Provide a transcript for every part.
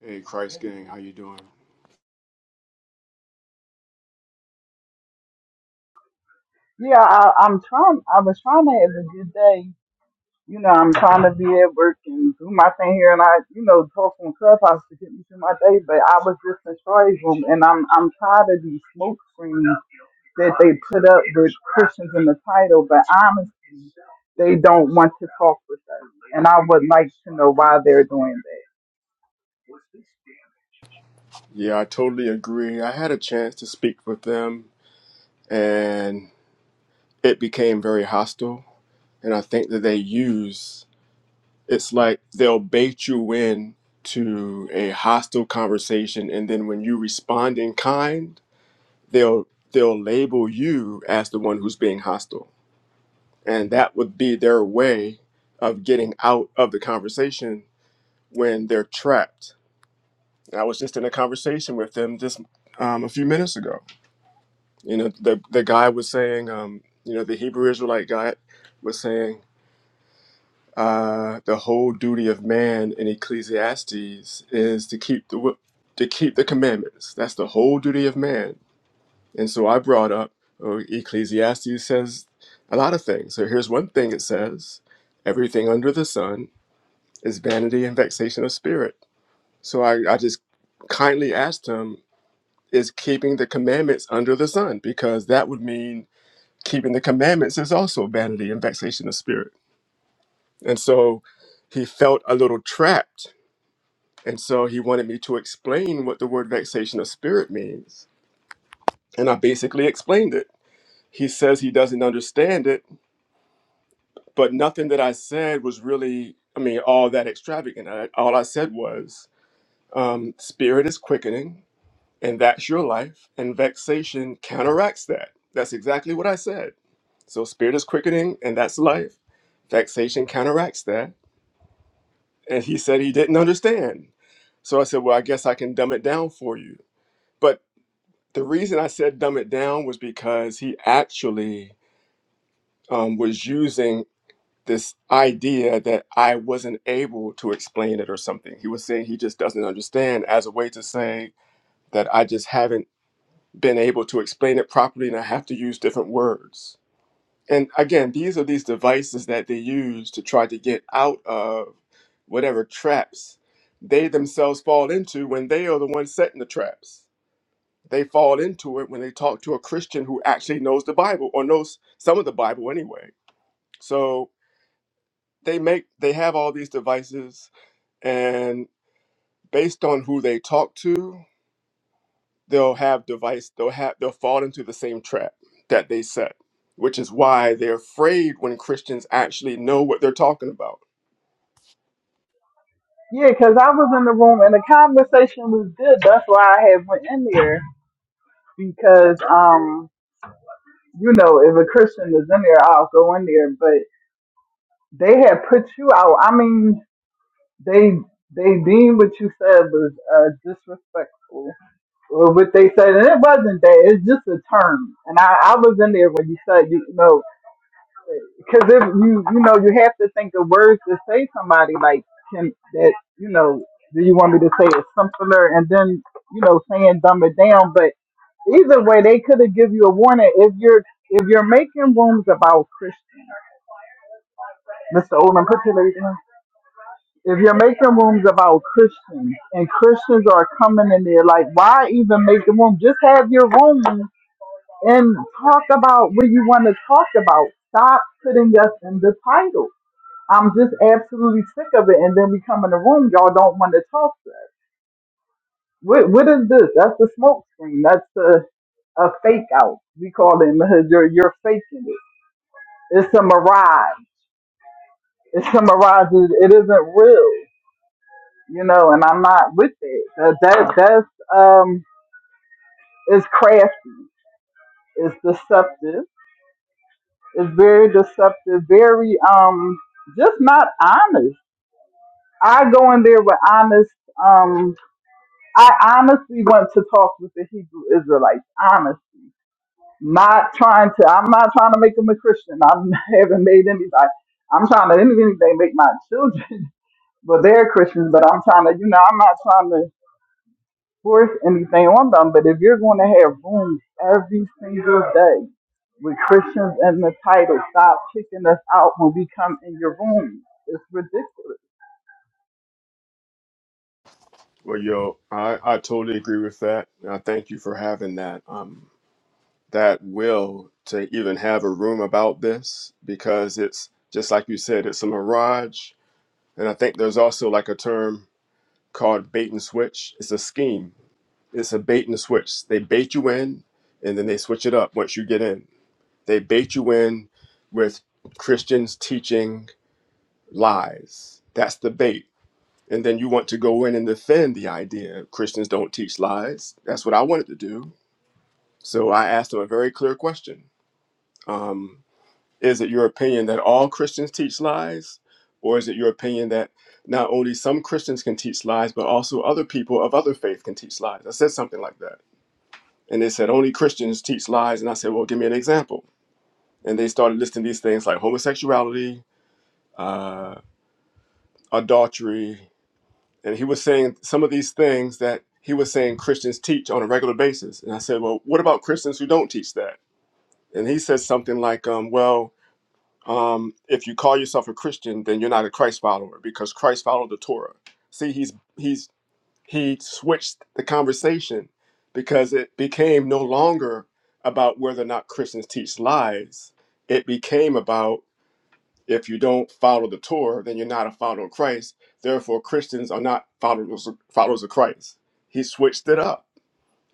Hey, Christ Gang, how you doing? Yeah, I, I'm trying. I was trying to have a good day. You know, I'm trying to be at work and do my thing here, and I, you know, talk on Clubhouse to get me through my day. But I was just in Troy's room, and I'm I'm tired of these smoke screens that they put up with Christians in the title, but honestly, they don't want to talk with us. And I would like to know why they're doing that. Yeah, I totally agree. I had a chance to speak with them, and it became very hostile. And I think that they use it's like they'll bait you in to a hostile conversation, and then when you respond in kind, they'll they'll label you as the one who's being hostile, and that would be their way of getting out of the conversation when they're trapped I was just in a conversation with them just um, a few minutes ago. You know, the the guy was saying, um, you know, the Hebrew Israelite guy was saying, uh, the whole duty of man in Ecclesiastes is to keep the wi- to keep the commandments. That's the whole duty of man. And so I brought up, oh, Ecclesiastes says a lot of things. So here's one thing it says: everything under the sun is vanity and vexation of spirit. So I, I just kindly asked him is keeping the commandments under the sun, because that would mean keeping the commandments is also vanity and vexation of spirit. And so he felt a little trapped. And so he wanted me to explain what the word vexation of spirit means. And I basically explained it. He says he doesn't understand it, but nothing that I said was really, I mean, all that extravagant. I, all I said was, um, spirit is quickening, and that's your life. And vexation counteracts that. That's exactly what I said. So spirit is quickening, and that's life. Vexation counteracts that. And he said he didn't understand. So I said, Well, I guess I can dumb it down for you. But the reason I said dumb it down was because he actually um, was using this idea that I wasn't able to explain it or something. He was saying he just doesn't understand as a way to say that I just haven't been able to explain it properly and I have to use different words. And again, these are these devices that they use to try to get out of whatever traps they themselves fall into when they are the ones setting the traps. They fall into it when they talk to a Christian who actually knows the Bible or knows some of the Bible anyway. So they make they have all these devices and based on who they talk to they'll have device they'll have they'll fall into the same trap that they set which is why they're afraid when christians actually know what they're talking about Yeah, because I was in the room and the conversation was good. That's why I had went in there because um you know, if a Christian is in there, I'll go in there. But they had put you out. I mean, they they deemed what you said was uh, disrespectful. Or what they said, and it wasn't that. It's just a term. And I, I was in there when you said, you know, because if you you know, you have to think of words to say to somebody like can that you know. Do you want me to say it simpler and then you know saying dumb it down? But either way, they could have give you a warning if you're if you're making rooms about Christians. Mr. Odom, put your lady down. If you're making rooms about Christians and Christians are coming in there, like, why even make the room? Just have your room and talk about what you want to talk about. Stop putting us in the title. I'm just absolutely sick of it. And then we come in the room, y'all don't want to talk to us. What, what is this? That's the smoke screen. That's the a fake out. We call it in the hood, you're, you're faking it. It's a mirage. It's a mirage. It it isn't real. you know, and I'm not with it. That, that that's um is crafty, it's deceptive, it's very deceptive, very um just not honest. I go in there with honest um I honestly want to talk with the Hebrew Israelites, honest. Not trying to I'm not trying to make them a Christian. I'm- I haven't made anybody I'm trying to if anything they make my children, but they're Christians, but I'm trying to, you know, I'm not trying to force anything on them, but if you're going to have rooms every single day with Christians in the title, stop kicking us out when we come in your room. It's ridiculous. well yo i i totally agree with that and i thank you for having that um that will to even have a room about this because it's just like you said it's a mirage and i think there's also like a term called bait and switch it's a scheme it's a bait and switch they bait you in and then they switch it up once you get in They bait you in with Christians teaching lies. That's the bait. And then you want to go in and defend the idea Christians don't teach lies. That's what I wanted to do. So I asked them a very clear question um, Is it your opinion that all Christians teach lies? Or is it your opinion that not only some Christians can teach lies, but also other people of other faith can teach lies? I said something like that. And they said, Only Christians teach lies. And I said, Well, give me an example and they started listing these things like homosexuality, uh, adultery. And he was saying some of these things that he was saying Christians teach on a regular basis. And I said, Well, what about Christians who don't teach that? And he says something like, um, Well, um, if you call yourself a Christian, then you're not a Christ follower because Christ followed the Torah. See, he's he's he switched the conversation because it became no longer about whether or not Christians teach lies. It became about If you don't follow the Torah, then you're not a follower of Christ. Therefore, Christians are not followers followers of Christ. He switched it up,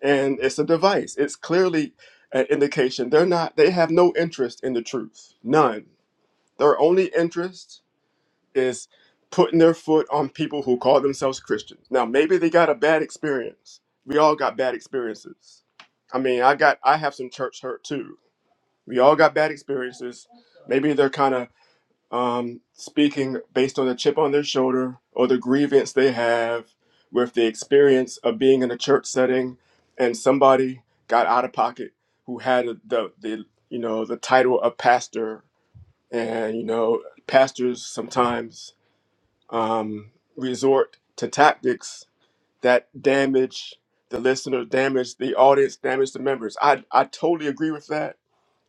and it's a device. It's clearly an indication they're not. They have no interest in the truth. None. Their only interest is putting their foot on people who call themselves Christians. Now, maybe they got a bad experience. We all got bad experiences. I mean, I got I have some church hurt too. We all got bad experiences. Maybe they're kind of um, speaking based on the chip on their shoulder or the grievance they have with the experience of being in a church setting and somebody got out of pocket who had the, the you know the title of pastor and you know pastors sometimes um, resort to tactics that damage the listener damage the audience damage the members i, I totally agree with that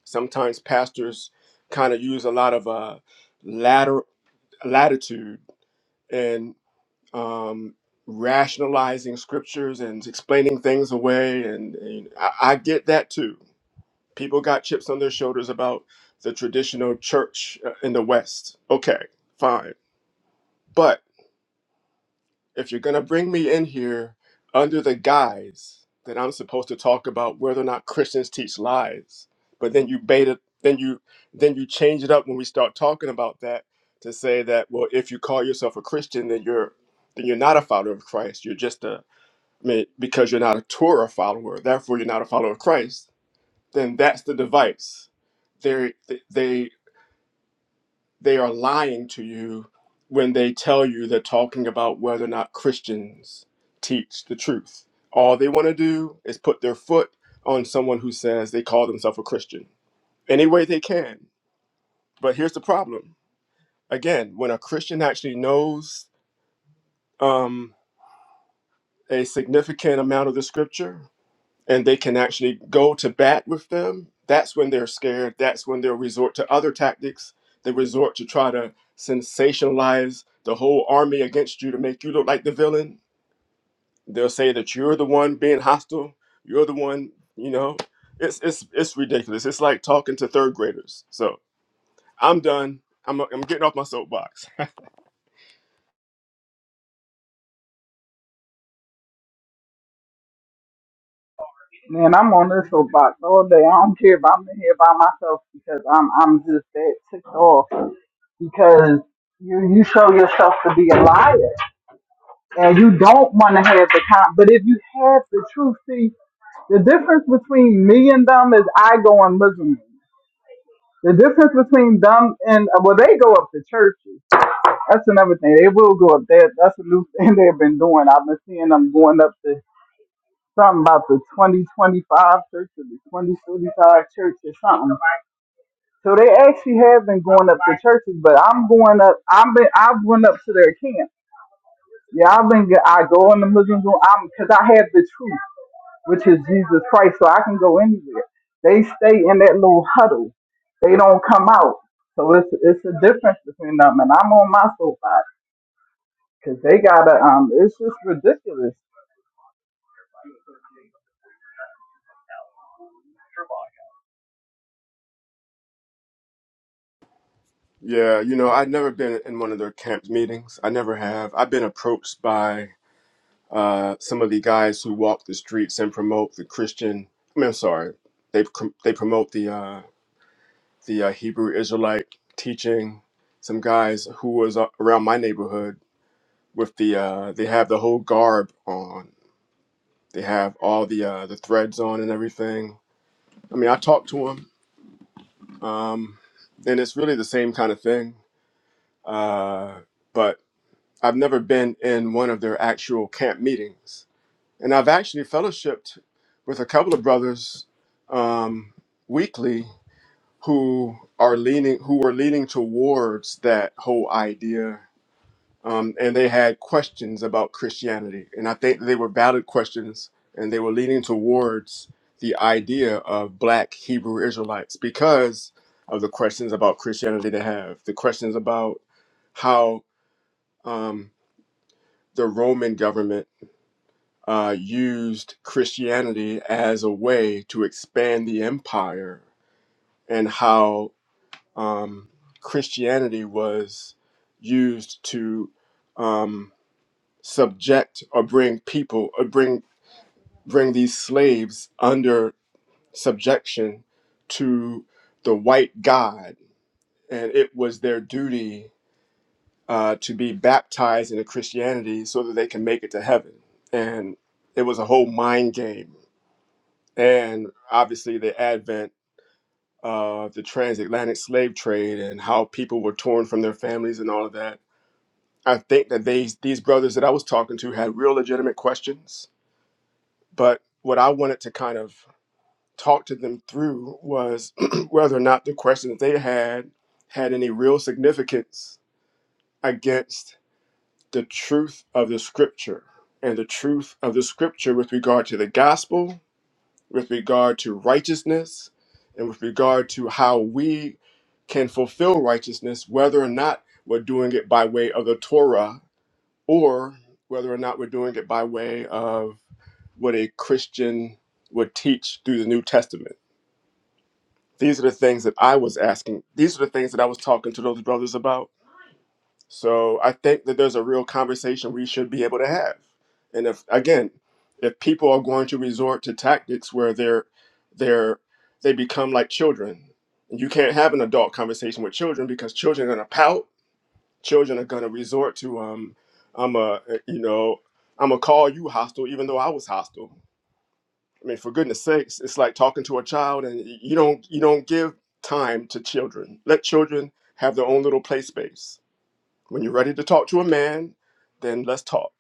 sometimes pastors kind of use a lot of uh, ladder, latitude and um, rationalizing scriptures and explaining things away. And, and I, I get that too. People got chips on their shoulders about the traditional church uh, in the West. Okay, fine. But if you're going to bring me in here under the guise that I'm supposed to talk about whether or not Christians teach lies, but then you bait it, then you then you change it up when we start talking about that to say that well, if you call yourself a Christian, then you're then you're not a follower of Christ. You're just a I mean, because you're not a Torah follower, therefore you're not a follower of Christ. Then that's the device. They they they are lying to you when they tell you they're talking about whether or not Christians teach the truth. All they want to do is put their foot on someone who says they call themselves a Christian any way they can. But here's the problem again, when a Christian actually knows um, a significant amount of the scripture, and they can actually go to bat with them, that's when they're scared. That's when they'll resort to other tactics. They resort to try to sensationalize the whole army against you to make you look like the villain. They'll say that you're the one being hostile. You're the one, you know. It's it's it's ridiculous. It's like talking to third graders. So I'm done. I'm I'm getting off my soapbox. Man, I'm on this soapbox all day. I don't care if I'm in here by myself because I'm I'm just that ticked off because you you show yourself to be a liar and you don't want to have the con. But if you have the truth, see the difference between me and them is I go and listen. The difference between them and uh, well, they go up to churches. That's another thing. They will go up there. That's a new thing they've been doing. I've been seeing them going up to something about the twenty twenty five church or the twenty thirty five church or something. So they actually have been going up to churches, but I'm going up. I've been I've went up to their camp. Yeah, I've been. I go in the Muslim room. I'm because I have the truth. which is Jesus Christ, so I can go anywhere. They stay in that little huddle. They don't come out. So it's it's a difference between them, and I'm on my soapbox because they gotta. Um, it's just ridiculous. Yeah, you know, I've never been in one of their camp meetings. I never have. I've been approached by uh, some of the guys who walk the streets and promote the Christian. I mean, I'm sorry, they pr- they promote the uh, the uh, Hebrew Israelite teaching. Some guys who was uh, around my neighborhood with the uh, they have the whole garb on. They have all the uh, the threads on and everything. I mean, I talked to them, um, and it's really the same kind of thing. Uh, but I've never been in one of their actual camp meetings And I've actually fellowshipped with a couple of brothers um, weekly who are leaning who were leaning towards that whole idea. Um, and they had questions about Christianity. And I think they were valid questions and they were leaning towards the idea of black Hebrew Israelites because of the questions about Christianity they have, the questions about how um, the Roman government uh, used Christianity as a way to expand the empire, and how um, Christianity was used to um, subject or bring people or bring bring these slaves under subjection to the white god, and it was their duty uh, to be baptized into Christianity so that they can make it to heaven, and it was a whole mind game and obviously the advent of the transatlantic slave trade and how people were torn from their families and all of that. I think that they, these brothers that I was talking to had real legitimate questions, but what I wanted to kind of talk to them through was whether or not the questions they had had any real significance against the truth of the scripture and the truth of the scripture with regard to the gospel with regard to righteousness and with regard to how we can fulfill righteousness, whether or not we're doing it by way of the Torah or whether or not we're doing it by way of what a Christian would teach through the New Testament. These are the things that I was asking. These are the things that I was talking to those brothers about so I think that there's a real conversation we should be able to have. And if again, if people are going to resort to tactics where they're they're they become like children, you can't have an adult conversation with children because children are gonna pout. Children are gonna resort to um I'm a eh, you know I'm gonna call you hostile even though I was hostile. I mean, for goodness sakes, it's like talking to a child and y- you don't you don't give time to children. Let children have their own little play space when you're ready to talk to a man, then let's talk.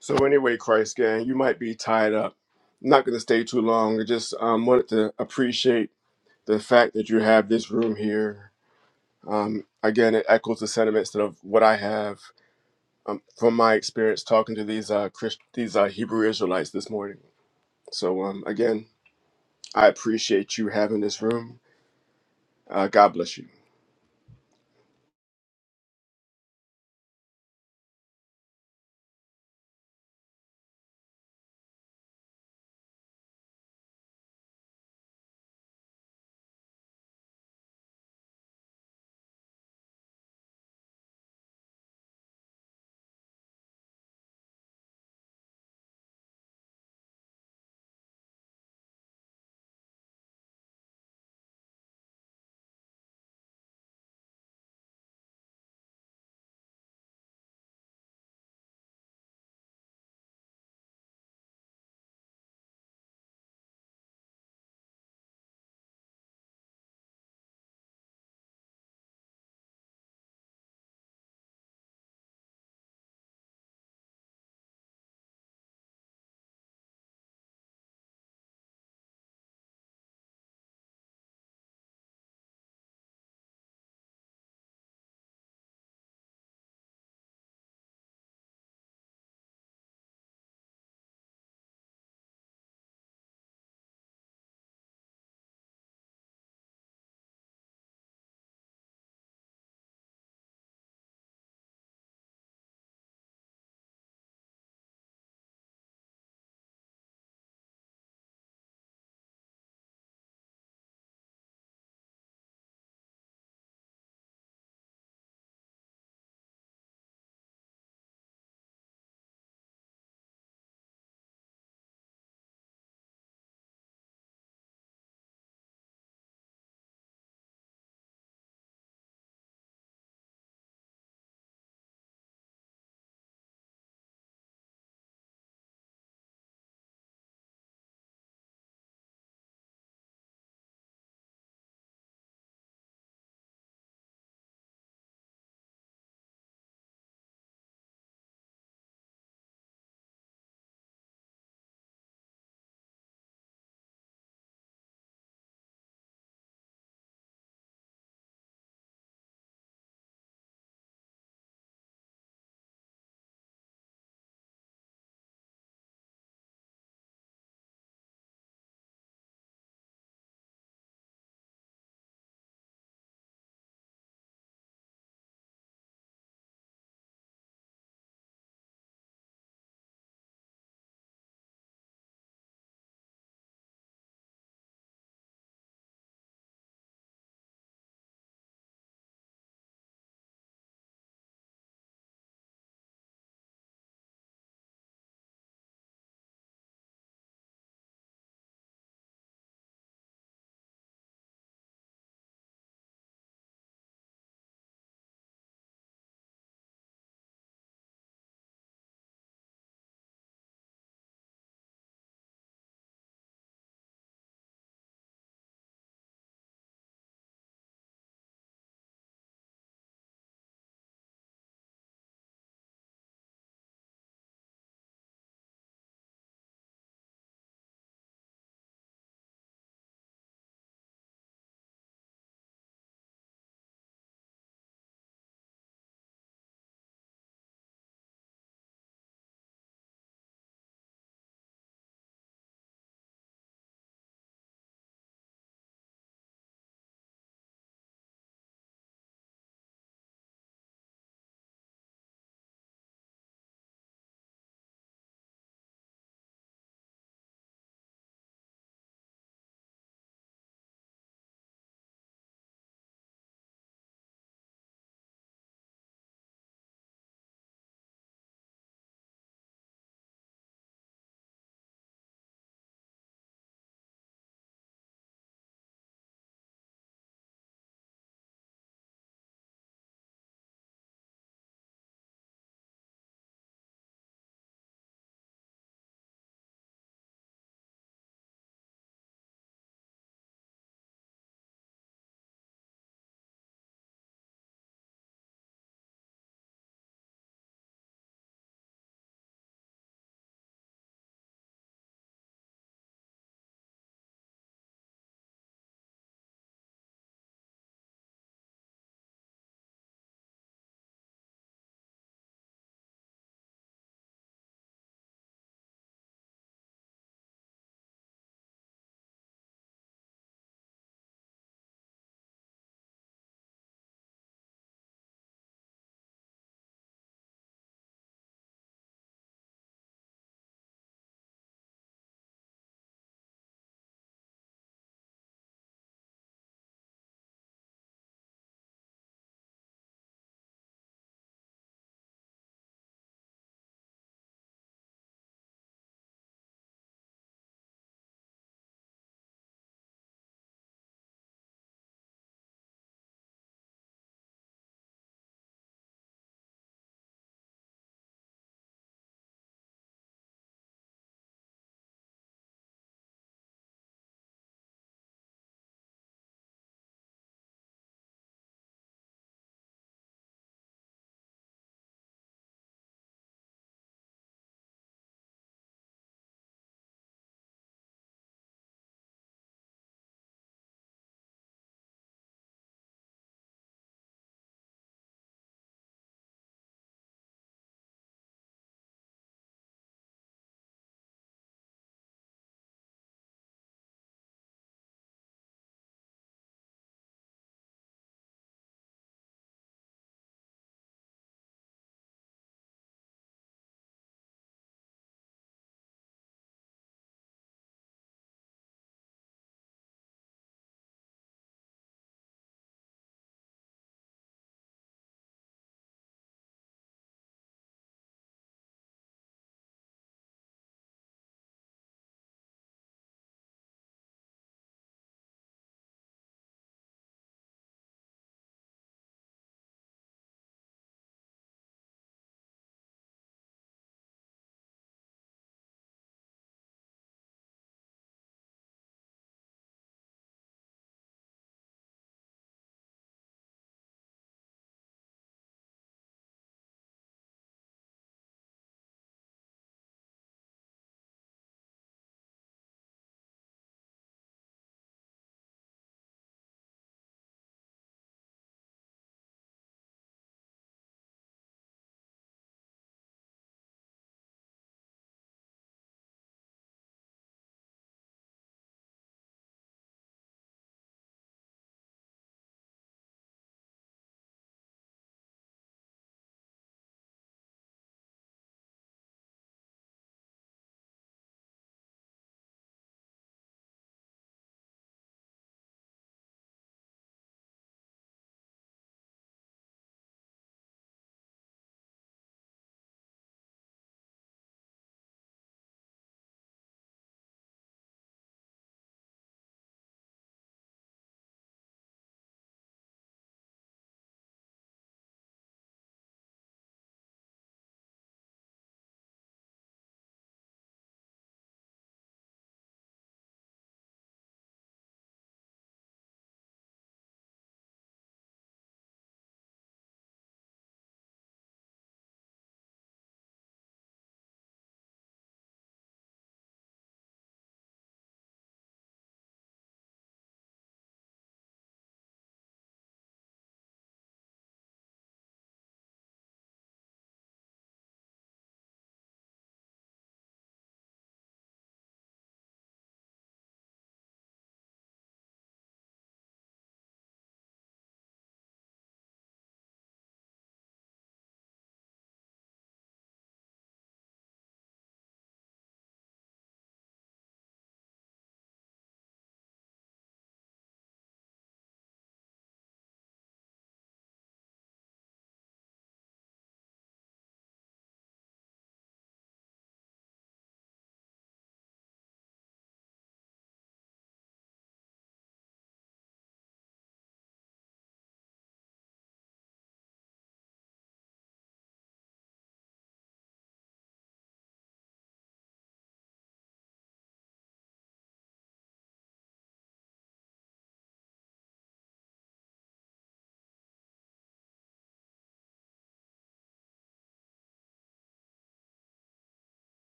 So anyway, Christ gang, you might be tied up. I'm not going to stay too long. I just um, wanted to appreciate the fact that you have this room here. Um, again, it echoes the sentiments that of what I have um, from my experience talking to these uh, Christ- these uh, Hebrew Israelites this morning. So um, again, I appreciate you having this room. Uh, God bless you.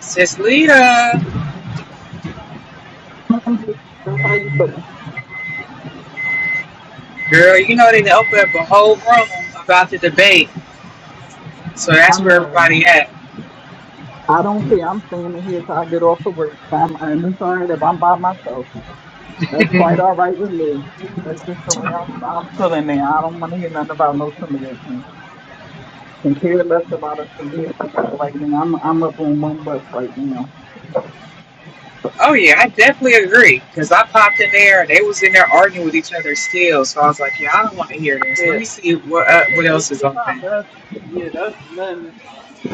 Sis Lita, I'm just that's how you feel. girl, you know they opened up a whole room about the debate, so that's I'm where uh, everybody at. I don't care. I'm standing here till I get off of work. If I'm and it's all right if I'm by myself. That's quite all right with me. That's just the way I'm, I'm feeling now. I don't want to hear nothing about no Samaritans. and care less about us than we right now. I'm I'm up on one bus right now. Oh yeah, I definitely agree because I popped in there. They was in there arguing with each other still, so I was like, yeah, I don't want to hear this. Let Yeah, me see what uh, that's a what waste else is of time. open. That's yeah, that's men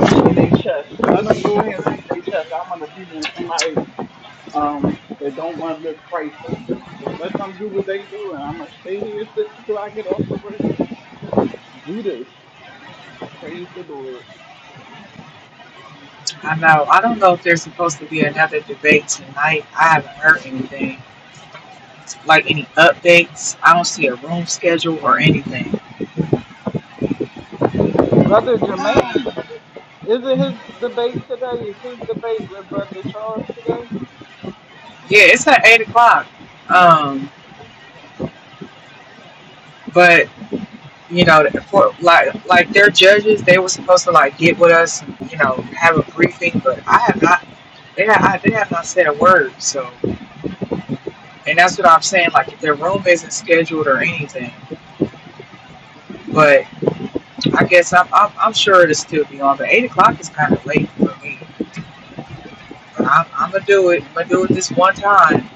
beating their chest. Let them go ahead and beat their chest. I want to be them with somebody um that don't want to lift Christ up. So let them do what they do, and I'm gonna stay here till, till I get off of work and do this. Praise the Lord, I know I don't know if there's supposed to be another debate tonight. I haven't heard anything like any updates. I don't see a room schedule or anything. brother Jermaine. Is it his debate today? Is his debate with brother Charles today? Yeah, it's at eight o'clock. Um, but you know, for like like their judges, they were supposed to like get with us, and, you know, have a briefing. But I have not. They have, I, they have not said a word. So, and that's what I'm saying. Like, if their room isn't scheduled or anything, but I guess I'm I'm, I'm sure it'll still be on. But eight o'clock is kind of late for me. But I'm, I'm gonna do it. I'm gonna do it this one time.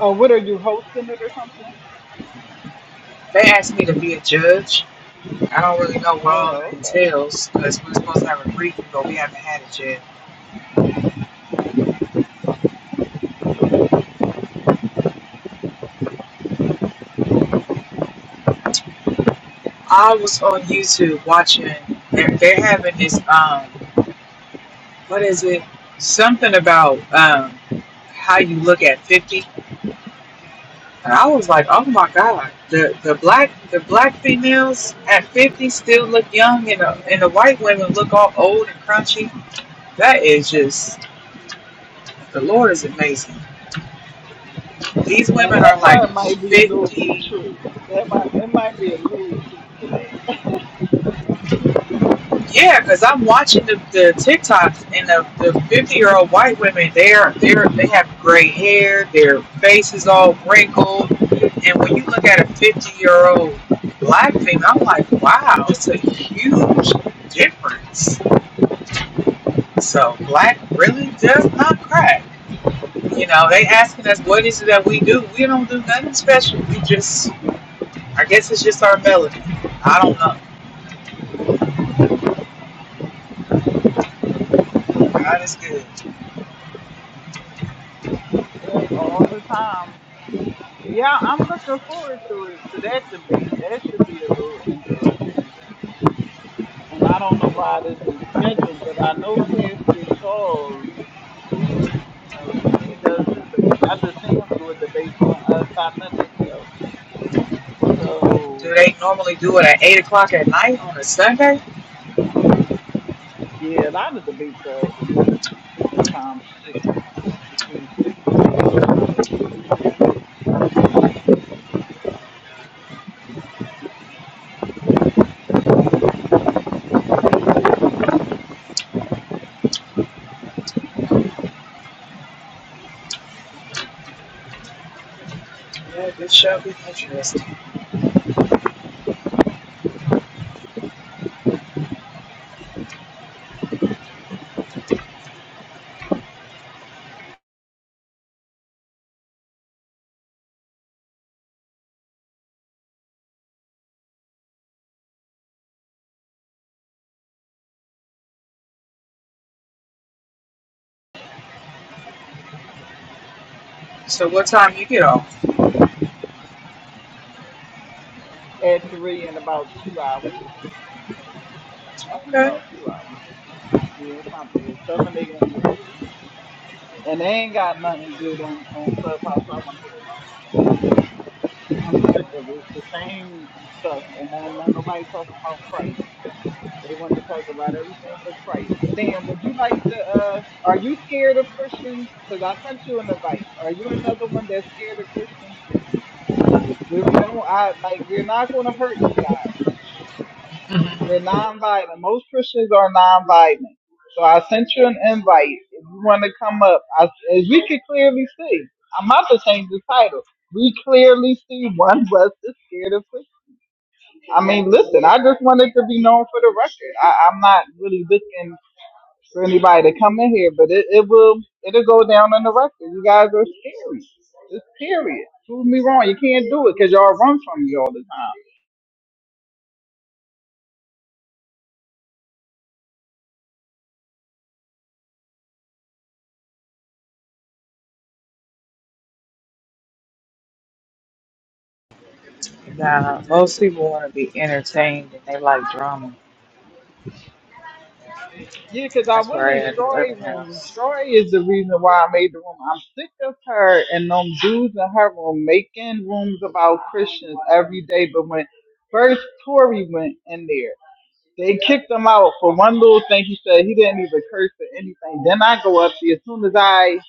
Oh, what are you hosting it or something? They asked me to be a judge. I don't really know what all that Oh, okay. entails because we're supposed to have a briefing, but we haven't had it yet. I was on YouTube watching. They're, they're having this um, what is it? Something about um, how you look at fifty. And I was like, oh my god, the the black the black females at fifty still look young, and the and the white women look all old and crunchy. That is just the Lord is amazing. These Now women that are like part might be a little bit 50, true. It might it might be a little truth to that. Yeah, because I'm watching the, the TikToks and the, the 50 year old white women, they're, they're, they have gray hair, their face is all wrinkled. And when you look at a 50 year old black female, I'm like, wow, it's a huge difference. So black really does not crack. You know, they asking us what is it that we do. We don't do nothing special. We just, I guess it's just our melody. I don't know. God is good. Yep, all the time. Yeah, I'm looking forward to it to that debate. That should be a little interesting. And I don't know why it isn't scheduled, but I know Pastor Charles. He's you know he he does his debates. I just seen him do a debate on us. I know that show. Do So they normally do it at eight o'clock at night on a Sunday? yeah, a lot of debates are at eight different times, six between six and eight. Sometimes they be later than that. Yeah, this shall be interesting. So what time you get off? at three in about two hours. In about Okay. two hours. Yeah, it's not bad. Seven a.m. to three, and they ain't got nothing good on, on Clubhouse. I want to hear about today. I'm sick of it. The same stuff, and now, now nobody talking about Christ. They want to talk about everything but Christ. Sam, would you like to? uh Are you scared of Christians? Because I sent you an invite. Are you another one that's scared of Christians? We we don't. I like. We're not going to hurt you guys. We're non-violent. Most Christians are non-violent. So I sent you an invite. If you want to come up, I, as we can clearly see, I'm about to change the title. We clearly see one was is scared of pussy. I mean, listen, I just wanted to be known for the record. I, I'm not really looking for anybody to come in here, but it, it will it'll go down on the record. You guys are scary. It's period. Prove me wrong. You can't do it because y'all run from me all the time. Nah, most people want to be entertained and they like drama. Yeah, because I That's went where I in am at the Story other room. house. Story is the reason why I made the room. I'm sick of her and them dudes in her room making rooms about Christians every day. But when first Tory went in there, they kicked him out for one little thing he said. He didn't even curse or anything. Then I go up there. As soon as I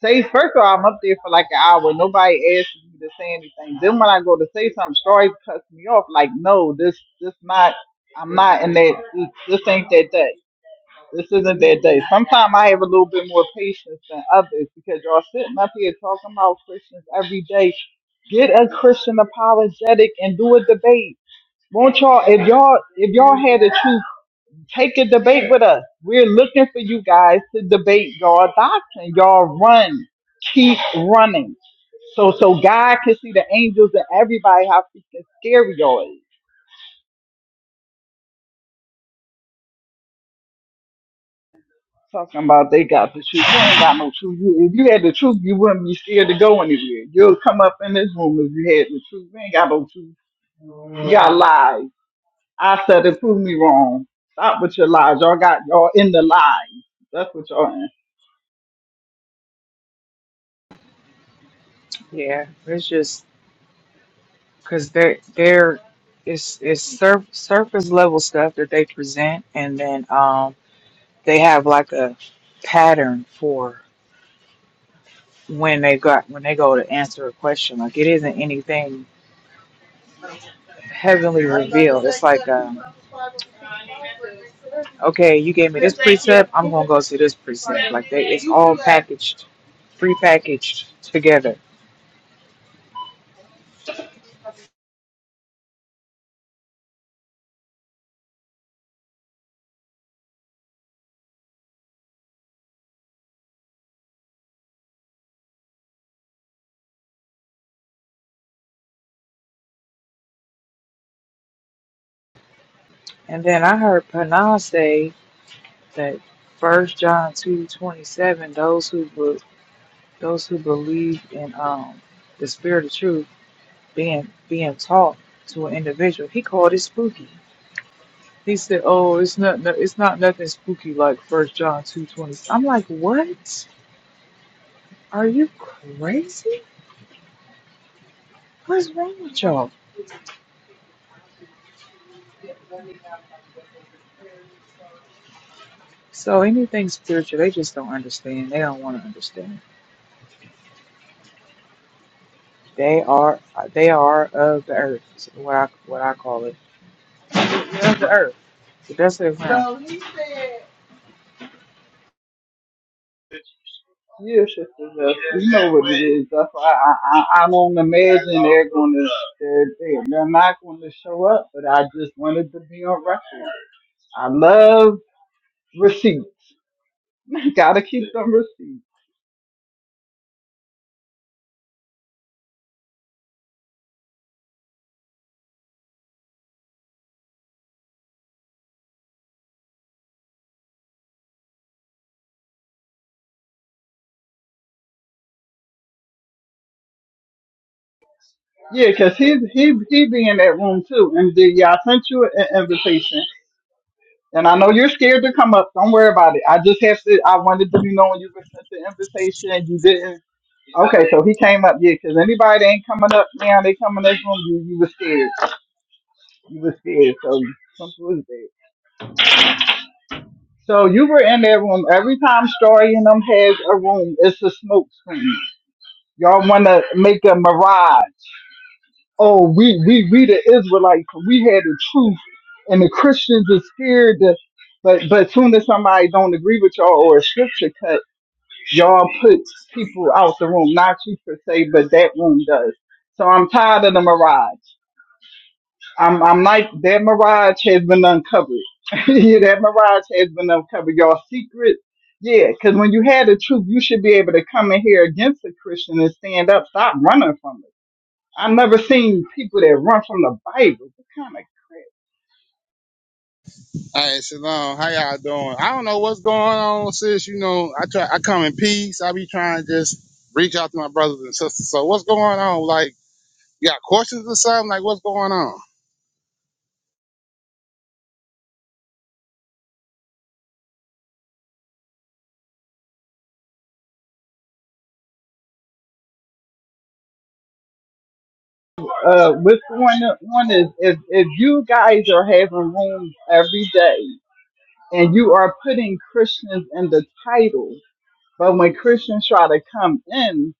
say, first of all, I'm up there for like an hour. Nobody asks me to say anything. Then when I go to say something, Story cuts me off. Like, no, this, this not. I'm not in that. This, this ain't that. That. This isn't that day. Sometimes I have a little bit more patience than others because y'all sitting up here talking about Christians every day. Get a Christian apologetic and do a debate. Won't y'all if y'all if y'all had to truth, take a debate with us. We're looking for you guys to debate y'all doctrine. Y'all run. Keep running. So so God can see the angels and everybody how freaking scary y'all is. Talking about they got the truth. You ain't got no truth. You- If you had the truth, you wouldn't be scared to go anywhere. You'll come up in this room if you had the truth. You ain't got no truth. You got lies. I said it prove me wrong. Stop with your lies. Y'all got y'all in the lies. That's what y'all in. Yeah, it's just because they're they're it's it's sur- surface level stuff that they present, and then um they have like a pattern for when they got when they go to answer a question. Like it isn't anything heavenly revealed. It's like a okay, you gave me this precept, I'm gonna go to this precept. Like they it's all packaged, prepackaged together. And then I heard Panah say that first John two twenty seven, those who be, those who believe in um the spirit of truth being being taught to an individual, he called it spooky. He said, Oh, it's not no, it's not nothing spooky like first John two twenty." twenty seven. I'm like, What? Are you crazy? What's wrong with y'all? So anything spiritual, they just don't understand. They don't want to understand. They are they are of the earth. Is what I what I call it. They're of the earth. The dust of the ground. So he said. Yeah, sister, Jess, you know what it is. That's why I, I, I don't imagine they're going to, they're, they're they're not going to show up, but I just wanted to be on record. I love receipts. Gotta keep them receipts. Yeah, 'cause because he he he be in that room too. And then yeah, I sent you an invitation. And I know you're scared to come up. Don't worry about it. I just have to. I wanted to be known you were sent the invitation. and You didn't. Okay, so he came up. Yeah, 'cause anybody that ain't coming up now, they come in this room. You you were scared. You were scared. So something was there. So you were in that room every time Story and them has a room. It's a smoke screen. Y'all want to make a mirage. oh, we we we the Israelites, we had the truth, and the Christians are scared to. But but soon as somebody don't agree with y'all or a scripture cut, y'all put people out the room. Not you per se, but that room does. So I'm tired of the mirage. I'm I'm like that mirage has been uncovered. yeah, that mirage has been uncovered. Y'all secret. Yeah, because when you had the truth, you should be able to come in here against the Christian and stand up. Stop running from it I have never seen people that run from the Bible. What kind of All right, Shalom. How y'all doing? I don't know what's going on, sis. You know, I try, I come in peace. I be trying to just reach out to my brothers and sisters. So what's going on? Like, you got questions or something? Like, what's going on? crap? uh, what's one one is if if you guys are having rooms every day and you are putting Christians in the title, but when Christians try to come in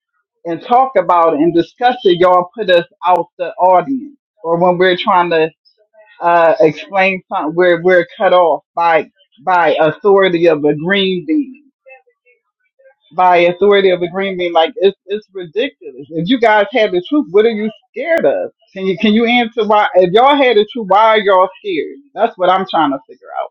and talk about it and discuss it, y'all put us out the audience. Or when we're trying to uh, explain something, we're we're cut off by by authority of a green bean. by authority of agreement. Like it's it's ridiculous. If you guys had the truth, what are you scared of? Can you can you answer why? If y'all had the truth, why are y'all scared? That's what I'm trying to figure out.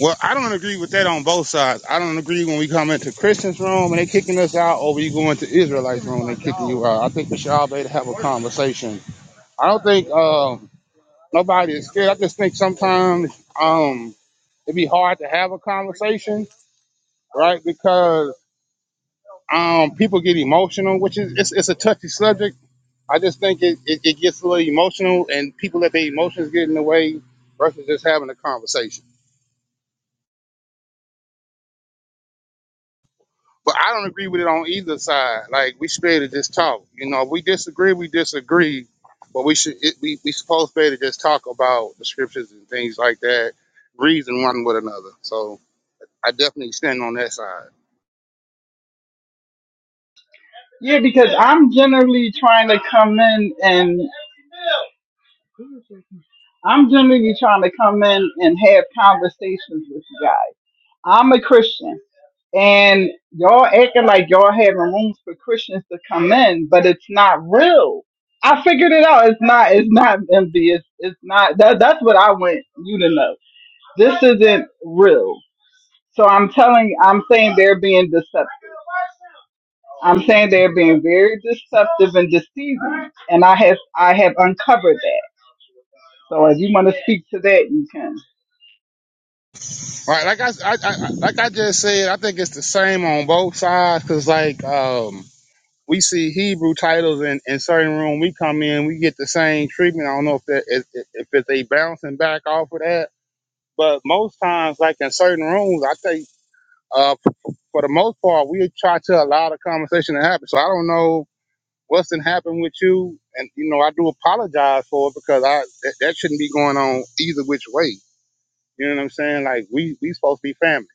Well, I don't agree with that on both sides. I don't agree when we come into Christians' room and they kicking us out, or we go into Israelites' room and they kicking you out. I think we should all be able to have a conversation. I don't think um, nobody is scared. I just think sometimes um, it'd be hard to have a conversation, right? Because um, people get emotional, which is it's, it's a touchy subject. I just think it, it, it gets a little emotional, and people let their emotions get in the way versus just having a conversation. But I don't agree with it on either side. Like we should be able to just talk. You know, if we disagree, we disagree. But we should it, we we supposed to be able to just talk about the scriptures and things like that, reason one with another. So I definitely stand on that side. Yeah, because I'm generally trying to come in and I'm generally trying to come in and have conversations with you guys. I'm a Christian. And y'all acting like y'all having rooms for Christians to come in, but it's not real. I figured it out. It's not. It's not MB. It's it's not. That that's what I want you to know. This isn't real. So I'm telling. I'm saying they're being deceptive. I'm saying they're being very deceptive and deceiving. And I have I have uncovered that. So if you want to speak to that, you can. Right, like I, I, I like I just said, I think it's the same on both sides. Cause like um we see Hebrew titles in, in certain room. We come in, we get the same treatment. I don't know if that if, if if they bouncing back off of that, but most times, like in certain rooms, I think uh, for the most part, we try to allow the conversation to happen. So I don't know what's been happening with you, and you know I do apologize for it because I that, that shouldn't be going on either which way. You know what I'm saying? Like we we supposed to be family.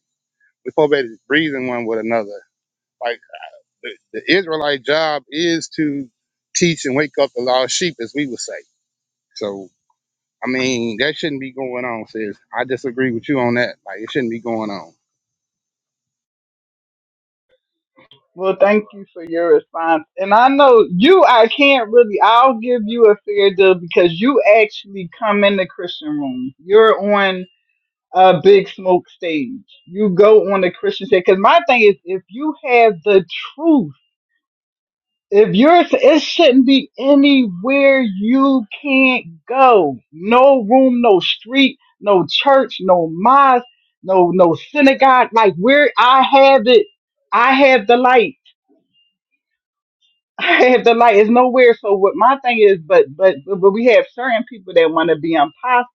We supposed to be breathing one with another. Like. The, the Israelite job is to teach and wake up the lost sheep, as we would say. So, I mean, that shouldn't be going on, sis. I disagree with you on that. Like, it shouldn't be going on. Well, thank you for your response. And I know you, I can't really, I'll give you a fair deal because you actually come in the Christian room. You're on a big smoke stage. You go on the Christian stage. Because my thing is, if you have the truth, if you're, it shouldn't be anywhere you can't go. No room, no street, no church, no mosque, no, no synagogue. Like where I have it, I have the light. the light is nowhere. So what my thing is, but but but we have certain people that want to be imposters.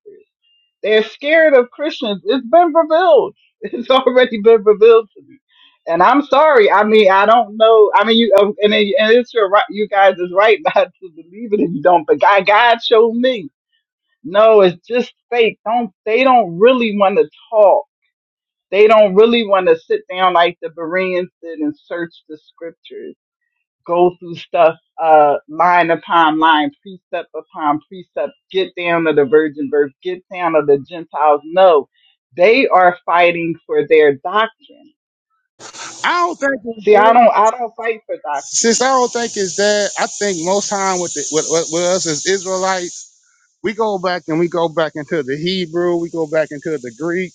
They're scared of Christians. It's been revealed. It's already been revealed to me. And I'm sorry. I mean, I don't know. I mean, you uh, and, it- and it's your right. You guys is right not to believe it if you don't. But God, God showed me. No, it's just fake. Don't they don't really want to talk. They don't really want to sit down like the Bereans did and search the scriptures go through stuff uh line upon line, precept upon precept, get down to the virgin birth, get down to the Gentiles. No, they are fighting for their doctrine. I don't think it's See, I that. don't I don't fight for Sis, doctrine. I don't think it's that. I think most time with, the, with, with with us as Israelites, we go back and we go back into the Hebrew, we go back into the Greek.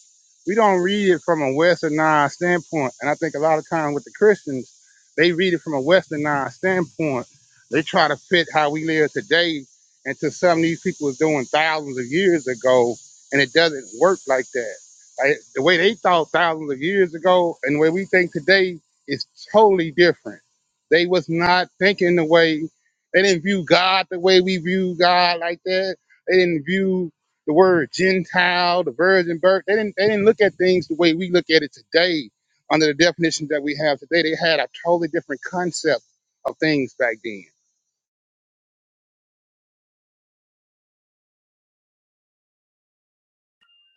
We don't read it from a westernized standpoint. And I think a lot of times with the Christians, they read it from a westernized standpoint. They try to fit how we live today into something these people was doing thousands of years ago, and it doesn't work like that. Like, the way they thought thousands of years ago and the way we think today is totally different. They was not thinking the way they didn't view God the way we view God like that they didn't view the word Gentile, the virgin birth. They didn't they didn't look at things the way we look at it today under the definition that we have today. They had a totally different concept of things back then.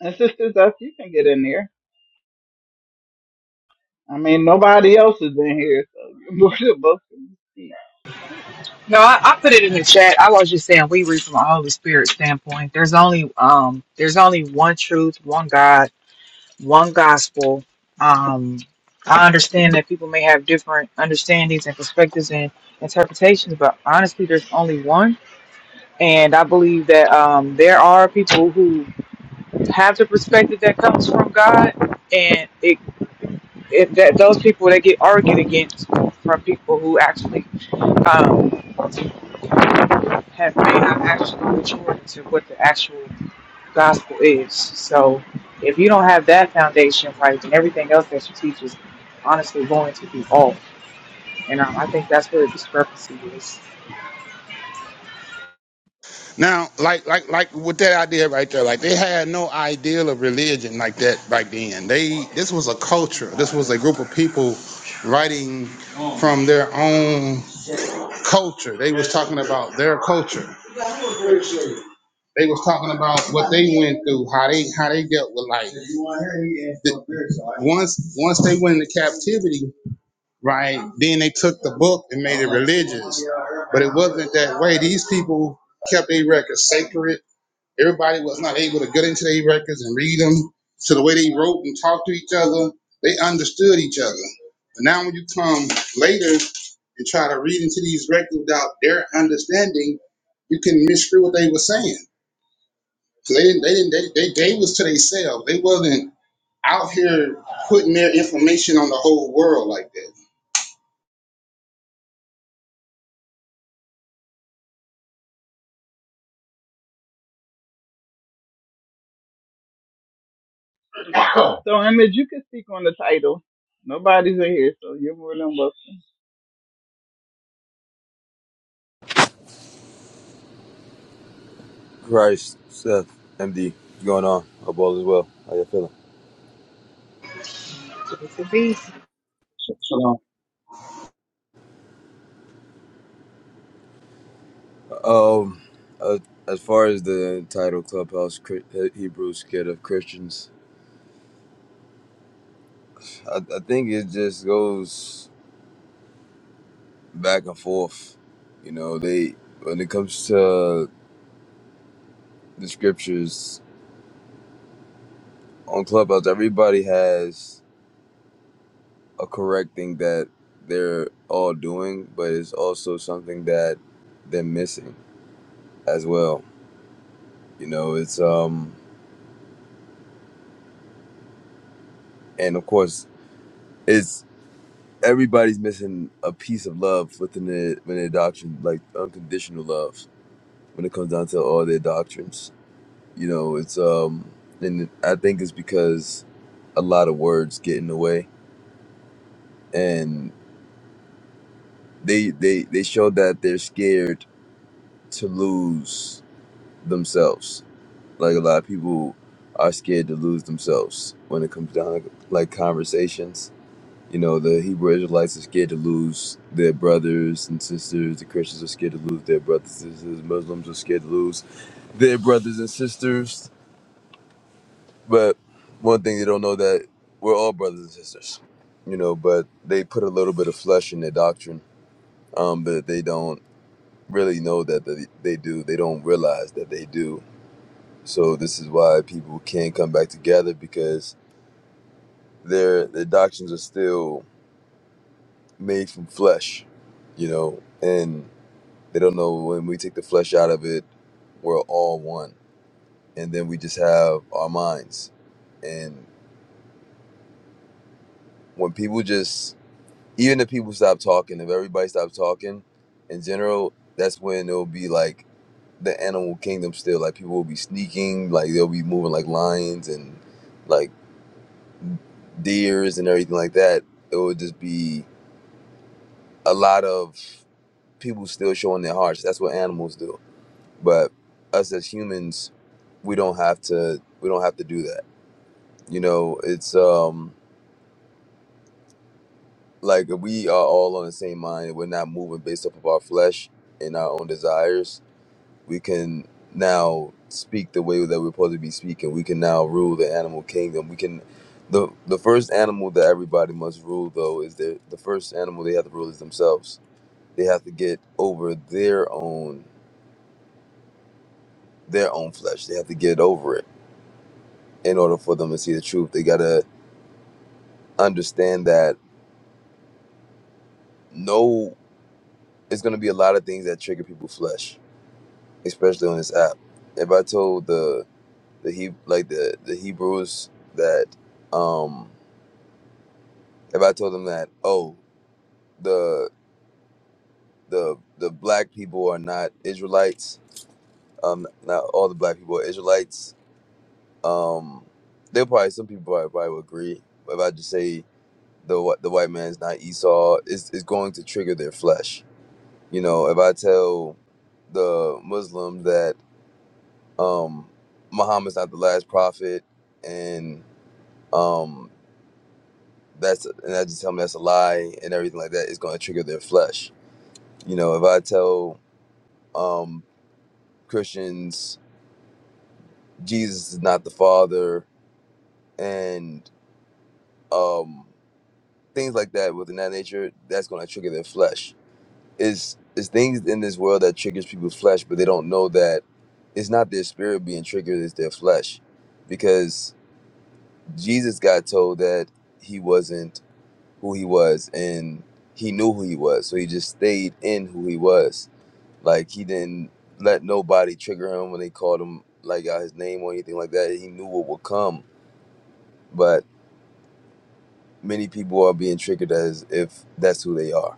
And sisters us, you can get in there. I mean nobody else is in here, so you're more than welcome to speak. No, I, I put it in the chat. I was just saying we read from a Holy Spirit standpoint. There's only um there's only one truth, one God, one gospel. Um I understand that people may have different understandings and perspectives and interpretations, but honestly there's only one. And I believe that um there are people who have the perspective that comes from God, and it, it that those people that get argued against from people who actually um, have may not actually mature to what the actual gospel is. So if you don't have that foundation right, then everything else that you teach is honestly going to be off. And um, I think that's where the discrepancy is. Now, like like like with that idea right there, like they had no ideal of religion like that back then. They this was a culture. This was a group of people writing from their own culture. They was talking about their culture. They was talking about what they went through, how they how they dealt with life. The- Once once they went into captivity, right? Then they took the book and made it religious, but it wasn't that way. These people kept their records sacred. Everybody was not able to get into their records and read them. So the way they wrote and talked to each other, they understood each other. But now when you come later and try to read into these records without their understanding, you can misread what they were saying. So they didn't, they didn't, they, they, they was to themselves. They wasn't out here putting their information on the whole world like that. So Image, you can speak on the title. Nobody's in here, so you're more than welcome. Christ, Seth, MD, what's going on? Hope all is well. How you feeling? So, it's a beast. Um, uh, as far as the title Clubhouse Chri- Hebrews Scared of Christians, I, I think it just goes back and forth. You know, they when it comes to the scriptures on Clubhouse, everybody has a correct thing that they're all doing, but it's also something that they're missing as well. You know, it's um, and of course. it's. everybody's missing a piece of love within their within their doctrine, like unconditional love. When it comes down to all their doctrines, you know, it's um, and I think it's because a lot of words get in the way, and they they they show that they're scared to lose themselves. Like a lot of people are scared to lose themselves when it comes down to like conversations You know, the Hebrew Israelites are scared to lose their brothers and sisters. The Christians are scared to lose their brothers and sisters. Muslims are scared to lose their brothers and sisters. But one thing they don't know that we're all brothers and sisters. You know, but they put a little bit of flesh in their doctrine, um, but they don't really know that they, they do. They don't realize that they do. So this is why people can't come back together because their their doctrines are still made from flesh, you know, and They don't know when we take the flesh out of it, we're all one. And then we just have our minds. And when people just, even if people stop talking, if everybody stops talking in general, that's when it'll be like the animal kingdom still. Like people will be sneaking, like they'll be moving like lions and like deers and everything like that. It would just be a lot of people still showing their hearts. That's what animals do. But us as humans, we don't have to. We don't have to do that You know, it's um like we are all on the same mind. We're not moving based off of our flesh and our own desires. We can now speak the way that we're supposed to be speaking. We can now rule the animal kingdom. We can the the first animal that everybody must rule though is their the first animal they have to rule is themselves. They have to get over their own their own flesh. They have to get over it in order for them to see the truth. They gotta understand that no it's gonna be a lot of things that trigger people's flesh especially on this app. If I told the the he like the the Hebrews that um if I told them that oh the the the black people are not Israelites um not all the black people are Israelites um they'll probably some people probably, probably would agree but if I just say the wh- the white man's not Esau it's, it's going to trigger their flesh you know if I tell the Muslim that um Muhammad's not the last prophet and um, that's and I just tell me that's a lie and everything like that is going to trigger their flesh. You know, if I tell um, Christians Jesus is not the Father and um, things like that within that nature, that's going to trigger their flesh. Is is things in this world that triggers people's flesh, but they don't know that it's not their spirit being triggered; it's their flesh, because Jesus got told that he wasn't. who he was and he knew who he was so he just stayed in who he was like he didn't let nobody trigger him when they called him like out his name or anything like that he knew what would come but many people are being triggered as if that's who they are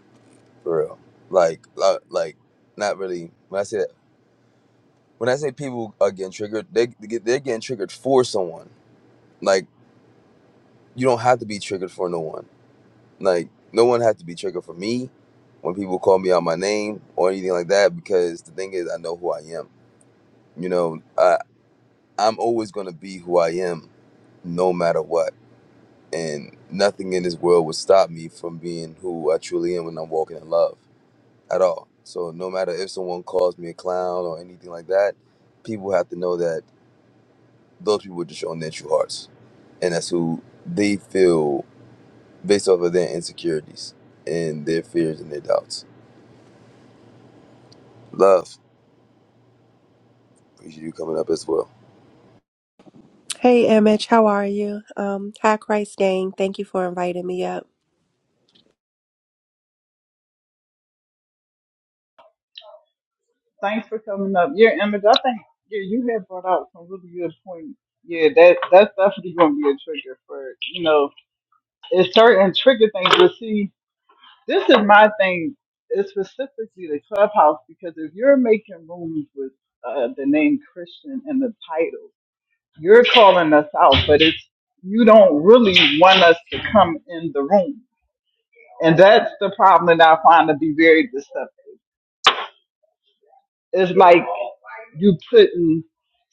for real like lo- like not really when i say that when i say people are getting triggered they, they get- they're getting triggered for someone like you don't have to be triggered for no one Like no one had to be triggered for me when people call me out my name or anything like that because the thing is I know who I am. You know, I I'm always gonna be who I am no matter what. And nothing in this world would stop me from being who I truly am when I'm walking in love at all. So no matter if someone calls me a clown or anything like that, people have to know that those people are just showing their true hearts. And that's who they feel based off of their insecurities and their fears and their doubts. Love. Appreciate you coming up as well. Hey, Image, how are you? Um, hi, Christ Gang. Thank you for inviting me up. Thanks for coming up. Yeah, Image, I think yeah, you had brought out some really good points. Yeah, that that's definitely gonna be a trigger for you know, it's certain trigger things, but see, this is my thing, it's specifically the clubhouse because if you're making rooms with uh, the name Christian in the title, you're calling us out, but it's you don't really want us to come in the room. And that's the problem that I find to be very deceptive. It's like you putting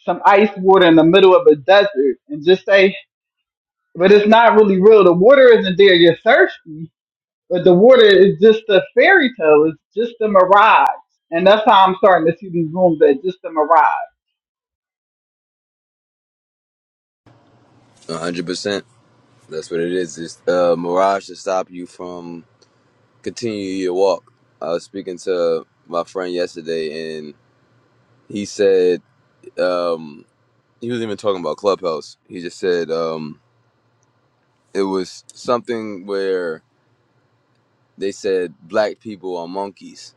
some ice water in the middle of a desert and just say, but it's not really real. The water isn't there. You're thirsty, but the water is just a fairy tale. It's just a mirage. And that's how I'm starting to see these rooms that just a mirage. one hundred percent. That's what it is. It's uh, mirage to stop you from continuing your walk. I was speaking to my friend yesterday, and he said um, he wasn't even talking about Clubhouse. He just said um, it was something where they said black people are monkeys,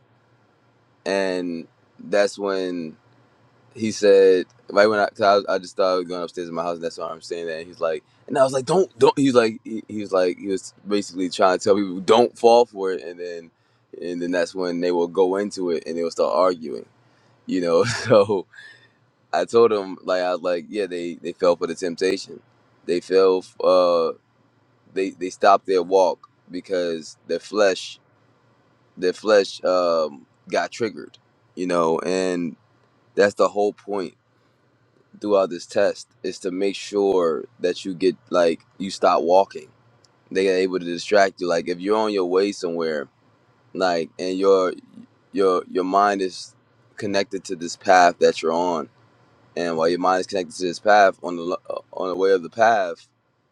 and that's when he said right when I, cause I, I just started going upstairs in my house, and that's why I'm saying that. And he's like, and I was like, don't, don't. He's like, he, he was like, he was basically trying to tell people don't fall for it, and then, and then that's when they will go into it and they will start arguing, you know. So I told him like I was like, yeah, they they fell for the temptation, they fell, f- uh, they they stopped their walk because their flesh, their flesh, um, got triggered, you know, and that's the whole point throughout this test is to make sure that you get like you stop walking. They are able to distract you. Like if you're on your way somewhere, like and your your your mind is connected to this path that you're on, and while your mind is connected to this path on the lo- on the way of the path,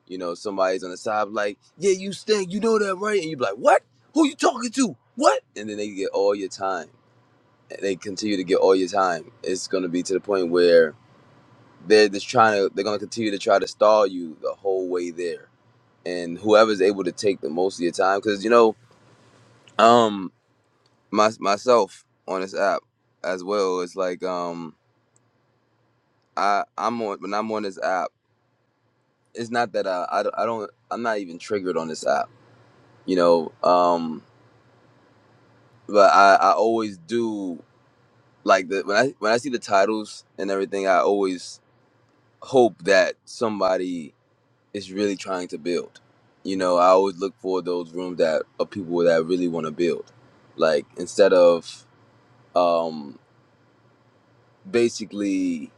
you know somebody's on the side like, yeah, you stink, you know that right? And you be like, what? Who you talking to? What? And then they get all your time. And they continue to get all your time. It's gonna be to the point where they're just trying to they're gonna continue to try to stall you the whole way there and whoever's able to take the most of your time because you know um my, myself on this app as well it's like um i i'm on when i'm on this app it's not that i i, don't- I don't i'm not even triggered on this app you know um but i i always do like the when i when i see the titles and everything i always hope that somebody is really trying to build. You know, I always look for those rooms that of people that really want to build. Like instead of um basically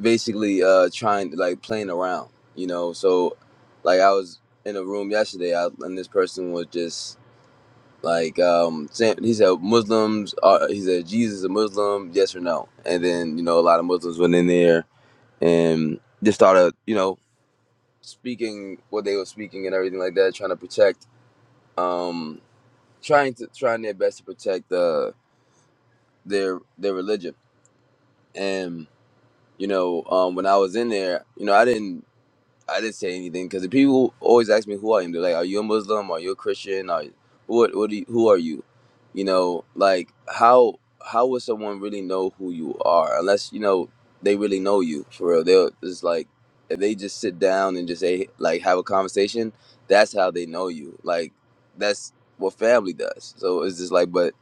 basically uh trying to like playing around, you know. So like I was in a room yesterday I, and this person was just like um saying he said Muslims are he said Jesus is a Muslim, yes or no. And then, you know, a lot of Muslims went in there and just started, you know, speaking what they were speaking and everything like that, trying to protect um, trying to trying their best to protect uh, their their religion. And you know, um, when I was in there, you know, I didn't. I didn't say anything because the people always ask me who I am. They're like, "Are you a Muslim? Are you a Christian? Are what? What? Do you, who are you? You know, like how how would someone really know who you are unless you know they really know you for real? They'll just like if they just sit down and just say like have a conversation. That's how they know you. Like that's what family does. So it's just like, but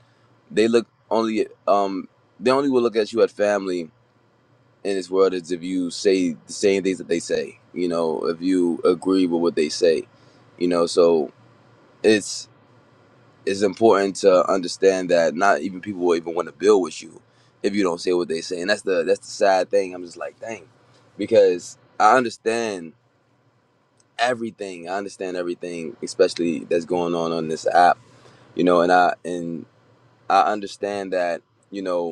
they look only um they only will look at you at family in this world is if you say the same things that they say, you know, if you agree with what they say, you know, so it's it's important to understand that not even people will even want to build with you if you don't say what they say. And that's the that's the sad thing. I'm just like, dang. Because I understand everything. I understand everything, especially that's going on on this app, you know, and I and I understand that, you know,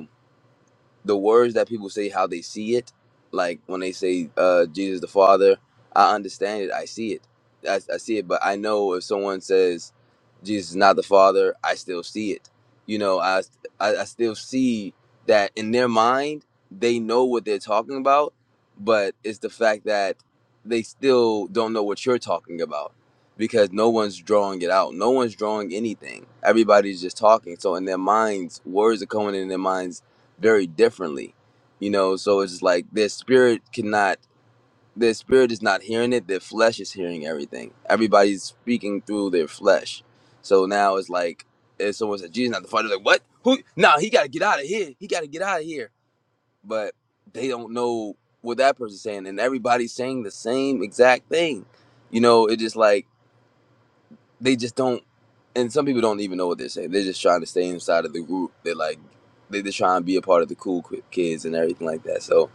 the words that people say how they see it like when they say uh jesus the father i understand it i see it I, I see it but i know if someone says jesus is not the father i still see it you know I, I i still see that in their mind they know what they're talking about but it's the fact that they still don't know what you're talking about because no one's drawing it out no one's drawing anything everybody's just talking so in their minds words are coming in their minds very differently you know so it's just like their spirit cannot their spirit is not hearing it their flesh is hearing everything everybody's speaking through their flesh so now it's like if someone said jesus not the father they're like what who nah he gotta get out of here he gotta get out of here but they don't know what that person's saying and everybody's saying the same exact thing you know it just like they just don't and some people don't even know what they're saying they're just trying to stay inside of the group they're like they just trying to be a part of the cool kids and everything like that so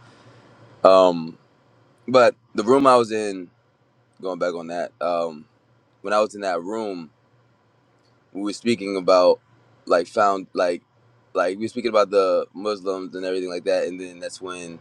um but the room i was in going back on that um when i was in that room we were speaking about like found like like we were speaking about the muslims and everything like that and then that's when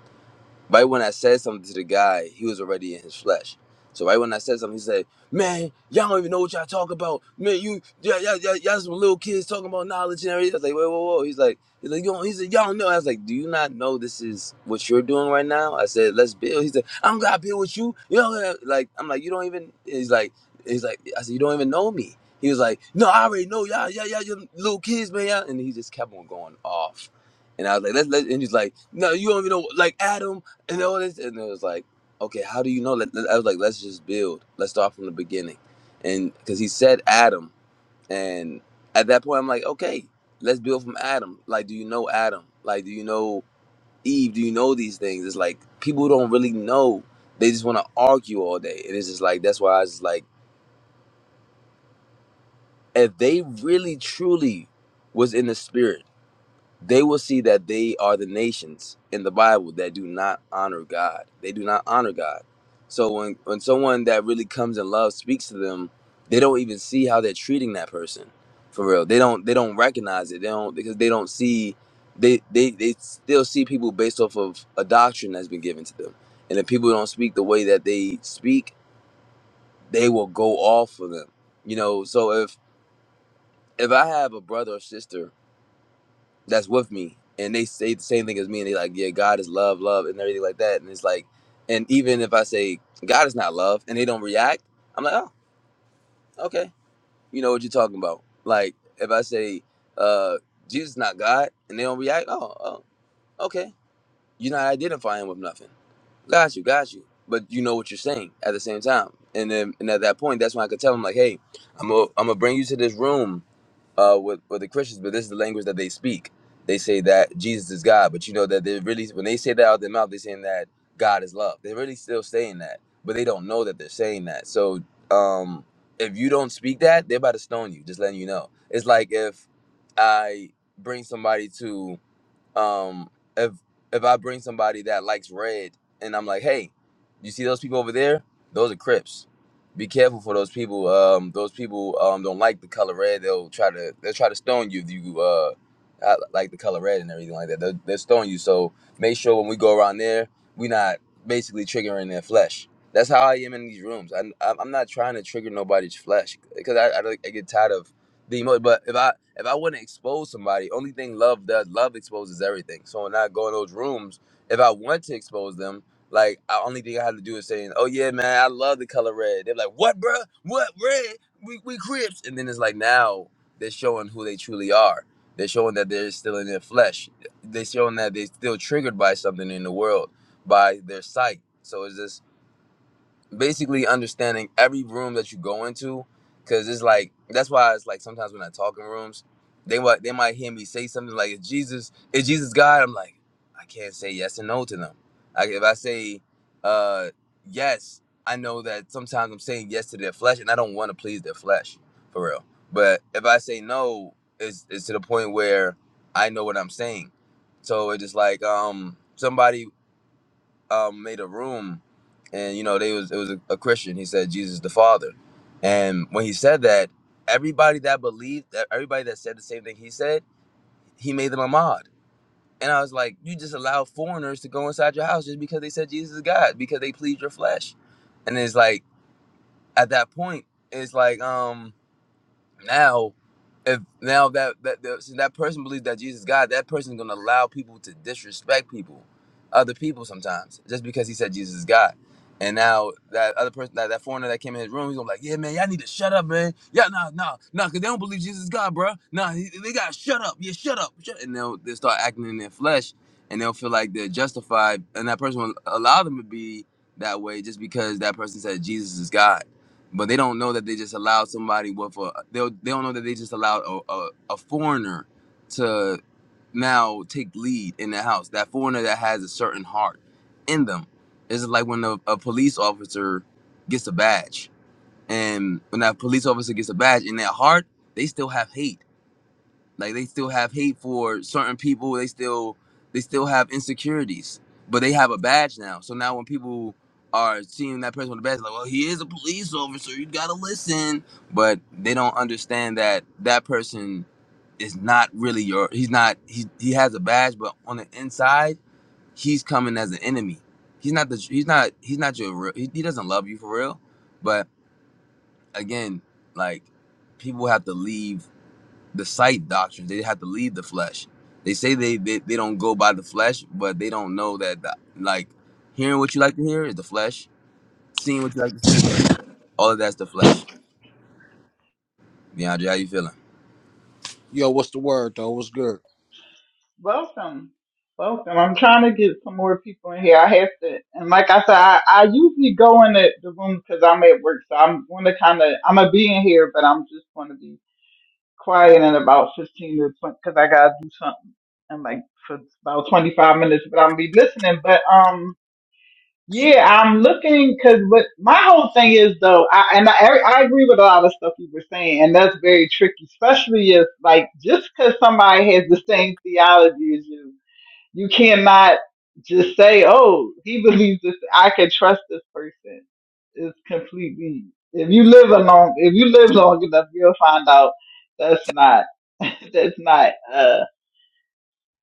Right when I said something to the guy, he was already in his flesh. So right when I said something, he said, "Man, y'all don't even know what y'all talk about. Man, you y'all, y'all, y'all, y'all some little kids talking about knowledge and everything." I was like, "Whoa, whoa, whoa!" He's like, "He's like, you don't, he said, y'all don't know." I was like, "Do you not know this is what you're doing right now?" I said, "Let's build." He said, "I'm gonna build with you." You know, like I'm like, "You don't even." He's like, "He's like," I said, "You don't even know me." He was like, "No, I already know y'all, y'all, y'all, you little kids, man." Y'all. And he just kept on going off. And I was like, let's let and he's like, no, you don't even know like Adam and all this, and it was like, okay, how do you know? Let- let- I was like, let's just build. Let's start from the beginning, and because he said Adam, and at that point, I'm like, okay, let's build from Adam. Like, do you know Adam? Like, do you know Eve? Do you know these things? It's like people don't really know. They just want to argue all day, and it's just like that's why I was just like, if they really truly was in the spirit they will see that they are the nations in the Bible that do not honor God. They do not honor God. So when when someone that really comes in love speaks to them, they don't even see how they're treating that person for real. They don't they don't recognize it. They don't because they don't see they they they still see people based off of a doctrine that's been given to them. And if people don't speak the way that they speak, they will go off for them. You know, so if if I have a brother or sister that's with me and they say the same thing as me and they like yeah god is love love and everything like that and it's like and even if i say god is not love and they don't react i'm like oh okay you know what you're talking about like if i say uh jesus is not god and they don't react oh, oh okay you're not identifying with nothing got you got you but you know what you're saying at the same time and then and at that point that's when i could tell them like hey i'm gonna I'm gonna bring you to this room uh, with with the Christians, but this is the language that they speak. They say that Jesus is God, but you know that they really when they say that out of their mouth, they're saying that God is love. They're really still saying that, but they don't know that they're saying that. So um, if you don't speak that, they're about to stone you. Just letting you know. It's like if I bring somebody to um if if i bring somebody that likes red and i'm like hey you see those people over there those are crips be careful for those people um those people um don't like the color red they'll try to they'll try to stone you if you uh uh, like the color red and everything like that they'll, they'll stone you so make sure when we go around there we not basically triggering their flesh that's how i am in these rooms I, i'm I'm not trying to trigger nobody's flesh because I, I, don't- I get tired of the emo- but if I if I wouldn't expose somebody, only thing love does love exposes everything. So when I go in those rooms, if I want to expose them, like I only thing I have to do is saying, "Oh yeah, man, I love the color red." They're like, "What, bruh? What red? We we Crips." And then it's like now they're showing who they truly are. They're showing that they're still in their flesh. They're showing that they're still triggered by something in the world, by their sight. So it's just basically understanding every room that you go into because it's like that's why it's like sometimes when i talk in rooms they might they might hear me say something like is jesus is jesus god i'm like i can't say yes and no to them like if i say uh yes i know that sometimes i'm saying yes to their flesh and i don't want to please their flesh for real but if i say no it's it's to the point where i know what i'm saying so it's just like um somebody um, made a room, and you know they was it was a, a Christian. He said Jesus is the Father, and when he said that, everybody that believed that everybody that said the same thing he said, he made them a mod. And I was like, you just allow foreigners to go inside your house just because they said Jesus is God because they pleased your flesh, and it's like at that point, it's like um. Now, if now that that that, since that person believes that Jesus is God, that person's gonna allow people to disrespect people, other people sometimes, just because he said Jesus is God. And now that other person, that, that foreigner that came in his room, he's gonna be like, "Yeah, man, y'all need to shut up, man. Yeah, nah, nah, nah, cause they don't believe Jesus is God, bruh. Nah, he- they gotta shut up. Yeah, shut up. Shut. And they'll they will start acting in their flesh, and they'll feel like they're justified, and that person will allow them to be that way just because that person said Jesus is God but they don't know that they just allowed somebody with a they don't- they don't know that they just allowed a, a, a foreigner to now take lead in the house. That foreigner that has a certain heart in them. It's like when a, a police officer gets a badge, and when that police officer gets a badge in their heart, they still have hate like they still have hate for certain people. They still they still have insecurities, but they have a badge now. So now when people are seeing that person with a badge, like, well, he is a police officer. You gotta listen. But they don't understand that that person is not really your. He's not. He he has a badge, but on the inside, he's coming as an enemy. He's not the. He's not. He's not your. real- He, he doesn't love you for real. But again, like people have to leave the sight doctrines. They have to lead the flesh. They say they, they they don't go by the flesh, but they don't know that the, like hearing what you like to hear is the flesh, seeing what you like to see is the, all of that's the flesh. DeAndre, how you feeling? Yo, what's the word though? What's good? Welcome. Welcome. I'm trying to get some more people in here. I have to, and like I said, I, I usually go in the, the room because I'm at work. So I'm going to kind of, I'm going to be in here, but I'm just going to be quiet in about 15 to 20 because I gotta do something and like for about 25 minutes, but I'm be listening. But um, yeah, I'm looking because what my whole thing is though, I and I, I agree with a lot of stuff you were saying, and that's very tricky, especially if like just because somebody has the same theology as you you cannot just say, "Oh, he believes this. I can trust this person." It's completely. If you live along, if you live long enough, you'll find out that's not. That's not. Uh,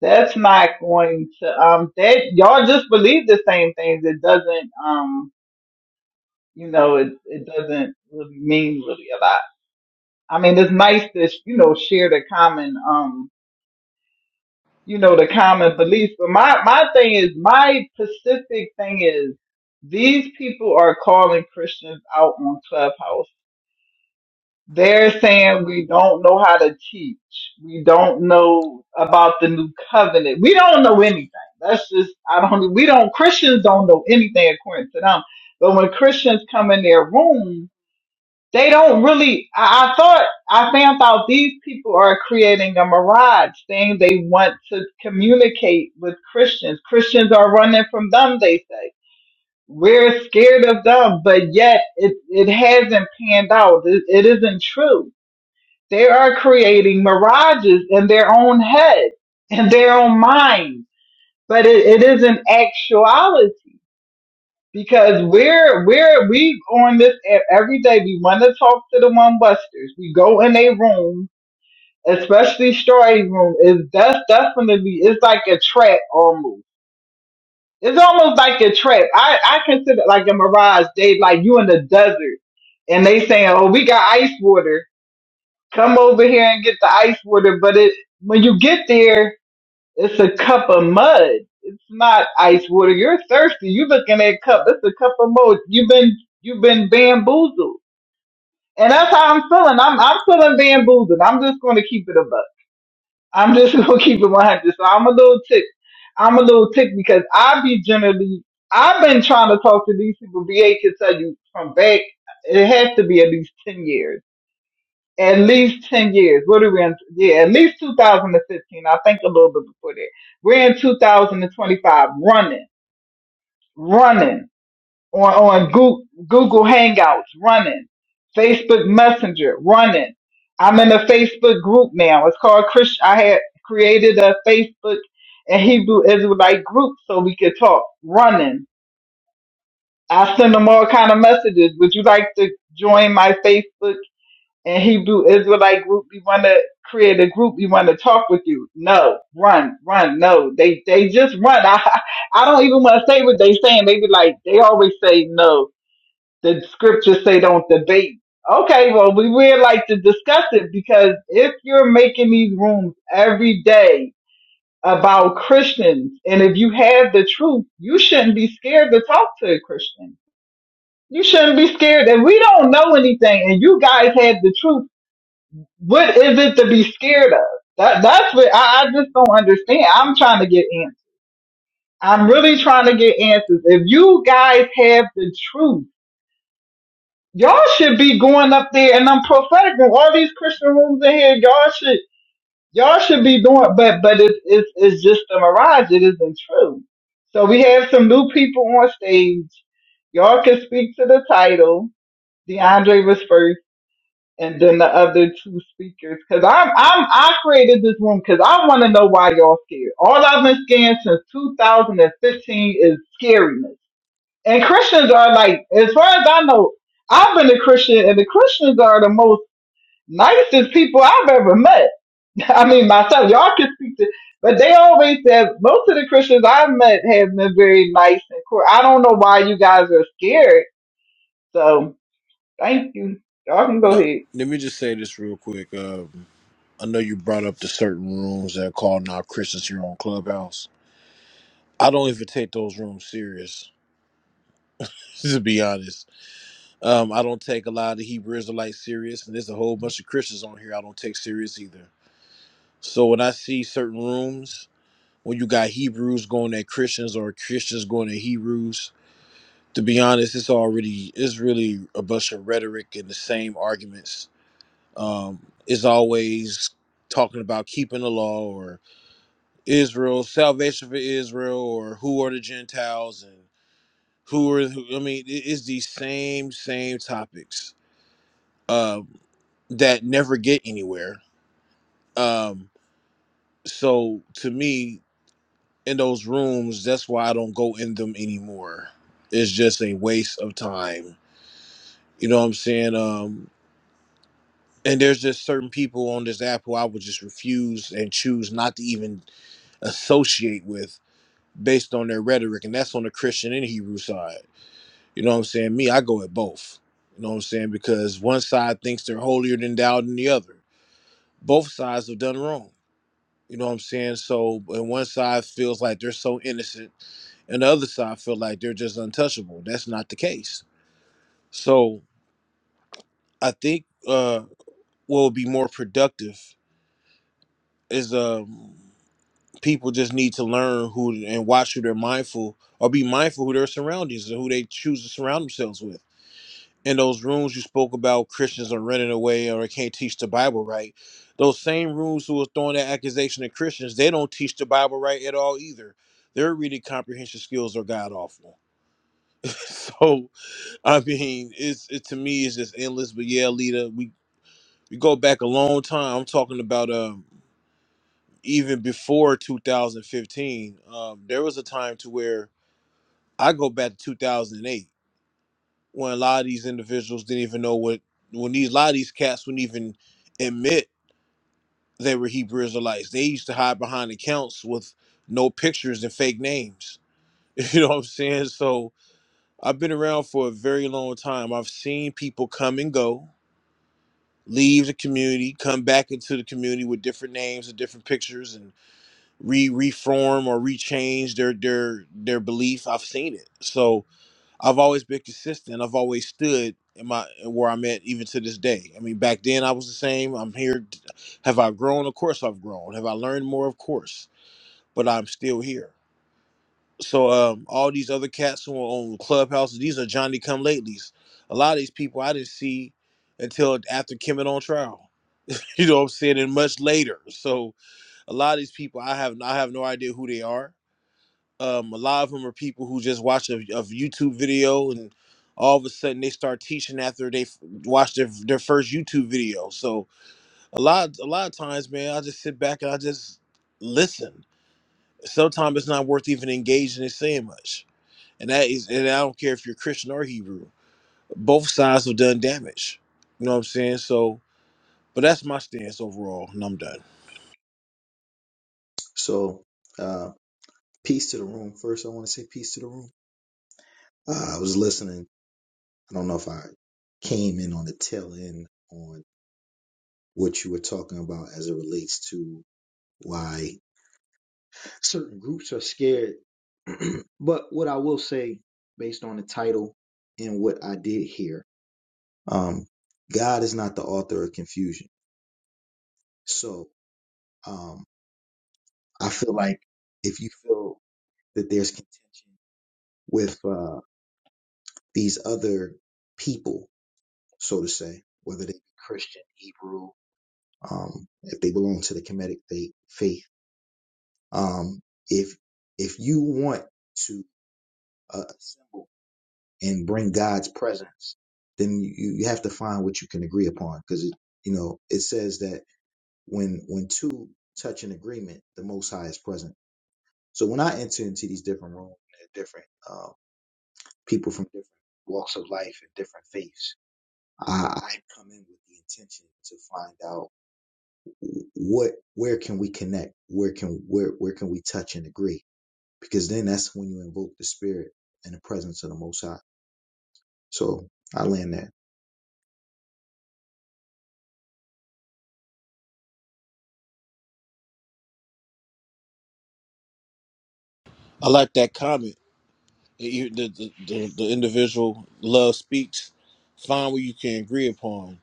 that's not going to. Um, that y'all just believe the same things. It doesn't. Um, you know, it it doesn't really mean really a lot. I mean, it's nice to you know share the common. Um, you know, the common beliefs, But my, my thing is, my specific thing is, these people are calling Christians out on Clubhouse. They're saying we don't know how to teach. We don't know about the new covenant. We don't know anything. That's just, I don't, we don't, Christians don't know anything according to them. But when Christians come in their room. They don't really. I, I thought I found out these people are creating a mirage, saying they want to communicate with Christians. Christians are running from them. They say we're scared of them, but yet it it hasn't panned out. It, it isn't true. They are creating mirages in their own head, in their own mind, but it, it isn't actuality because we're we're we on this e- every day. We want to talk to the one busters. We go in a room, especially Shorty room. Is that's definitely it's like a trap almost. It's almost like a trap. I I consider it like a mirage. They like you in the desert, and they saying, "Oh, we got ice water. Come over here and get the ice water." But it when you get there. It's a cup of mud. It's not ice water. You're thirsty. You looking at a cup. It's a cup of mud. You've been you've been bamboozled, and that's how I'm feeling. I'm I'm feeling bamboozled. I'm just going to keep it a buck. I'm just going to keep it 100. So I'm a little tick. I'm a little tick because I be generally I've been trying to talk to these people. BA can tell you from back. It has to be at least ten years at least 10 years. What are we in? Yeah, at least 2015. I think a little bit before that. We're in 2025 running, running on, on Google, Google Hangouts, running, Facebook Messenger, running. I'm in a Facebook group now. It's called Chris. I had created a Facebook and Hebrew Israelite group so we could talk running. I send them all kind of messages. Would you like to join my Facebook? and Hebrew Israelite group, we want to create a group, we want to talk with you. No, run, run, no. They they just run. I I don't even want to say what they saying. They be like, they always say no. The scriptures say don't debate. Okay, well, we would like to discuss it because if you're making these rooms every day about Christians, and if you have the truth, you shouldn't be scared to talk to a Christian. You shouldn't be scared. And we don't know anything, and you guys have the truth what is it to be scared of? That that's what I, I just don't understand. I'm trying to get answers. I'm really trying to get answers. If you guys have the truth, y'all should be going up there and I'm prophetic in all these Christian rooms in here. Y'all should y'all should be doing but but it's it's it's just a mirage. It isn't true. So we have some new people on stage. Y'all can speak to the title. DeAndre was first. and then the other two speakers. Cause I'm, I'm, I created this room cause I want to know why y'all scared. All I've been scared since 2015 is scariness. And Christians are like, as far as I know, I've been a Christian and the Christians are the most nicest people I've ever met. I mean, myself, y'all can speak to, but they always said most of the Christians I've met have been very nice and cool. I don't know why you guys are scared. So thank you. Y'all can go Nah, ahead. let me just say this real quick. Um, I know you brought up the certain rooms that are called now Christians here on Clubhouse. I don't even take those rooms serious, to be honest. Um, I don't take a lot of the Hebrew Israelites serious, and there's a whole bunch of Christians on here I don't take serious either. So when I see certain rooms, when you got Hebrews going at Christians or Christians going at Hebrews, to be honest, it's already it's really a bunch of rhetoric and the same arguments um, is always talking about keeping the law or Israel, salvation for Israel, or who are the Gentiles and who are. Who, I mean, it is these same same topics um, that never get anywhere. Um, so to me, in those rooms, that's why I don't go in them anymore. It's just a waste of time. You know what I'm saying? Um, and there's just certain people on this app who I would just refuse and choose not to even associate with based on their rhetoric, and that's on the Christian and Hebrew side. You know what I'm saying? Me, I go at both. You know what I'm saying? Because one side thinks they're holier than thou than the other. Both sides have done wrong. You know what I'm saying? So, and one side feels like they're so innocent, and the other side feel like they're just untouchable. That's not the case. So, I think uh, what would be more productive is um people just need to learn who and watch who they're mindful or be mindful who their surroundings and who they choose to surround themselves with. In those rooms you spoke about, Christians are running away or they can't teach the Bible right. Those same rooms who are throwing that accusation at Christians, they don't teach the Bible right at all either. Their reading comprehension skills are god awful. so I mean, it's it to me it's just endless. But yeah, Lita, we we go back a long time. I'm talking about um. even before 2015, um, there was a time to where I go back to 2008 when a lot of these individuals didn't even know what when these a lot of these cats wouldn't even admit they were Hebrew Israelites. They used to hide behind accounts with no pictures and fake names. You know what I'm saying? So I've been around for a very long time. I've seen people come and go, leave the community, come back into the community with different names and different pictures and. re reform or rechange their their their belief. I've seen it. So I've always been consistent. I've always stood in my where I'm at even to this day. I mean, back then I was the same. I'm here. Have I grown? Of course I've grown. Have I learned more? Of course. But I'm still here. So um, all these other cats who are on Clubhouses, these are Johnny Come Latelys. A lot of these people I didn't see until after Kim and on trial. You know what I'm saying? And much later. So a lot of these people I have I have no idea who they are um, a lot of them are people who just watch a, a YouTube video and all of a sudden they start teaching after they f- watch their, their first YouTube video. So a lot a lot of times, man, I just sit back and I just listen. Sometimes it's not worth even engaging and saying much. And that is and I don't care if you're Christian or Hebrew. Both sides have done damage. You know what I'm saying? So but that's my stance overall, and I'm done. So, uh, peace to the room. First, I want to say peace to the room. Uh, I was listening. I don't know if I came in on the tail end on what you were talking about as it relates to why certain groups are scared. but what I will say, based on the title and what I did hear, um, God is not the author of confusion. So, um, I feel like if you feel that there's contention with uh, these other people so to say, whether they be Christian, Hebrew, um, if they belong to the Kemetic faith. faith. Um, if if you want to uh, assemble and bring God's presence, then you, you have to find what you can agree upon, because it, you know it says that when when two touch an agreement, the Most High is present. So when I enter into these different rooms, and different uh, people from different walks of life and different faiths, I, I come in with the intention to find out what where can we connect where can where where can we touch and agree because then that's when you invoke the spirit and the presence of the most high so i land there I like that comment You- the, the, the, the individual love speaks find what you can agree upon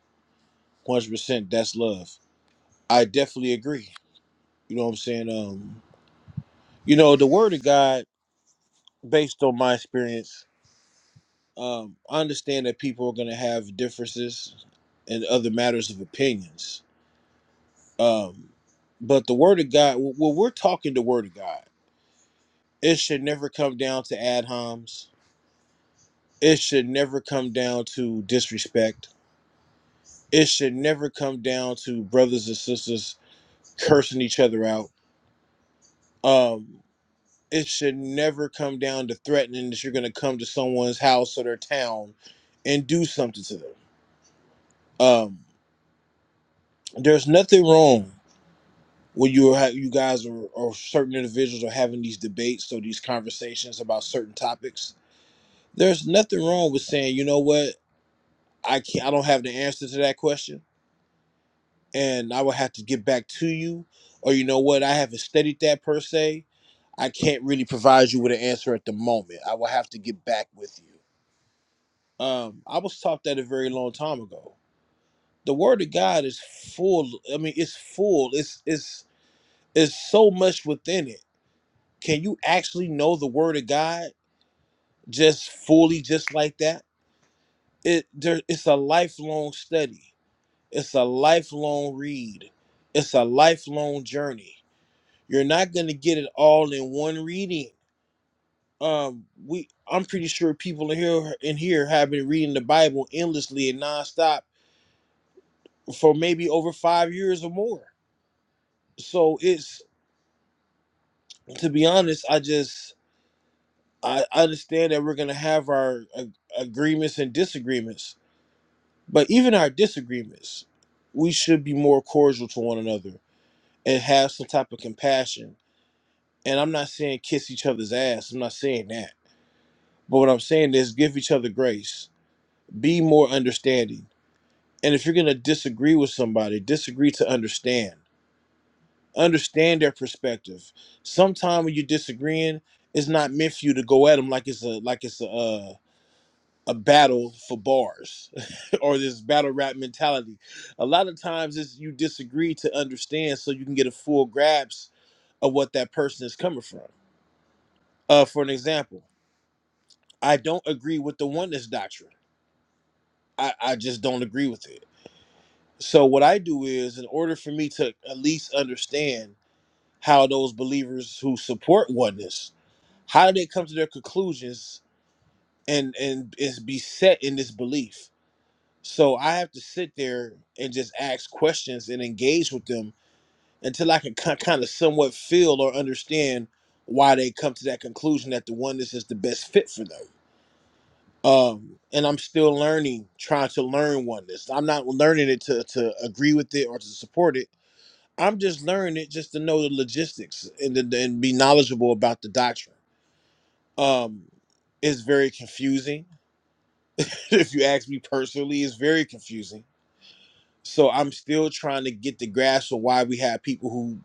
100% that's love i definitely agree you know what i'm saying um you know the word of god based on my experience um i understand that people are going to have differences and other matters of opinions um but the word of god When we're talking the word of god it should never come down to ad homs it should never come down to disrespect it should never come down to brothers and sisters cursing each other out. Um, it should never come down to threatening that you're going to come to someone's house or their town and do something to them. Um, there's nothing wrong when you are you guys or, or certain individuals are having these debates or these conversations about certain topics. There's nothing wrong with saying, you know what, I can't, I don't have the answer to that question and I will have to get back to you. Or you know what, I haven't studied that per se. I can't really provide you with an answer at the moment. I will have to get back with you. Um, I was taught that a very long time ago. The word of God is full. I mean, it's full. It's it's it's so much within it. Can you actually know the word of God just fully, just like that? It there. It's a lifelong study. It's a lifelong read. It's a lifelong journey You're not going to get it all in one reading. Um, we I'm pretty sure people in here in here have been reading the Bible endlessly and nonstop for maybe over five years or more. So it's to be honest, I just I understand that we're gonna have our uh, agreements and disagreements, but even our disagreements, we should be more cordial to one another and have some type of compassion. And I'm not saying kiss each other's ass. I'm not saying that. But what I'm saying is give each other grace be more understanding. And if you're going to disagree with somebody, disagree to understand. Understand their perspective. Sometime when you're disagreeing, it's not meant for you to go at them like it's a like it's a uh, a battle for bars or this battle rap mentality. A lot of times, it's you disagree to understand so you can get a full grasp of what that person is coming from. Uh, for an example, I don't agree with the oneness doctrine. I, I just don't agree with it So what I do is, in order for me to at least understand how those believers who support oneness, how do they come to their conclusions and and is beset in this belief? So I have to sit there and just ask questions and engage with them until I can kind of somewhat feel or understand why they come to that conclusion that the oneness is the best fit for them. Um, and I'm still learning, trying to learn oneness. I'm not learning it to to agree with it or to support it. I'm just learning it just to know the logistics and to, and be knowledgeable about the doctrine. Um, it's very confusing. if you ask me personally, it's very confusing. So I'm still trying to get the grasp of why we have people who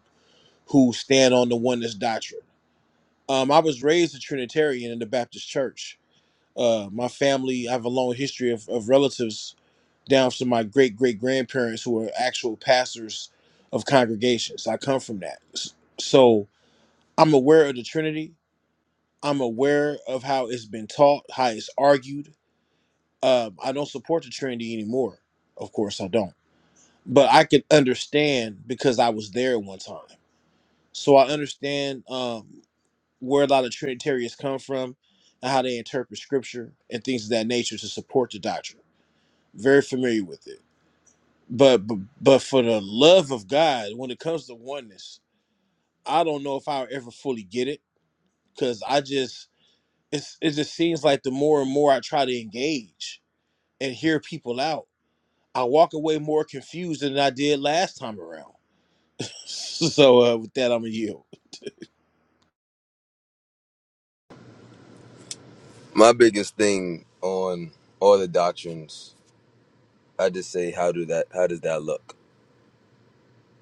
who stand on the oneness doctrine. Um, I was raised a Trinitarian in the Baptist Church. Uh, my family, I have a long history of, of relatives down from my great great grandparents who are actual pastors of congregations. I come from that. S- So I'm aware of the Trinity. I'm aware of how it's been taught, how it's argued. Um, I don't support the Trinity anymore. Of course, I don't. But I could understand because I was there one time. So I understand um, where a lot of Trinitarians come from and how they interpret scripture and things of that nature to support the doctrine. Very familiar with it. But, but but for the love of God, when it comes to oneness, I don't know if I'll ever fully get it because I just it's it just seems like the more and more I try to engage and hear people out, I walk away more confused than I did last time around. So uh, with that, I'm gonna yield. My biggest thing on all the doctrines, I just say, how do that? How does that look?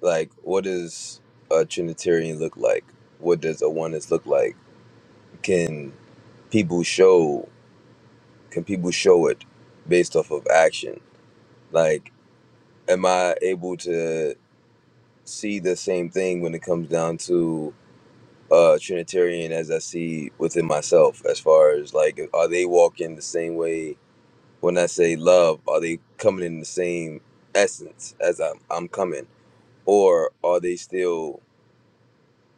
Like, what does a Trinitarian look like? What does a oneness look like? Can people show? Can people show it based off of action? Like, am I able to? see the same thing when it comes down to uh Trinitarian as I see within myself as far as like are they walking the same way when I say love, are they coming in the same essence as I'm I'm coming? Or are they still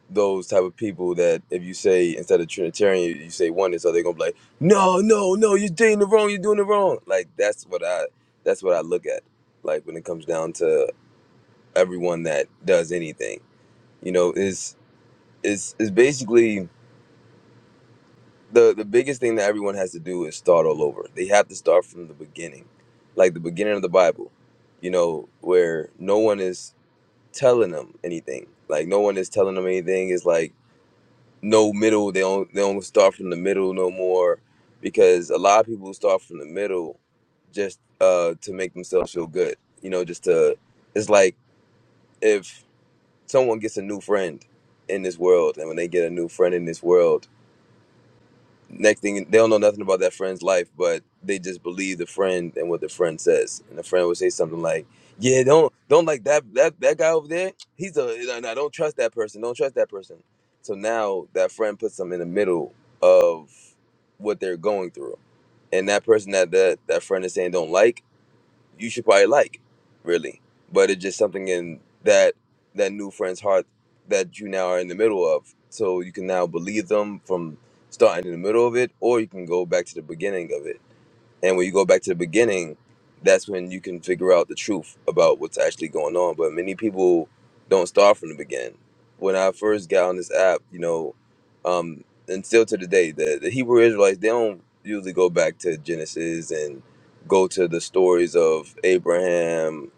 those type of people that if you say instead of Trinitarian you say oneness, are they gonna be like, No, no, no, you're doing it wrong, you're doing it wrong. Like that's what I that's what I look at. Like when it comes down to everyone that does anything. You know, is it's it's basically the the biggest thing that everyone has to do is start all over. They have to start from the beginning, like the beginning of the Bible, you know, where no one is telling them anything. Like no one is telling them anything. It's like no middle. They don't they don't start from the middle no more, because a lot of people start from the middle, just uh to make themselves feel good. You know, just to it's like if someone gets a new friend in this world, and when they get a new friend in this world next thing they don't know nothing about that friend's life, but they just believe the friend and what the friend says. And the friend would say something like, "Yeah, don't don't like that that that guy over there. He's a no, no, don't trust that person. Don't trust that person." So now that friend puts them in the middle of what they're going through, and that person that that that friend is saying don't like you should probably like, really. But it's just something in that that new friend's heart that you now are in the middle of. So you can now believe them from starting in the middle of it, or you can go back to the beginning of it and when you go back to the beginning, that's when you can figure out the truth about what's actually going on. But many people don't start from the beginning. When I first got on this app, you know, um, and still to the day, the, the Hebrew Israelites, they don't usually go back to Genesis and go to the stories of Abraham,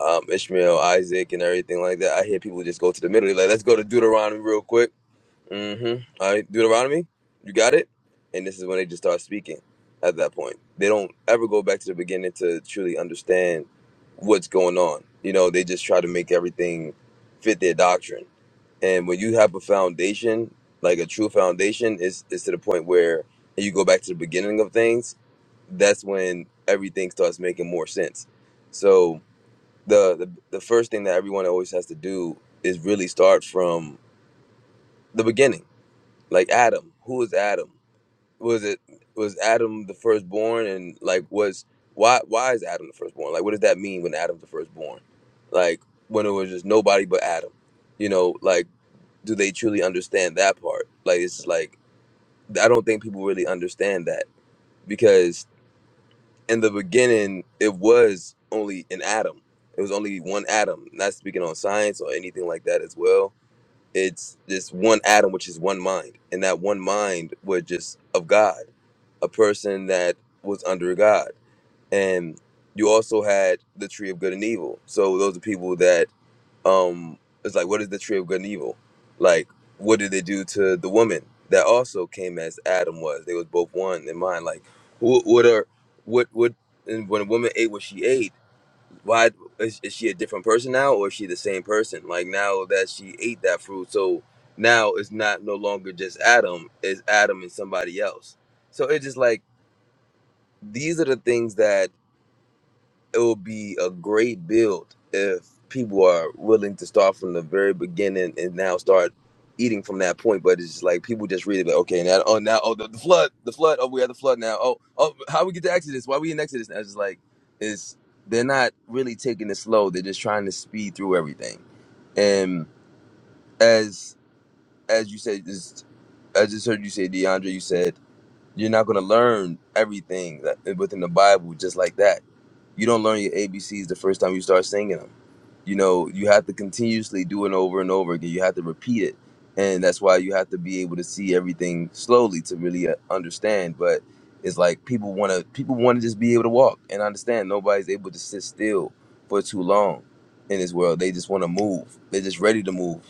um, Ishmael, Isaac, and everything like that. I hear people just go to the middle, They're like, let's go to Deuteronomy real quick Mm-hmm. All right, Deuteronomy, you got it. And this is when they just start speaking. At that point, they don't ever go back to the beginning to truly understand what's going on. You know, they just try to make everything fit their doctrine. And when you have a foundation, like a true foundation, is is to the point where you go back to the beginning of things. That's when everything starts making more sense. So the the, the first thing that everyone always has to do is really start from the beginning like Adam. Who is Adam? Was it was Adam the firstborn? And like, was why why is Adam the firstborn? Like, what does that mean when Adam's the firstborn? Like, when it was just nobody but Adam, you know? Like, do they truly understand that part? Like, it's like I don't think people really understand that because in the beginning it was only an Adam. It was only one Adam. Not speaking on science or anything like that as well it's this one atom which is one mind and that one mind was just of god a person that was under god and you also had the tree of good and evil so those are people that um it's like what is the tree of good and evil like what did they do to the woman that also came as adam was they was both one in mind like wh- what are what what and when a woman ate what she ate why is, is she a different person now or is she the same person like now that she ate that fruit so now it's not no longer just adam it's adam and somebody else so it's just like these are the things that it would be a great build if people are willing to start from the very beginning and now start eating from that point. But it's just like people just read it like, okay, now oh now oh the, the flood, the flood, oh we had the flood now. Oh oh how we get to Exodus? Why we in Exodus? And it's just like it's they're not really taking it slow. They're just trying to speed through everything. And as as you said, just I just heard you say, DeAndre, you said you're not gonna learn everything that, within the Bible just like that you don't learn your ABCs the first time you start singing them you know you have to continuously do it over and over again you have to repeat it and that's why you have to be able to see everything slowly to really uh, understand but it's like people want to people want to just be able to walk and understand nobody's able to sit still for too long in this world they just want to move they're just ready to move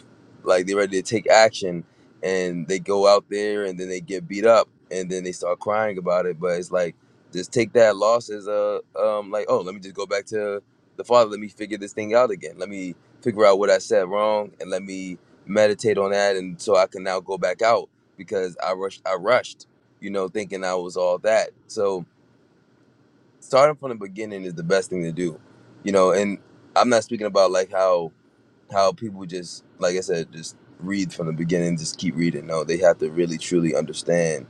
like they're ready to take action and they go out there and then they get beat up and then they start crying about it but it's like just take that loss as a um like oh let me just go back to the Father, let me figure this thing out again. Let me figure out what I said wrong and let me meditate on that and so I can now go back out because I rushed I rushed, you know, thinking I was all that. So starting from the beginning is the best thing to do. You know, and I'm not speaking about like how how people just like I said, just read from the beginning, just keep reading. No, they have to really truly understand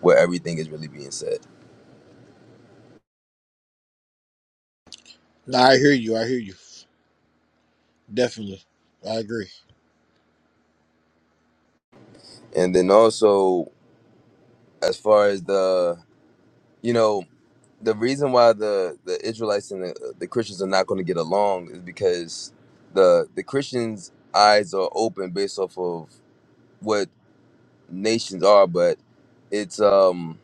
where everything is really being said. No, I hear you. I hear you. Definitely, I agree. And then also as far as the you know the reason why the the Israelites and the, the Christians are not going to get along is because the the Christians' eyes are open based off of what nations are, but it's um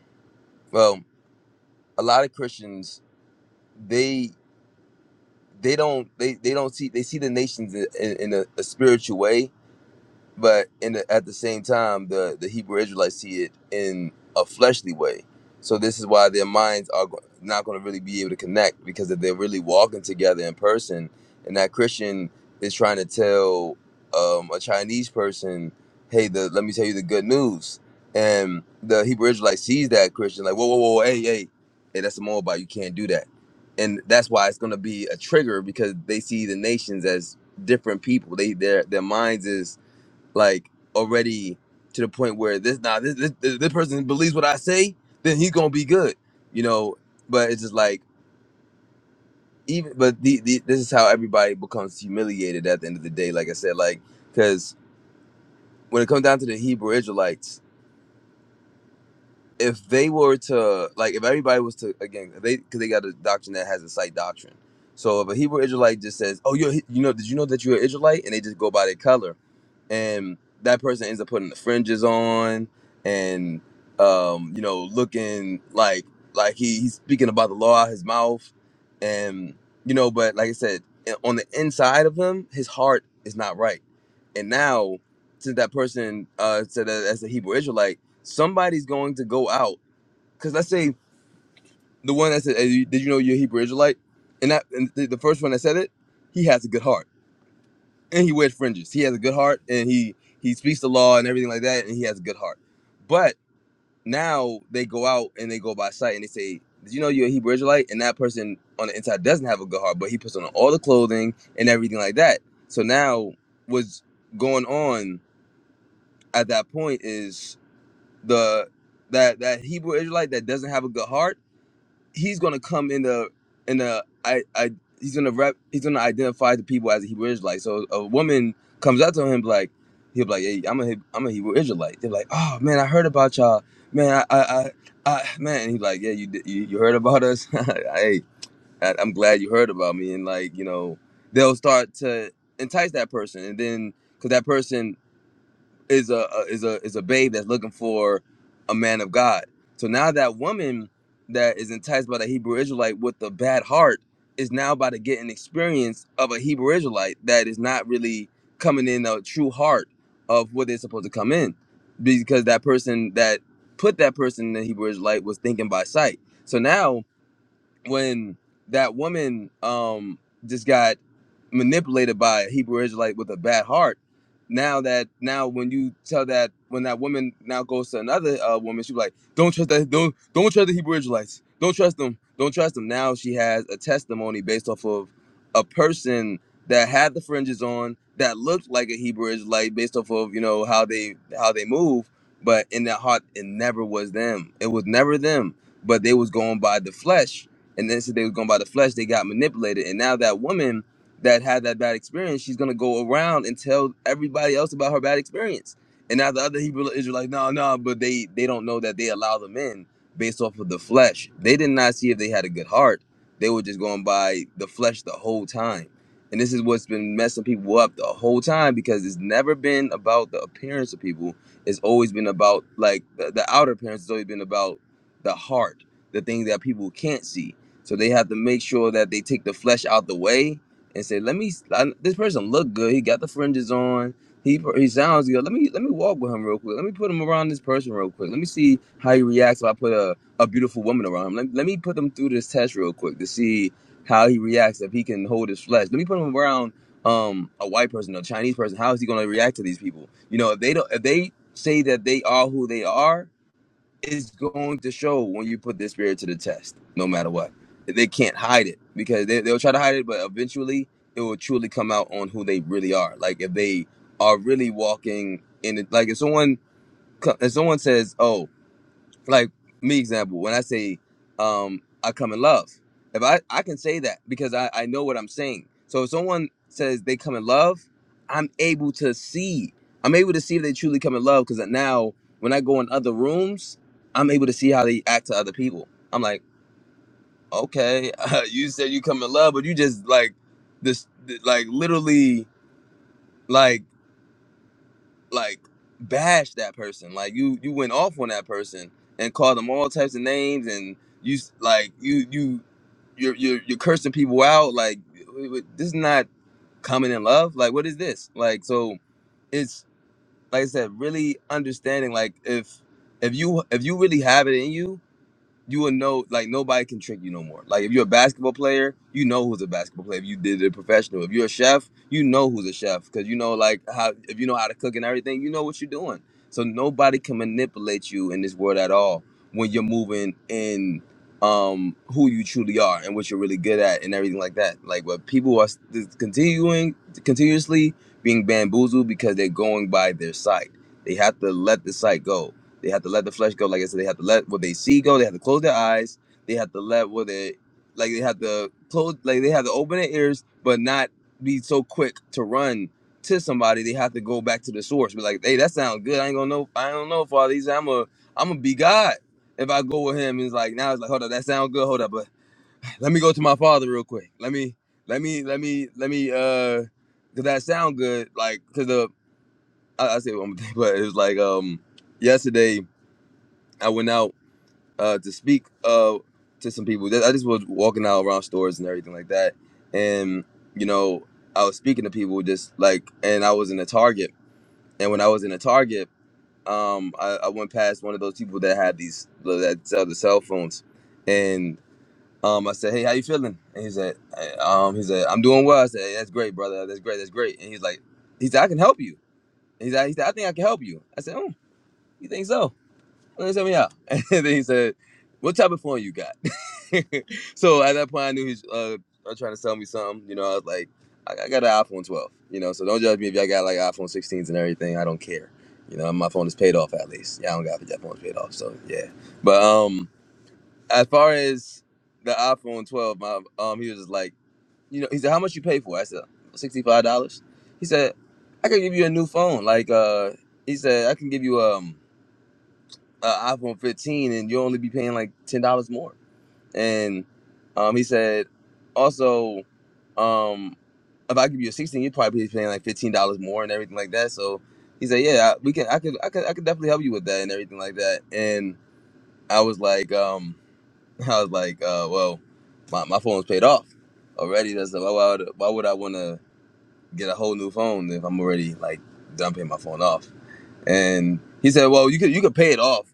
well a lot of Christians they they don't they they don't see they see the nations in, in, in a, a spiritual way, but in the, at the same time, the the Hebrew Israelites see it in a fleshly way. So this is why their minds are go- not going to really be able to connect because if they're really walking together in person, and that Christian is trying to tell um, a Chinese person, "Hey, the let me tell you the good news," and the Hebrew Israelite sees that Christian like, "Whoa, whoa, whoa, hey, hey, hey, that's a Moabite. You can't do that." And that's why it's going to be a trigger because they see the nations as different people. They their their minds is like already to the point where this now this this, this this person believes what I say, then he's gonna be good, you know. But it's just like even but the, the this is how everybody becomes humiliated at the end of the day. Like I said, like because when it comes down to the Hebrew Israelites, if they were to like if everybody was to again if they because they got a doctrine that has a sight doctrine. So if a Hebrew Israelite just says, "Oh, you're a He- you know, did you know that you're an Israelite?" and they just go by their color, and that person ends up putting the fringes on and um, you know looking like like he, he's speaking about the law out his mouth and you know but like i said on the inside of him his heart is not right and now since that person uh said that as a hebrew israelite somebody's going to go out because let's say the one that said hey, you- did you know you're a hebrew israelite and that and the the first one that said it he has a good heart and he wears fringes. He has a good heart, and he he speaks the law and everything like that, and he has a good heart. But now they go out and they go by sight, and they say, "Did you know you're a Hebrew Israelite?" And that person on the inside doesn't have a good heart, but he puts on all the clothing and everything like that. So now what's going on at that point is the that that Hebrew Israelite that doesn't have a good heart he's gonna come in the in the I I he's gonna rep he's gonna identify the people as a Hebrew Israelite. So a woman comes up to him like he'll be like, Hey, I'm a Heb- I'm a Hebrew Israelite. They're like, Oh man, I heard about y'all. Man, I I I, I man, and he's like, Yeah, you did- you, you heard about us? hey, I, I'm glad you heard about me. And like, you know, they'll start to entice that person and then because that person is a a- is a is a babe that's looking for a man of God. So now that woman that is enticed by the Hebrew Israelite with the bad heart is now about to get an experience of a Hebrew Israelite that is not really coming in a true heart of what they're supposed to come in, because that person that put that person in the Hebrew Israelite was thinking by sight. So now when that woman um just got manipulated by a Hebrew Israelite with a bad heart. Now that now when you tell that when that woman now goes to another uh, woman, she's like, "Don't trust that. Don't don't trust the Hebrew Israelites. Don't trust them. Don't trust them." Now she has a testimony based off of a person that had the fringes on that looked like a Hebrew Israelite based off of you know how they how they move, but in their heart it never was them. It was never them, but they was going by the flesh and then said they were going by the flesh, they got manipulated. And now that woman that had that bad experience, she's gonna go around and tell everybody else about her bad experience. And now the other Hebrew Israelites, no, no, but they they don't know that they allow them in based off of the flesh. They did not see if they had a good heart. They were just going by the flesh the whole time. And this is what's been messing people up the whole time because it's never been about the appearance of people. It's always been about like the, the outer appearance has always been about the heart, the things that people can't see so they have to make sure that they take the flesh out the way and say, "Let me. I, this person look good. He got the fringes on. He he sounds good. Let me let me walk with him real quick. Let me put him around this person real quick. Let me see how he reacts if I put a, a beautiful woman around him. Let, let me put him through this test real quick to see how he reacts if he can hold his flesh. Let me put him around um a white person, a Chinese person. How is he going to react to these people? You know, if they don't, if they say that they are who they are." Is going to show when you put their spirit to the test, no matter what. They can't hide it because they, they'll try to hide it, but eventually it will truly come out on who they really are. Like if they are really walking in it, like if someone if someone says, oh like me example when i say um i come in love if i i can say that because i i know what i'm saying so if someone says they come in love i'm able to see i'm able to see if they truly come in love because now when i go in other rooms i'm able to see how they act to other people i'm like okay you said you come in love but you just like this like literally like like bash that person. Like you you went off on that person and called them all types of names and you s- like you you you're you're, you're cursing people out. Like w- w- this is not coming in love. Like what is this? Like so it's like I said, really understanding like if if you if you really have it in you you will know like nobody can trick you no more. Like if you're a basketball player, you know who's a basketball player. If you did it professional, if you're a chef, you know who's a chef because you know like how if you know how to cook and everything, you know what you're doing. So nobody can manipulate you in this world at all when you're moving in um who you truly are and what you're really good at and everything like that. Like what people are s- continuing continuously being bamboozled because they're going by their sight. They have to let the sight go they have to let the flesh go. Like I said, they have to let what they see go. They have to close their eyes. They have to let what they like. They have to close. Like they have to open their ears, but not be so quick to run to somebody. They have to go back to the source. Be like, hey, that sounds good. I ain't gonna know. I don't know, Father. He said, I'm a, I'm gonna be God. If I go with him, it's like now it's like, hold up, that sounds good. Hold up, but let me go to my father real quick. Let me, let me, let me, let me. uh Cause that sound good, like, cause the I, I say one more thing, but it was like um yesterday I went out uh, to speak uh, to some people. I just was walking out around stores and everything like that, and you know, I was speaking to people just like, and I was in a Target, and when I was in a Target, um, I, I went past one of those people that had these that sell the cell phones, and um, I said, "Hey, how you feeling?" And he said, eh, "Um, he said I'm doing well." I said, hey, "That's great, brother. That's great. That's great." And he's like, "He said I can help you." He said, "He said I think I can help you." I said, "Oh, you think so?" Let me help me out. And then he said, "What type of phone you got?" so at that point, I knew he was uh, uh, trying to sell me something. You know, I was like, I, I got an iPhone 12. You know, so don't judge me if y'all got like iPhone 16s and everything. I don't care. You know, my phone is paid off at least. Yeah, I don't got that phone's paid off. So yeah, but um, as far as the iPhone 12, my um, he was just like, you know, he said, how much you pay for? it?" I said, sixty five dollars. He said, I can give you a new phone. Like uh, he said, I can give you um, an iPhone 15, and you'll only be paying like ten dollars more. And um, he said, also, um, if I give you a sixteen, you'd probably be paying like fifteen dollars more and everything like that. So he said, yeah, we can, I could, I could, I could definitely help you with that and everything like that. And I was like, um, I was like, uh, well, my, my phone's paid off already. That's why why would, why would I want to get a whole new phone if I'm already like done paying my phone off? and he said, "Well, you could you could pay it off,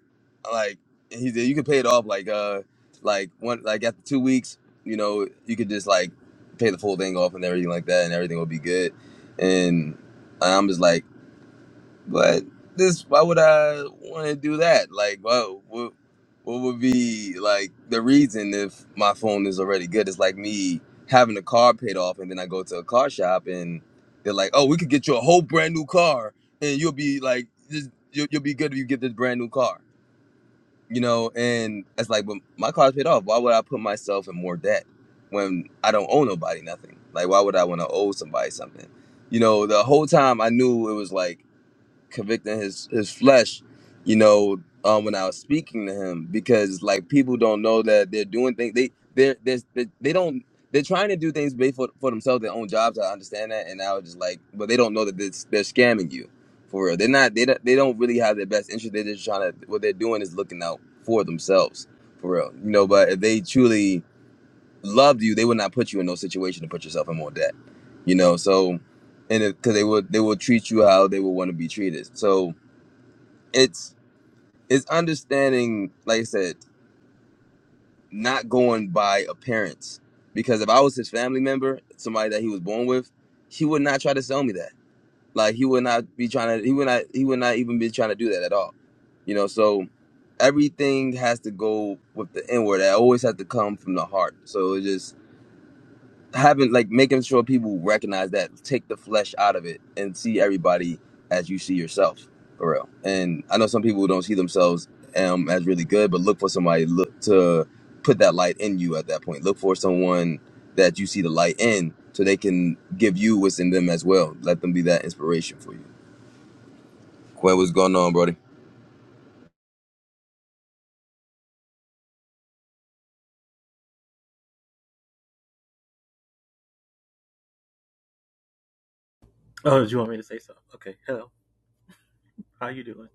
like he said, you could pay it off like uh like one like after two weeks, you know, you could just like pay the full thing off and everything like that, and everything will be good." And I'm just like. But this, why would I want to do that? Like, whoa, what, what would be like the reason if my phone is already good? It's like me having a car paid off, and then I go to a car shop, and they're like, "Oh, we could get you a whole brand new car, and you'll be like, this, you'll, you'll be good if you get this brand new car." You know, and it's like, but my car's paid off. Why would I put myself in more debt when I don't owe nobody nothing? Like, why would I want to owe somebody something? You know, the whole time I knew it was like convicting his his flesh, you know, um, when I was speaking to him because like people don't know that they're doing things they they're, they're they they don't they're trying to do things based for, for themselves their own jobs. I understand that, and I was just like, but they don't know that they're, they're scamming you for real. They're not they don't, they don't really have their best interest. They're just trying to what they're doing is looking out for themselves for real, you know. But if they truly loved you, they would not put you in no situation to put yourself in more debt. You know, so and because they would they will treat you how they would want to be treated. So it's it's understanding, like I said, not going by appearance. Because if I was his family member, somebody that he was born with, he would not try to sell me that. Like he would not be trying to. He would not. He would not even be trying to do that at all. You know, so everything has to go with the inward. It always has to come from the heart. So it's just having like making sure people recognize that take the flesh out of it and see everybody as you see yourself for real and i know some people don't see themselves um as really good but look for somebody look to put that light in you at that point look for someone that you see the light in so they can give you what's in them as well let them be that inspiration for you Quay, what's going on brody Oh, did you want me to say so? Okay. Hello. How you doing?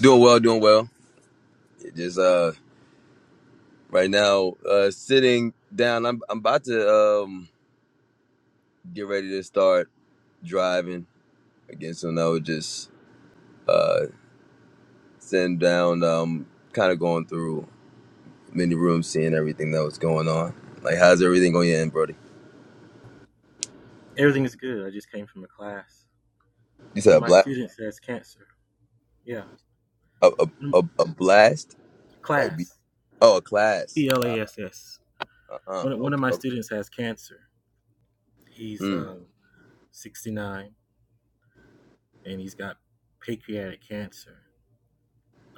doing well doing well It just uh right now uh sitting down i'm, I'm about to um get ready to start driving Again, so now I would just sitting down, um, kind of going through many rooms, seeing everything that was going on. Like, how's everything going in, Brody? Everything is good. I just came from a class. You One said a of my blast, students has cancer. Yeah. a a, Mm, a, a blast, like be, Class. oh, a class. C L A Uh S S. uh, One one of okay, my okay. students has cancer. He's Hmm. um 69 and he's got pancreatic cancer,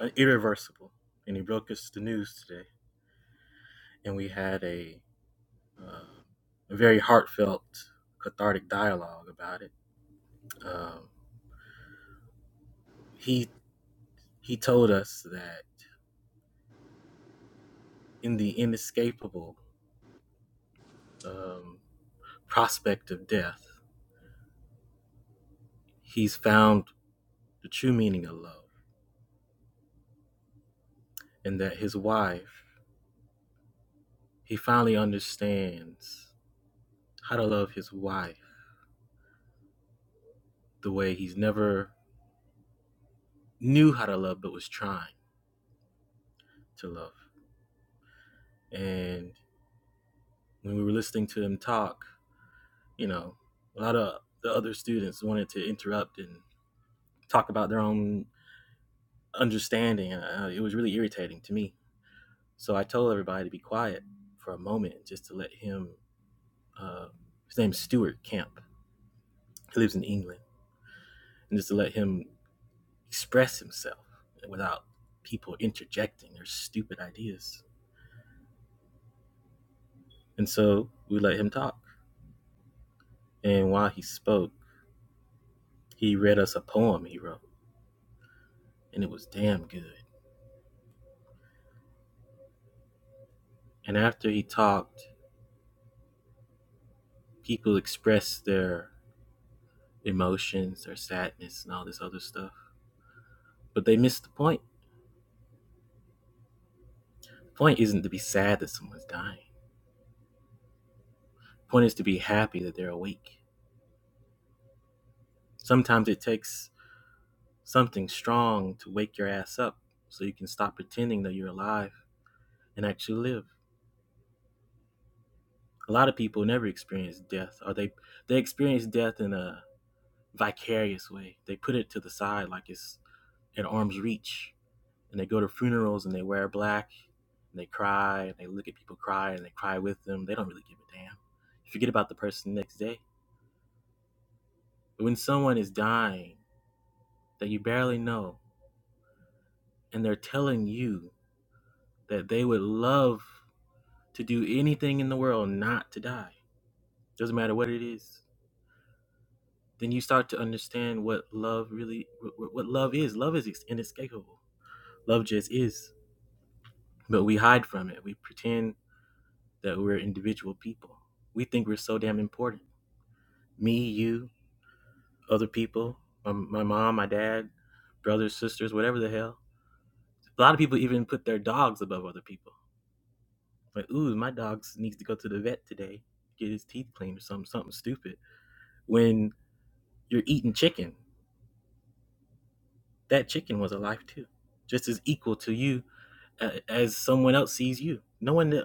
uh, irreversible. And he broke us the news today. And we had a, um a very heartfelt, cathartic dialogue about it. Um, he he told us that in the inescapable um, prospect of death, he's found the true meaning of love, and that his wife, he finally understands how to love his wife the way he's never knew how to love, but was trying to love. And when we were listening to him talk, you know, a lot of the other students wanted to interrupt and talk about their own understanding. Uh, it was really irritating to me. So I told everybody to be quiet for a moment just to let him uh, his name's Stuart Camp. He lives in England, and just to let him express himself without people interjecting their stupid ideas. And so we let him talk. And while he spoke, he read us a poem he wrote, and it was damn good. And after he talked, people expressed their emotions, their sadness, and all this other stuff. But they missed the point. The point isn't to be sad that someone's dying. The point is to be happy that they're awake. Sometimes it takes Something strong to wake your ass up so you can stop pretending that you're alive and actually live. A lot of people never experience death, or they they experience death in a vicarious way. They put it to the side like it's at arm's reach, and they go to funerals and they wear black, and they cry, and they look at people cry, and they cry with them. They don't really give a damn. You forget about the person the next day. But when someone is dying that you barely know, and they're telling you that they would love to do anything in the world not to die. Doesn't matter what it is. Then you start to understand what love really, what, what love is. Love is inescapable. Love just is. But we hide from it. We pretend that we're individual people. We think we're so damn important. Me, you, other people, my, my mom, my dad, brothers, sisters, whatever the hell. A lot of people even put their dogs above other people. Like, ooh, my dog needs to go to the vet today, get his teeth cleaned or something, something stupid. When you're eating chicken. that chicken was alive too, just as equal to you uh, as someone else sees you. No one,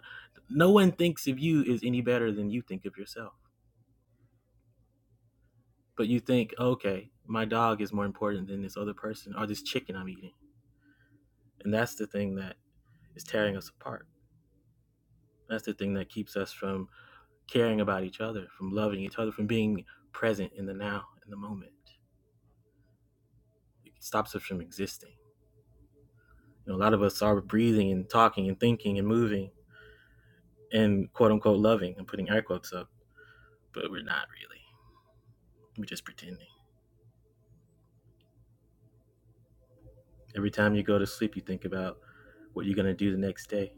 no one thinks of you as any better than you think of yourself. But you think, okay, my dog is more important than this other person or this chicken I'm eating, and that's the thing that is tearing us apart. That's the thing that keeps us from caring about each other, from loving each other, from being present in the now, in the moment. It stops us from existing. You know, a lot of us are breathing and talking and thinking and moving and quote unquote loving. I'm putting air quotes up but we're not really. We're just pretending. Every time you go to sleep, you think about what you're going to do the next day,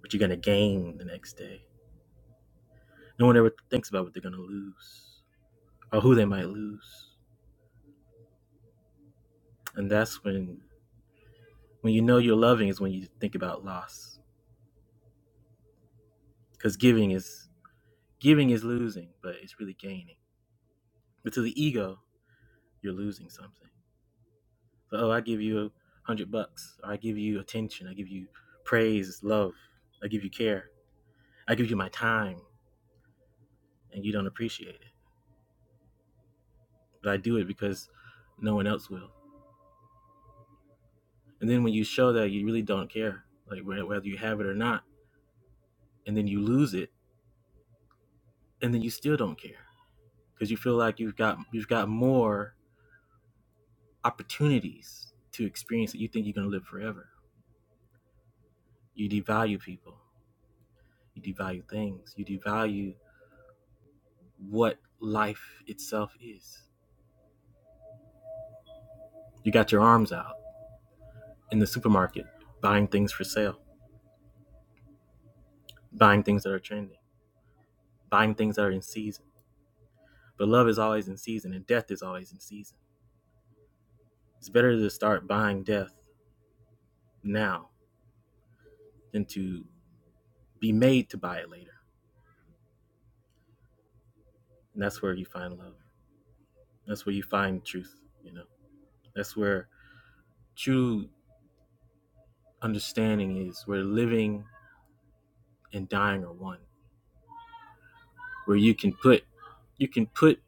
what you're going to gain the next day. No one ever thinks about what they're going to lose or who they might lose. And that's when when you know you're loving is when you think about loss cuz giving is giving is losing, but it's really gaining. But to the ego, you're losing something. So, oh, I give you a 100 bucks. Or I give you attention. I give you praise, love. I give you care. I give you my time and you don't appreciate it but I do it because no one else will. And then when you show that you really don't care, like whether you have it or not, and then you lose it, and then you still don't care because you feel like you've got you've got more opportunities to experience that you think you're going to live forever. You devalue people, you devalue things, you devalue what life itself is. You got your arms out in the supermarket buying things for sale, buying things that are trending, buying things that are in season. But love is always in season, and death is always in season It's better to start buying death now than to be made to buy it later. And that's where you find love. That's where you find truth, you know. That's where true understanding is where living and dying are one. Where you can put you can put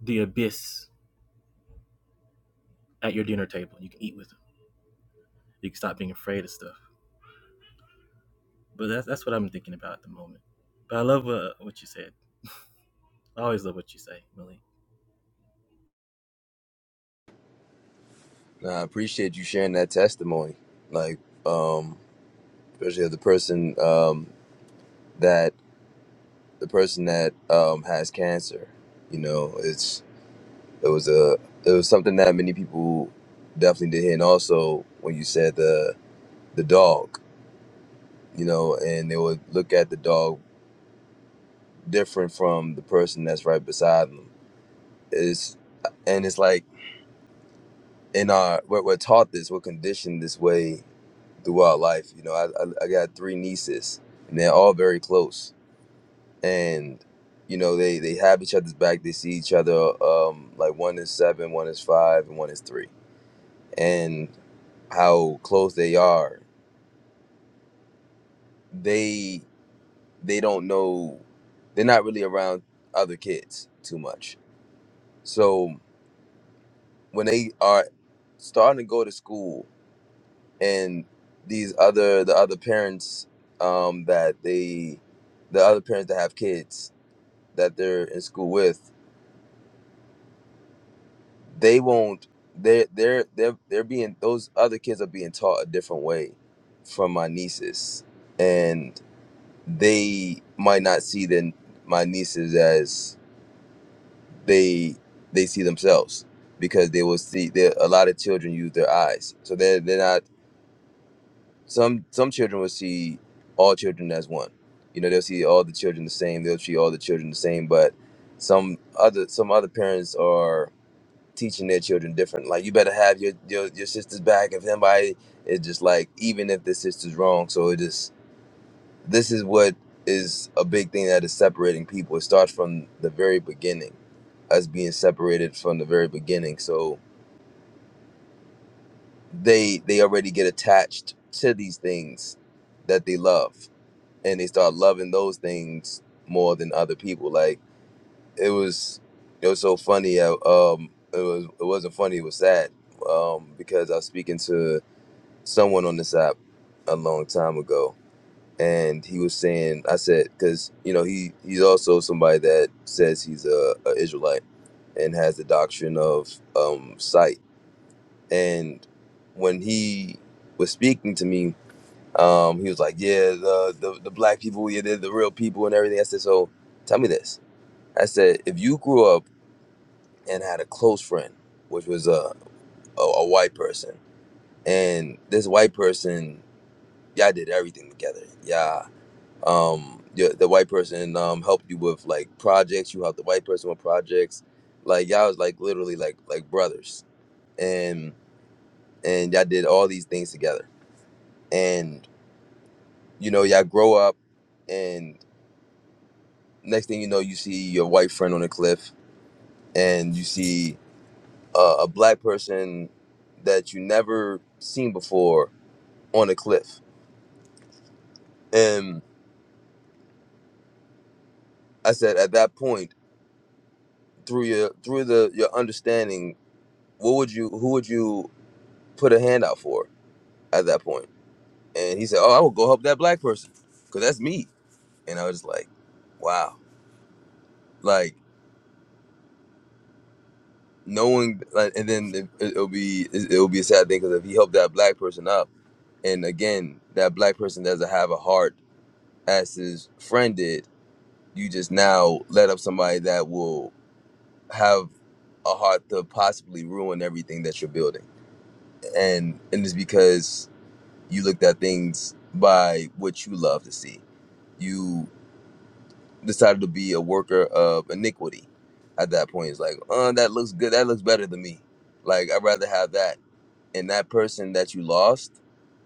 the abyss at your dinner table. You can eat with them. You can stop being afraid of stuff. But that's that's what I'm thinking about at the moment. But I love uh, what you said. I always love what you say, Millie. Nah, I appreciate you sharing that testimony. Like, um, especially of the person, um, that the person that um has cancer. You know, it's it was a it was something that many people definitely did hear. And also, when you said the the dog, you know, and they would look at the dog different from the person that's right beside them. It's and it's like in our we're, we're taught this, we're conditioned this way throughout life. You know, I, I, I got three nieces, and they're all very close, and you know they they have each other's back. They see each other. Um, like one is seven, one is five, and one is three, and how close they are. They they don't know they're not really around other kids too much so when they are starting to go to school and these other the other parents um that they the other parents that have kids that they're in school with they won't they're they're they're, they're being those other kids are being taught a different way from my nieces and they might not see then my nieces as they they see themselves because they will see there a lot of children use their eyes so they're, they're not some some children will see all children as one you know they'll see all the children the same they'll treat all the children the same but some other some other parents are teaching their children different like you better have your your, your sister's back if somebody is just like even if the sister's wrong so it just this is what is a big thing that is separating people. It starts from the very beginning, us being separated from the very beginning. So they they already get attached to these things that they love, and they start loving those things more than other people. Like it was, it was so funny. uh, Um, it was it wasn't funny. It was sad. Um, because I was speaking to someone on this app a long time ago, and he was saying, I said, because you know he he's also somebody that says he's a, a Israelite and has the doctrine of um, sight. And when he was speaking to me, um, he was like, "Yeah, the, the the black people, yeah, they're the real people and everything." I said, "So tell me this." I said, "If you grew up and had a close friend, which was a a, a white person, and this white person, y'all did everything together, yeah." um the, the white person um helped you with like projects you helped the white person with projects like y'all was like literally like like brothers and and y'all did all these things together and you know y'all grow up and next thing you know you see your white friend on a cliff and you see uh, a black person that you never seen before on a cliff and i said at that point through your through the your understanding what would you who would you put a hand out for at that point. And he said, "Oh, I will go help that black person, cause that's me." And I was just like, "Wow!" Like knowing, Like, and then it, it'll be it'll be a sad thing because if he helped that black person up, and again that black person doesn't have a heart as his friend did, you just now let up somebody that will have a heart to possibly ruin everything that you're building, and and it's because you looked at things by what you love to see. You. decided to be a worker of iniquity at that point it's like uh that looks good that looks better than me like i'd rather have that and that person that you lost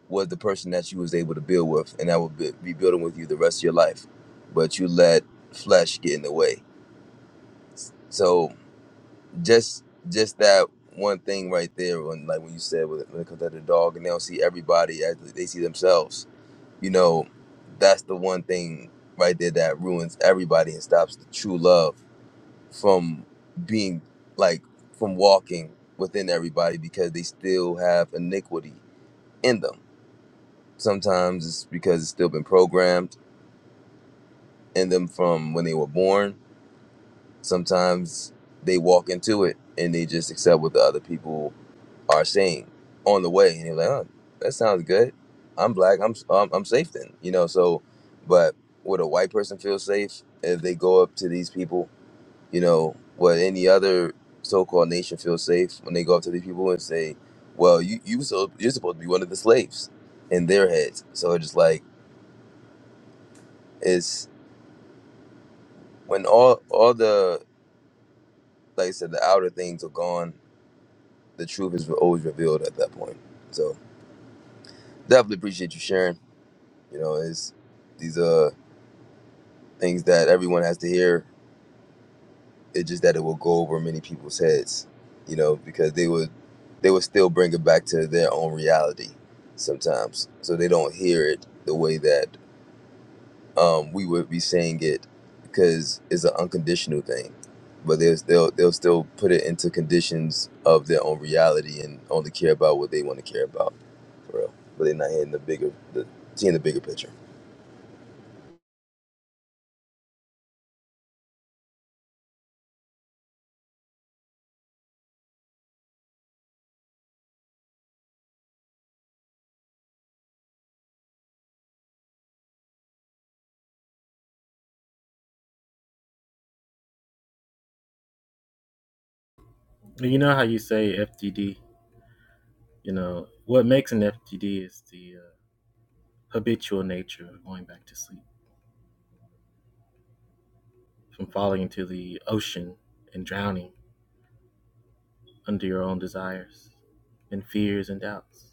was the person that you was able to build with and that would be, be building with you the rest of your life but you let flesh get in the way so just just that one thing right there when like when you said when when it comes to the dog and they don't see everybody as they see themselves you know that's the one thing right there that ruins everybody and stops the true love from being like from walking within everybody because they still have iniquity in them. Sometimes it's because it's still been programmed in them from when they were born. Sometimes they walk into it and they just accept what the other people are saying on the way, and they're like, "Oh, that sounds good. I'm black. I'm I'm, I'm safe then." You know. So, but would a white person feel safe if they go up to these people? you know, what any other so-called nation feels safe when they go up to these people and say, "Well, you you so you're supposed to be one of the slaves," in their heads. So it's just like it's when all all the like I said, the outer things are gone. The truth is always revealed at that point. So definitely appreciate you sharing. You know, it's these are things that everyone has to hear It's just that it will go over many people's heads, you know, because they would they would still bring it back to their own reality sometimes. So they don't hear it the way that um, we would be saying it because it's an unconditional thing. But they'll, they'll they'll still put it into conditions of their own reality and only care about what they want to care about, for real. But they're not hearing the bigger the seeing the bigger picture. You know how you say FTD. You know what makes an FTD is the uh, habitual nature of going back to sleep, from falling into the ocean and drowning under your own desires and fears and doubts.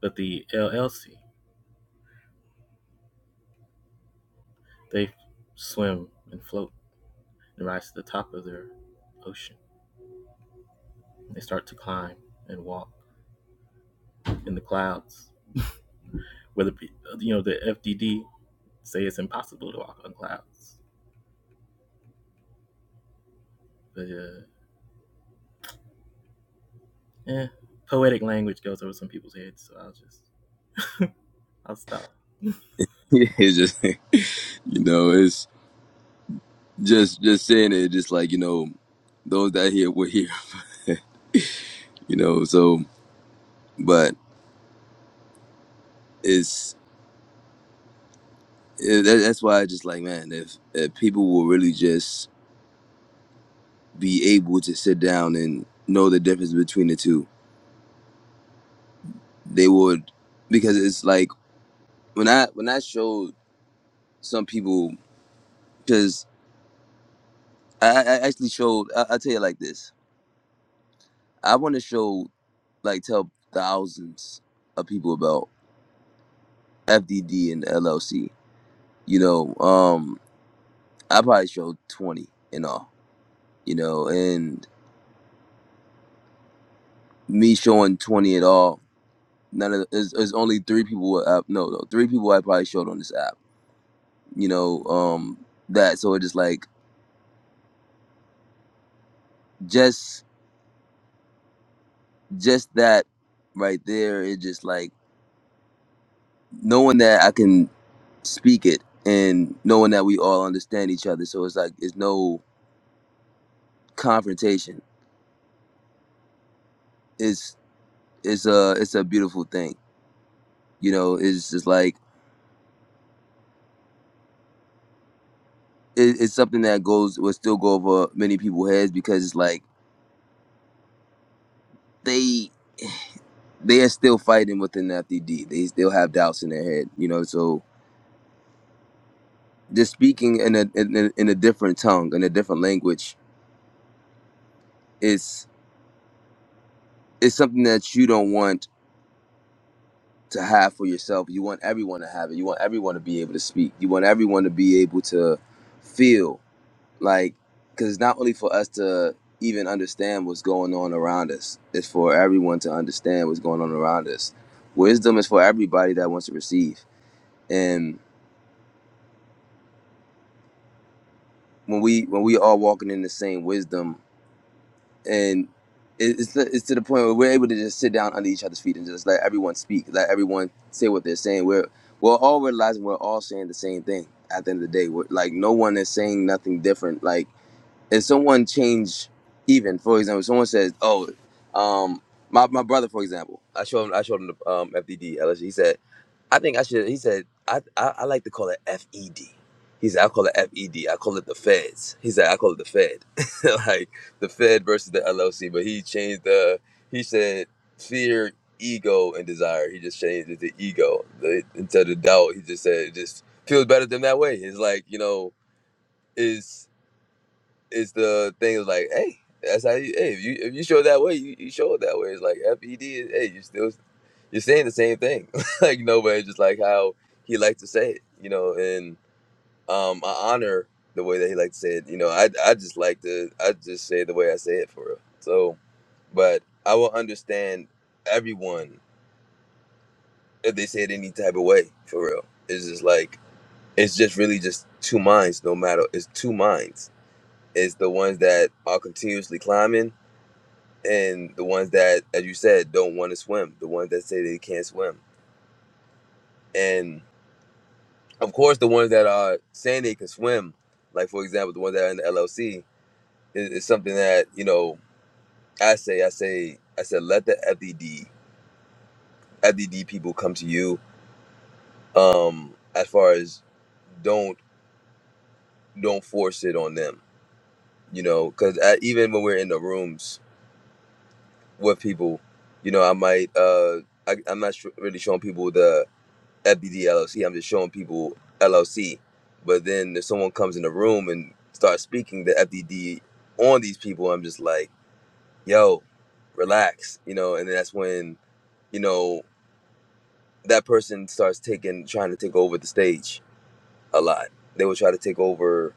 But the LLC, they swim and float and rise to the top of their ocean. They start to climb and walk in the clouds. Whether you know the FDD say it's impossible to walk on clouds, but uh, eh, poetic language goes over some people's heads, so I'll just I'll stop. it's just you know it's. Just just saying it, just like you know, those that here were here, you know. So, but it's it, that- that's why I just like man, if if people will really just be able to sit down and know the difference between the two, they would because it's like when I when I showed some people because I, I I actually showed I, I tell you like this, I want to show like tell thousands of people about FDD and LLC, you know. um, I probably showed twenty in all. You know, and me showing twenty at all, none of there's, there's only three people. who- Uh, no, no, three people I probably showed on this app. You know, um, that so it just like just just that right there. It just like knowing that I can speak it and knowing that we all understand each other. So it's like it's no confrontation. It's it's a it's a beautiful thing. You know, it's just like it, it's something that goes will still go over many people's heads because it's like they they are still fighting within the FDD. They still have doubts in their head, you know. So just speaking in a in a, in a different tongue, in a different language, is is something that you don't want to have for yourself. You want everyone to have it. You want everyone to be able to speak. You want everyone to be able to feel. like because it's not only for us to even understand what's going on around us it's for everyone to understand what's going on around us wisdom is for everybody that wants to receive and when we when we all walking in the same wisdom and it- it's to, it's to the point where we're able to just sit down under each other's feet and just let everyone speak let everyone say what they're saying we're we're all realizing we're all saying the same thing at the end of the day we're, like no one is saying nothing different like if someone changed, even for example someone says oh um my, my brother for example i showed him i showed him the um fdd LSU. he said i think i should he said I, I i like to call it fed he said i call it fed i call it the feds he said i call it the fed like the fed versus the llc but he changed the he said fear ego and desire he just changed it to ego the, instead of doubt he just said it just feels better than that way it's like you know is it's the thing of like, hey, that's how you. Hey, if you if you show it that way, you, you show it that way. It's like FED is. Hey, you still you're saying the same thing. like no way, just like how he liked to say it. You know, and um, I honor the way that he liked to say it. You know, I I just like to I just say it the way I say it for real. So, but I will understand everyone if they say it any type of way for real. It's just like it's just really just two minds. No matter it's two minds. It's the ones that are continuously climbing and the ones that, as you said, don't want to swim, the ones that say they can't swim, and of course the ones that are saying they can swim, like for example the ones that are in the LLC, is, is something that you know I say I say I said let the FDD FDD people come to you. Um, as far as don't don't force it on them, you know, because even when we're in the rooms with people, you know, I might uh I, I'm not su- really showing people the FBD LLC. I'm just showing people LLC. But then if someone comes in the room and starts speaking the FDD on these people, I'm just like, yo, relax, you know. And that's when you know that person starts taking, trying to take over the stage a lot. They will try to take over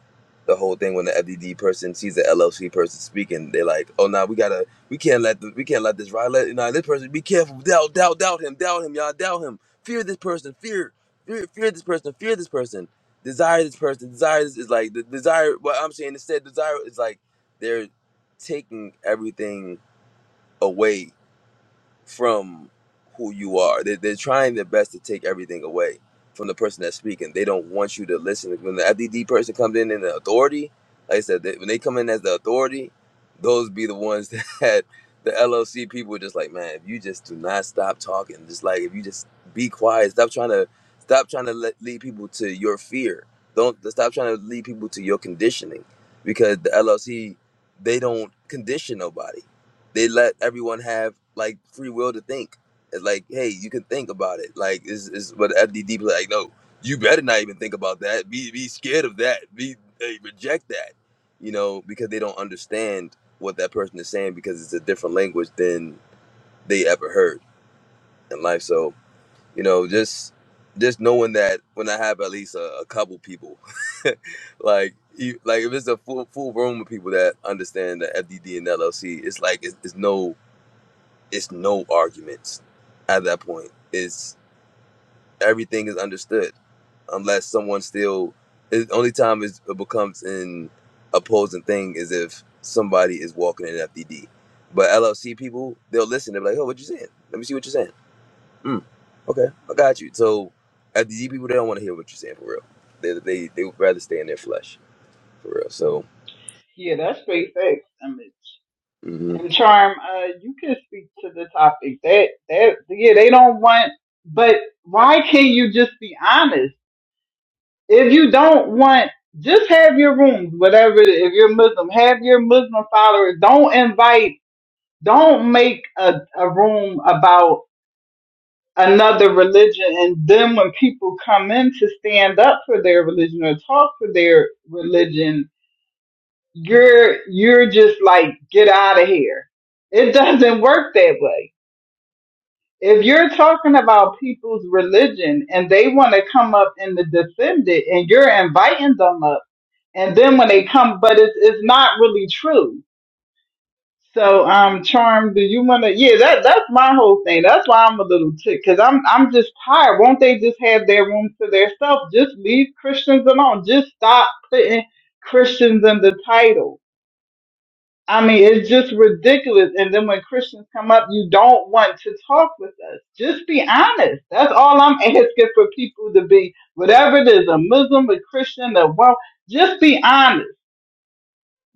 the whole thing when the FDD person sees the LLC person speaking. They're like, "Oh, nah, we gotta, we can't let, the, we can't let this ride. Let, nah, this person, be careful. Doubt, doubt, doubt him, doubt him, y'all, doubt him. Fear this person, fear, fear, fear this person, fear this person. Desire this person, desire this is like the desire. What I'm saying instead, desire is like they're taking everything away from who you are. They, they're trying their best to take everything away from the person that's speaking. They don't want you to listen. When the FDD person comes in in the authority, like I said, they, when they come in as the authority, those be the ones that the LLC people are just like, man, if you just do not stop talking, just like if you just be quiet, stop trying to stop trying to let, lead people to your fear. Don't stop trying to lead people to your conditioning, because the LLC they don't condition nobody they let everyone have like free will to think. It's like, hey, you can think about it. Like, is is what FDD be like? No, you better not even think about that. Be be scared of that. Be hey, reject that. You know, because they don't understand what that person is saying because it's a different language than they ever heard in life. So you know, just just knowing that when I have at least a, a couple people, like you, like if it's a full full room of people that understand the FDD and LLC, it's like it's, it's no it's no arguments at that point. It's everything is understood unless someone still. The only time is, it becomes an opposing thing is if somebody is walking in FDD. But LLC people, they'll listen. They'll be like, "Oh, what you saying? Let me see what you're saying." Mm, okay, I got you. So FDD people, they don't want to hear what you're saying for real. They they they would rather stay in their flesh for real. So Yeah, that's straight facts, image. mhm. And charm, uh, you can speak to the topic. That that yeah, they don't want but why can't you just be honest? If you don't want just have your rooms, whatever it is. if you're Muslim, have your Muslim followers. Don't invite don't make a, a room about another religion and then when people come in to stand up for their religion or talk for their religion you're you're just like get out of here. It doesn't work that way. If you're talking about people's religion and they want to come up in the defend and you're inviting them up, and then when they come, but it's it's not really true. So, um, Charm, do you want to? Yeah, that that's my whole thing. That's why I'm a little ticked because I'm I'm just tired. Won't they just have their room to their self? Just leave Christians alone. Just stop putting Christians in the title I mean, it's just ridiculous. And then when Christians come up, you don't want to talk with us. Just be honest. That's all I'm asking for people to be, whatever it is, a Muslim, a Christian, a well, just be honest.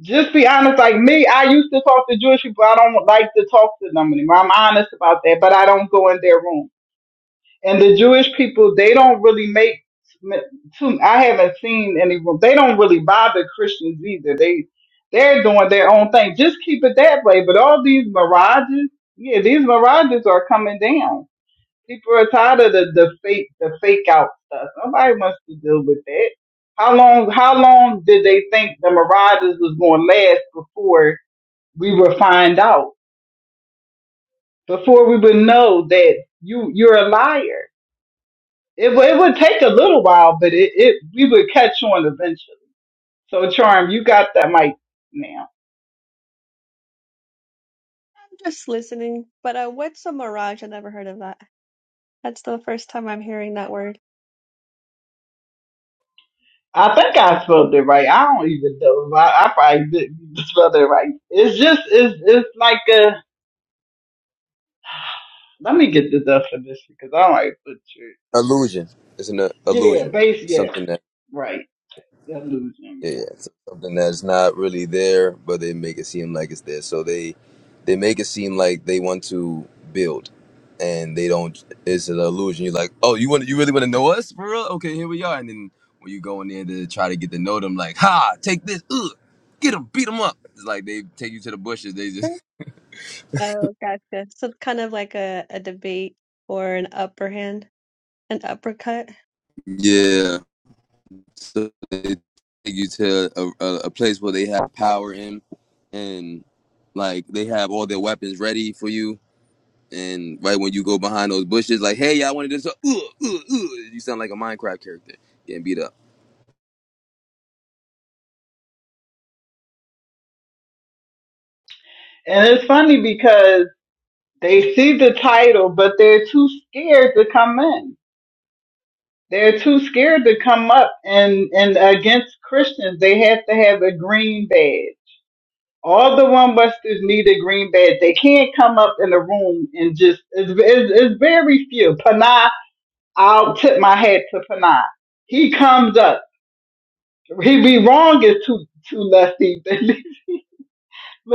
Just be honest. Like me, I used to talk to Jewish people. I don't like to talk to them anymore. I'm honest about that, but I don't go in their room and the Jewish people they don't really make too, I haven't seen any they don't really bother Christians either they they're doing their own thing just keep it that way but all these mirages yeah these mirages are coming down people are tired of the, the fake the fake out stuff nobody wants to deal with that how long how long did they think the mirages was going to last before we would find out before we would know that you you're a liar It, w- it would take a little while, but it, it we would catch on eventually. So, Charm, you got that mic now. I'm just listening. But uh, what's a mirage? I never heard of that. That's the first time I'm hearing that word. I think I spelled it right. I don't even know. I, I probably didn't even spell it right. It's just, it's, it's like a, let me get the definition because I might butcher it. illusion. It's an uh, Yeah, illusion. base, yeah, Something right. Illusion, Yeah, yeah. yeah. So something that's not really there, but they make it seem like it's there. So they they make it seem like they want to build, and they don't. It's an illusion. You're like, oh, you want you really want to know us for real? Okay, here we are. And then when you go in there to try to get to know them, like, ha, take this, ugh, get them, beat them up. It's like they take you to the bushes. They just Oh, gotcha. So kind of like a, a debate or an upper hand, an uppercut. yeah. So they take you to a, a, a place where they have power in, and like they have all their weapons ready for you And right when you go behind those bushes, like, hey, y'all wanted this up. Uh, uh, uh," you sound like a Minecraft character getting beat up. And it's funny because they see the title, but they're too scared to come in. They're too scared to come up and, and against Christians. They have to have a green badge. All the one Westers need a green badge. They can't come up in the room and just, it's, it's, it's very few. Panay, I'll tip my hat to Panay. He comes up. He be wrong is too, too lefty. but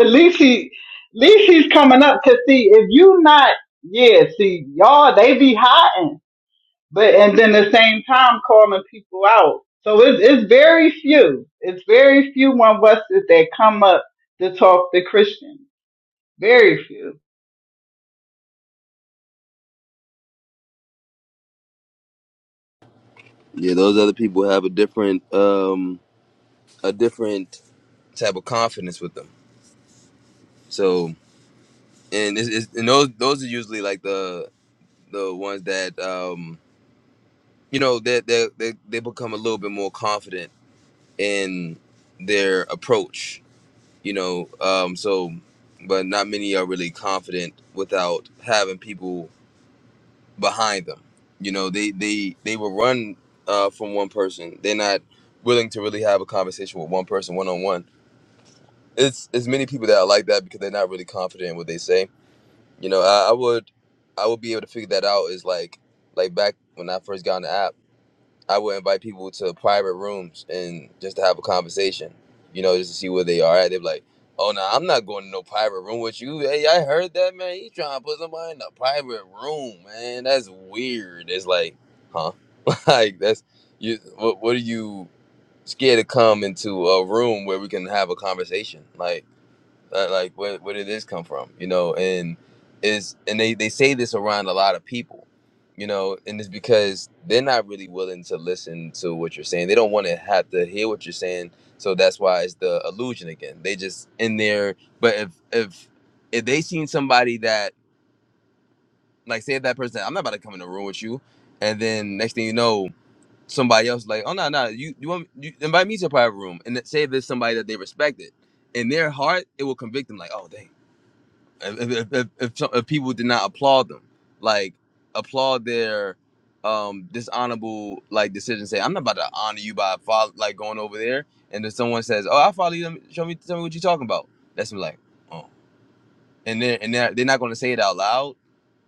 at least he, at least he's coming up to see if you not, yeah, see, y'all, they be hiding. but and then the same time calling people out. So it's it's very few. It's very few on Wested that come up to talk to Christians. Very few. Yeah, those other people have a different, um, a different type of confidence with them. So, and it's, it's, and those those are usually like the the ones that um, you know they they they they become a little bit more confident in their approach. You know, um, so but not many are really confident without having people behind them. You know, they they they will run uh, from one person. They're not willing to really have a conversation with one person one on one. It's it's many people that are like that because they're not really confident in what they say. You know, I, I would I would be able to figure that out is like like back when I first got on the app. I would invite people to private rooms and just to have a conversation, you know, just to see where they are at. They're like, oh, no, I'm not going to no private room with you. Hey, I heard that, man. You trying to put somebody in a private room, man. That's weird. It's like, huh? like, that's, you. what, what are you scared to come into a room where we can have a conversation? Like, uh, like where where did this come from? You know, and is and they they say this around a lot of people, you know, and it's because they're not really willing to listen to what you're saying. They don't want to have to hear what you're saying, so that's why it's the illusion again. They just in there, but if if if they seen somebody that like say that person, I'm not about to come in the room with you, and then next thing you know. Somebody else like, oh no, no, you you want you invite me to a private room and say if there's somebody that they respected in their heart, it will convict them like, oh dang, if if, if, if, some, if people did not applaud them, like applaud their um dishonorable like decision. Say, I'm not about to honor you by follow, like going over there, and then someone says, "Oh, I follow you. Let me, show me, tell me what you're talking about." That's me like, oh and they're and they're, they're not going to say it out loud,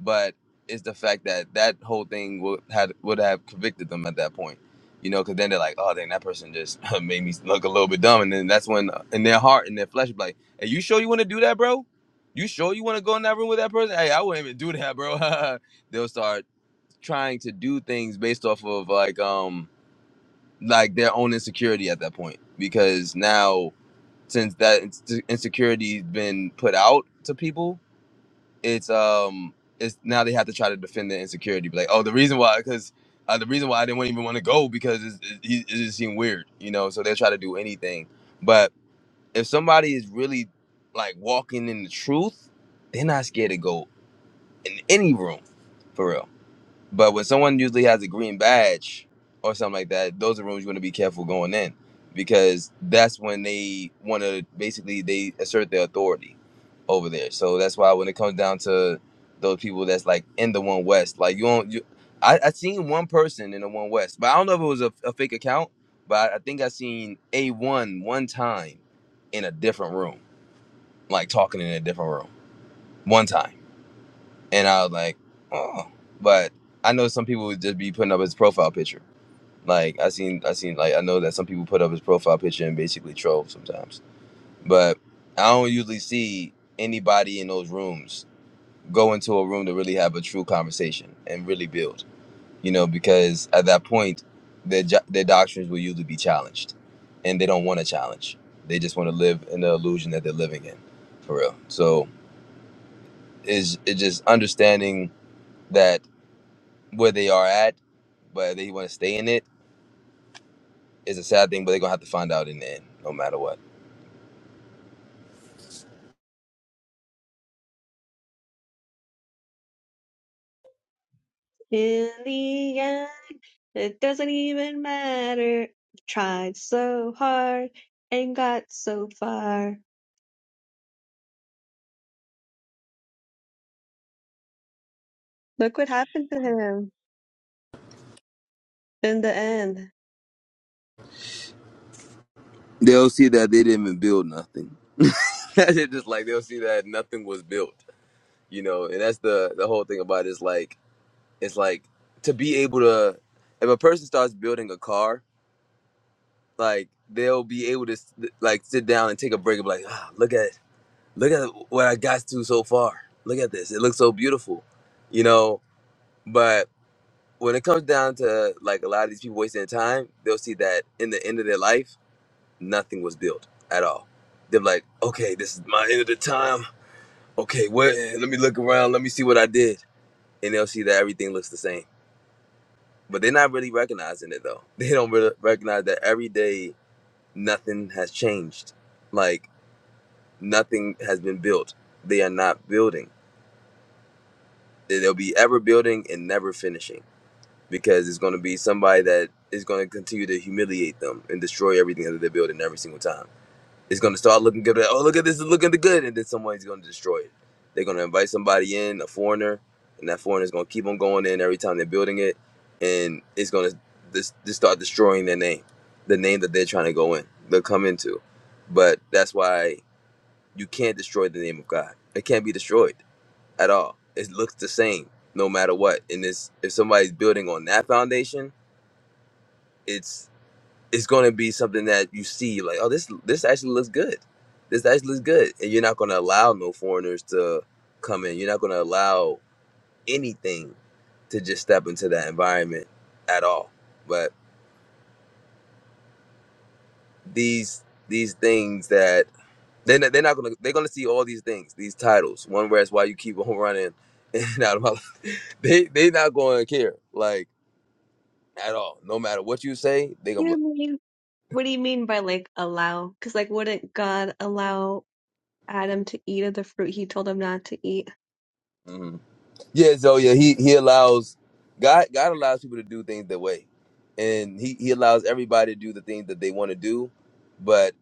but it's the fact that that whole thing would had would have convicted them at that point, you know, because then they're like, oh, dang, that person just made me look a little bit dumb, and then that's when uh, in their heart and their flesh, be like, hey, you sure you want to do that, bro? You sure you want to go in that room with that person? Hey, I wouldn't even do that, bro. They'll start trying to do things based off of like um like their own insecurity at that point because now since that ins- insecurity's been put out to people it's um it's now they have to try to defend their insecurity be like oh the reason why because uh, the reason why i didn't even want to go because it's, it, it it just seemed weird you know so they'll try to do anything but if somebody is really like walking in the truth they're not scared to go in any room for real but when someone usually has a green badge or something like that, those are rooms you want to be careful going in because that's when they want to basically they assert their authority over there. So that's why when it comes down to those people that's like in the One West, like you don't you, I, I seen one person in the One West, but I don't know if it was a, a fake account, but I, I think I seen a one one time in a different room, like talking in a different room one time. And I was like, oh. But I know some people would just be putting up his profile picture. Like I seen I seen like I know that some people put up his profile picture and basically troll sometimes. But I don't usually see anybody in those rooms go into a room to really have a true conversation and really build. You know, because at that point their jo- their doctrines will usually be challenged. And they don't want to challenge. They just want to live in the illusion that they're living in. For real. So is it's just understanding that where they are at, but they want to stay in it is a sad thing. But they're gonna have to find out in the end, no matter what. In the end, it doesn't even matter. Tried so hard and got so far. Look what happened to him in the end. They'll see that they didn't even build nothing. it's just like they'll see that nothing was built, you know. And that's the the whole thing about it is like it's like to be able to if a person starts building a car, like they'll be able to s- like sit down and take a break and be like, ah, look at look at what I got to so far. Look at this. It looks so beautiful, you know. But when it comes down to like a lot of these people wasting their time, they'll see that in the end of their life, nothing was built at all. They're like, okay, this is my end of the time. Okay, what? Let me look around. Let me see what I did, and they'll see that everything looks the same. But they're not really recognizing it though. They don't really recognize that every day nothing has changed. Like nothing has been built. They are not building. They'll be ever building and never finishing because it's going to be somebody that is going to continue to humiliate them and destroy everything that they're building every single time. It's going to start looking good. Like, oh, look at this! It's looking good, and then somebody's going to destroy it. They're going to invite somebody in, a foreigner, and that foreigner is going to keep on going in every time they're building it, and it's going to just start destroying their name, the name that they're trying to go in, they'll come into. But that's why you can't destroy the name of God. It can't be destroyed at all. It looks the same no matter what. And this, if somebody's building on that foundation it's it's going to be something that you see like oh this this actually looks good this actually looks good and you're not going to allow no foreigners to come in you're not going to allow anything to just step into that environment at all but these these things that they're not, they're not going to they're going to see all these things these titles one where it's why you keep on running in and out of my life. they they not going to care like at all no matter what you say they're What going do to be you like mean? What do you mean by like allow? Because like, wouldn't God allow Adam to eat of the fruit he told him not to eat? mm-hmm. Yeah, so yeah, he he allows God God allows people to do things their way. And he, he allows everybody to do the things that they want to do. But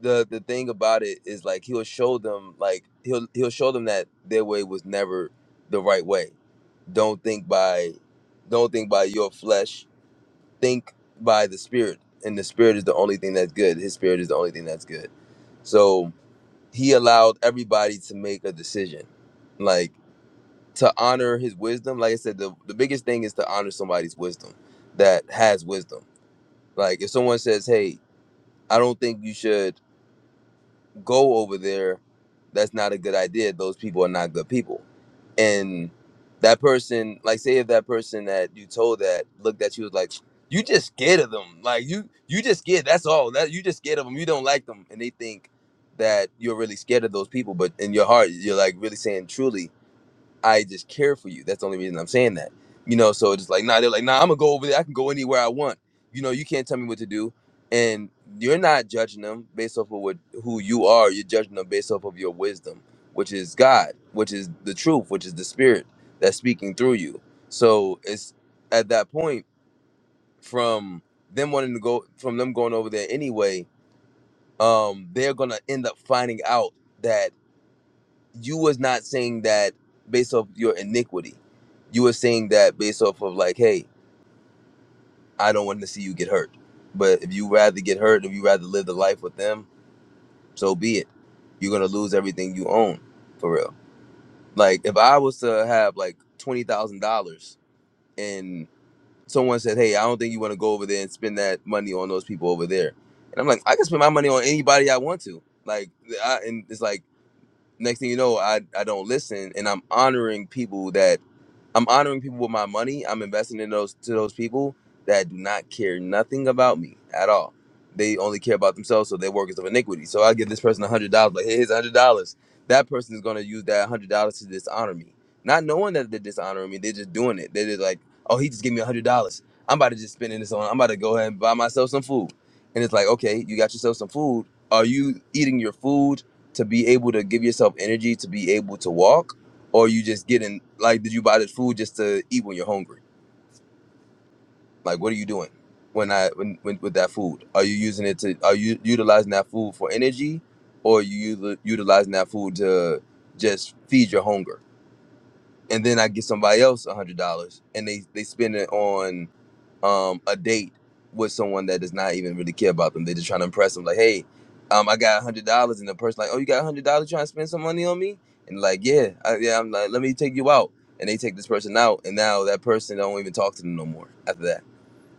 the the thing about it is like he'll show them like he'll he'll show them that their way was never the right way. Don't think by don't think by your flesh, think by the spirit. And the spirit is the only thing that's good. His spirit is the only thing that's good. So he allowed everybody to make a decision. like to honor his wisdom. Like I said, the, the biggest thing is to honor somebody's wisdom that has wisdom. Like if someone says, Hey, I don't think you should go over there, that's not a good idea. Those people are not good people. And that person, like say if that person that you told that looked at you was like, You just scared of them. Like you you just scared, that's all. That you just scared of them. You don't like them. And they think that you're really scared of those people, but in your heart, you're like really saying truly I just care for you. That's the only reason I'm saying that. You know, so it's like, nah, they're like, nah, I'm gonna go over there. I can go anywhere I want. You know, you can't tell me what to do. And you're not judging them based off of what who you are. You're judging them based off of your wisdom, which is God, which is the truth, which is the spirit that's speaking through you. So it's at that point from them wanting to go from them going over there anyway, um, they're gonna end up finding out that you was not saying that based off your iniquity. You were saying that based off of like, hey, I don't want to see you get hurt. But if you rather get hurt, if you rather live the life with them, so be it. You're gonna lose everything you own, for real. Like if I was to have like twenty thousand dollars and someone said, Hey, I don't think you wanna go over there and spend that money on those people over there. And I'm like, I can spend my money on anybody I want to. Like I, and it's like next thing you know, I, I don't listen and I'm honoring people that I'm honoring people with my money. I'm investing in those to those people that do not care nothing about me at all. They only care about themselves, so they're workers of iniquity. So I give this person a hundred dollars, like "Hey, here's a hundred dollars. That person is gonna use that hundred dollars to dishonor me, not knowing that they're dishonoring me. They're just doing it. They're just like, oh, he just gave me a hundred dollars. I'm about to just spend this on. I'm about to go ahead and buy myself some food. And it's like, okay, you got yourself some food. Are you eating your food to be able to give yourself energy to be able to walk? or you just getting like did you buy this food just to eat when you're hungry like what are you doing when i when, when with that food are you using it to are you utilizing that food for energy or are you util- utilizing that food to just feed your hunger and then i get somebody else a hundred dollars and they they spend it on um, a date with someone that does not even really care about them. They're just trying to impress them. Like, hey, um, I got a hundred dollars, and the person like, oh, you got a hundred dollars? Trying to spend some money on me? And like, yeah, I, yeah. I'm like, let me take you out, and they take this person out, and now that person don't even talk to them no more after that.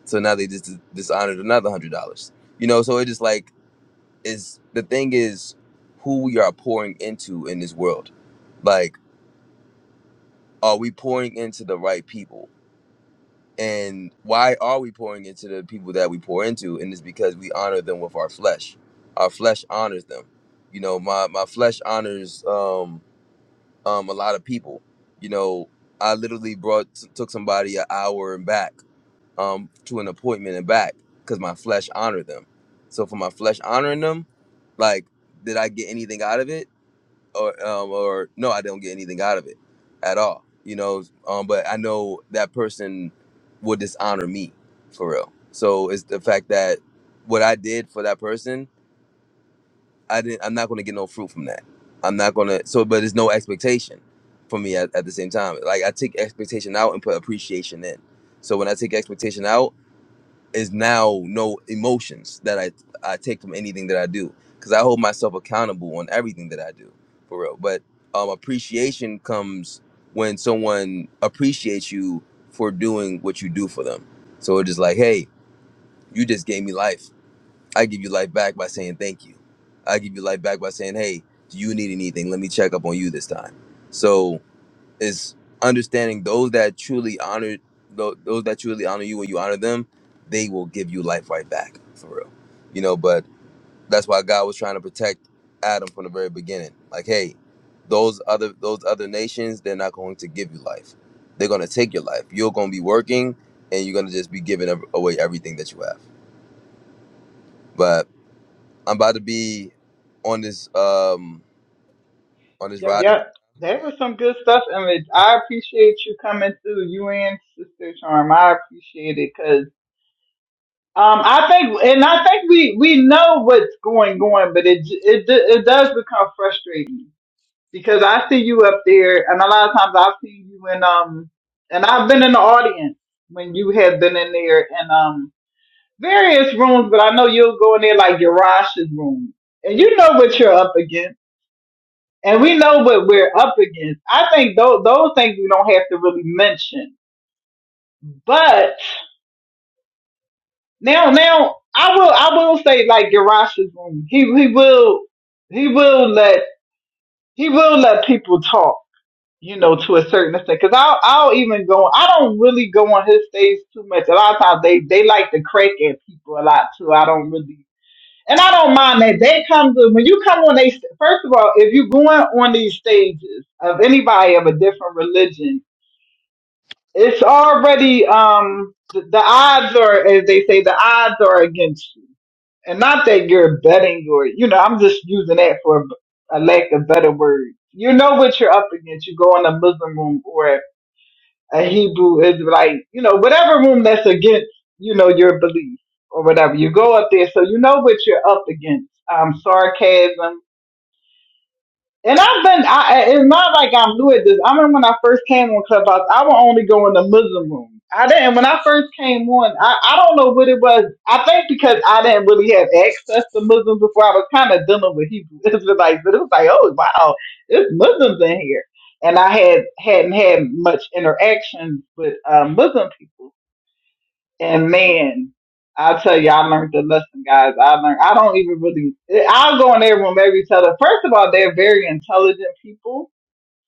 So now they just dishonored another hundred dollars. You know, so it just like is the thing is who we are pouring into in this world. Like, are we pouring into the right people? And why are we pouring into the people that we pour into? And it's because we honor them with our flesh. Our flesh honors them. You know, my my flesh honors um um a lot of people. You know, I literally brought t- took somebody an hour and back um to an appointment and back because my flesh honored them. So for my flesh honoring them, like, did I get anything out of it? or um, or no, I don't get anything out of it at all. You know, um, but I know that person would dishonor me for real. So it's the fact that what I did for that person, I didn't. I'm not going to get no fruit from that. I'm not going to. So, but there's no expectation for me at, at the same time. Like I take expectation out and put appreciation in. So when I take expectation out is now no emotions that I I take from anything that I do because I hold myself accountable on everything that I do for real. But um, appreciation comes when someone appreciates you for doing what you do for them. So it is just like, hey, you just gave me life. I give you life back by saying thank you. I give you life back by saying, hey, do you need anything? Let me check up on you this time. So is understanding those that truly honor tho- those that truly honor you when you honor them, they will give you life right back for real. You know, but that's why God was trying to protect Adam from the very beginning. Like, hey, those other those other nations, they're not going to give you life. They're gonna take your life. You're gonna be working, and you're gonna just be giving ev- away everything that you have. But I'm about to be on this um on this Yep, ride. again. yep. That was some good stuff, and it, I appreciate you coming through. You and Sister Charm, I appreciate it because um, I think, and I think we we know what's going on, but it j- it d- it does become frustrating because I see you up there, and a lot of times I've seen you in um, and I've been in the audience when you have been in there in um various rooms, but I know you'll go in there like Yarash's room, and you know what you're up against, and we know what we're up against. I think those those things we don't have to really mention, but now now I will I will say like Yarash's room, he he will he will let he will let people talk you know, to a certain extent. Because I'll, I'll even go. I don't really go on his stage too much. A lot of times they they like to crack at people a lot too. I don't really, and I don't mind that. They come to when you come on they. First of all, if you're going on these stages of anybody of a different religion, it's already um the, the odds are as they say the odds are against you, and not that you're betting or you know. I'm just using that for a a lack of better word. You know what you're up against. You go in a Muslim room or a Hebrew Israelite, you know, whatever room that's against, you know, your belief or whatever. You go up there, so you know what you're up against. Um, sarcasm, and I've been, I, it's not like I'm new at this. I remember when I first came on Clubhouse, I would only go in the Muslim room. I didn't, when I first came on, I, I don't know what it was. I think because I didn't really have access to Muslims before, I was kind of dealing with Hebrew Israelites, but it was like, oh, wow, there's Muslims in here. And I had, hadn't had much interaction with uh, Muslim people. And man, I'll tell you, I learned the lesson, guys. I learned, I don't even really, I'll go in their room every tell them. First of all, they're very intelligent people.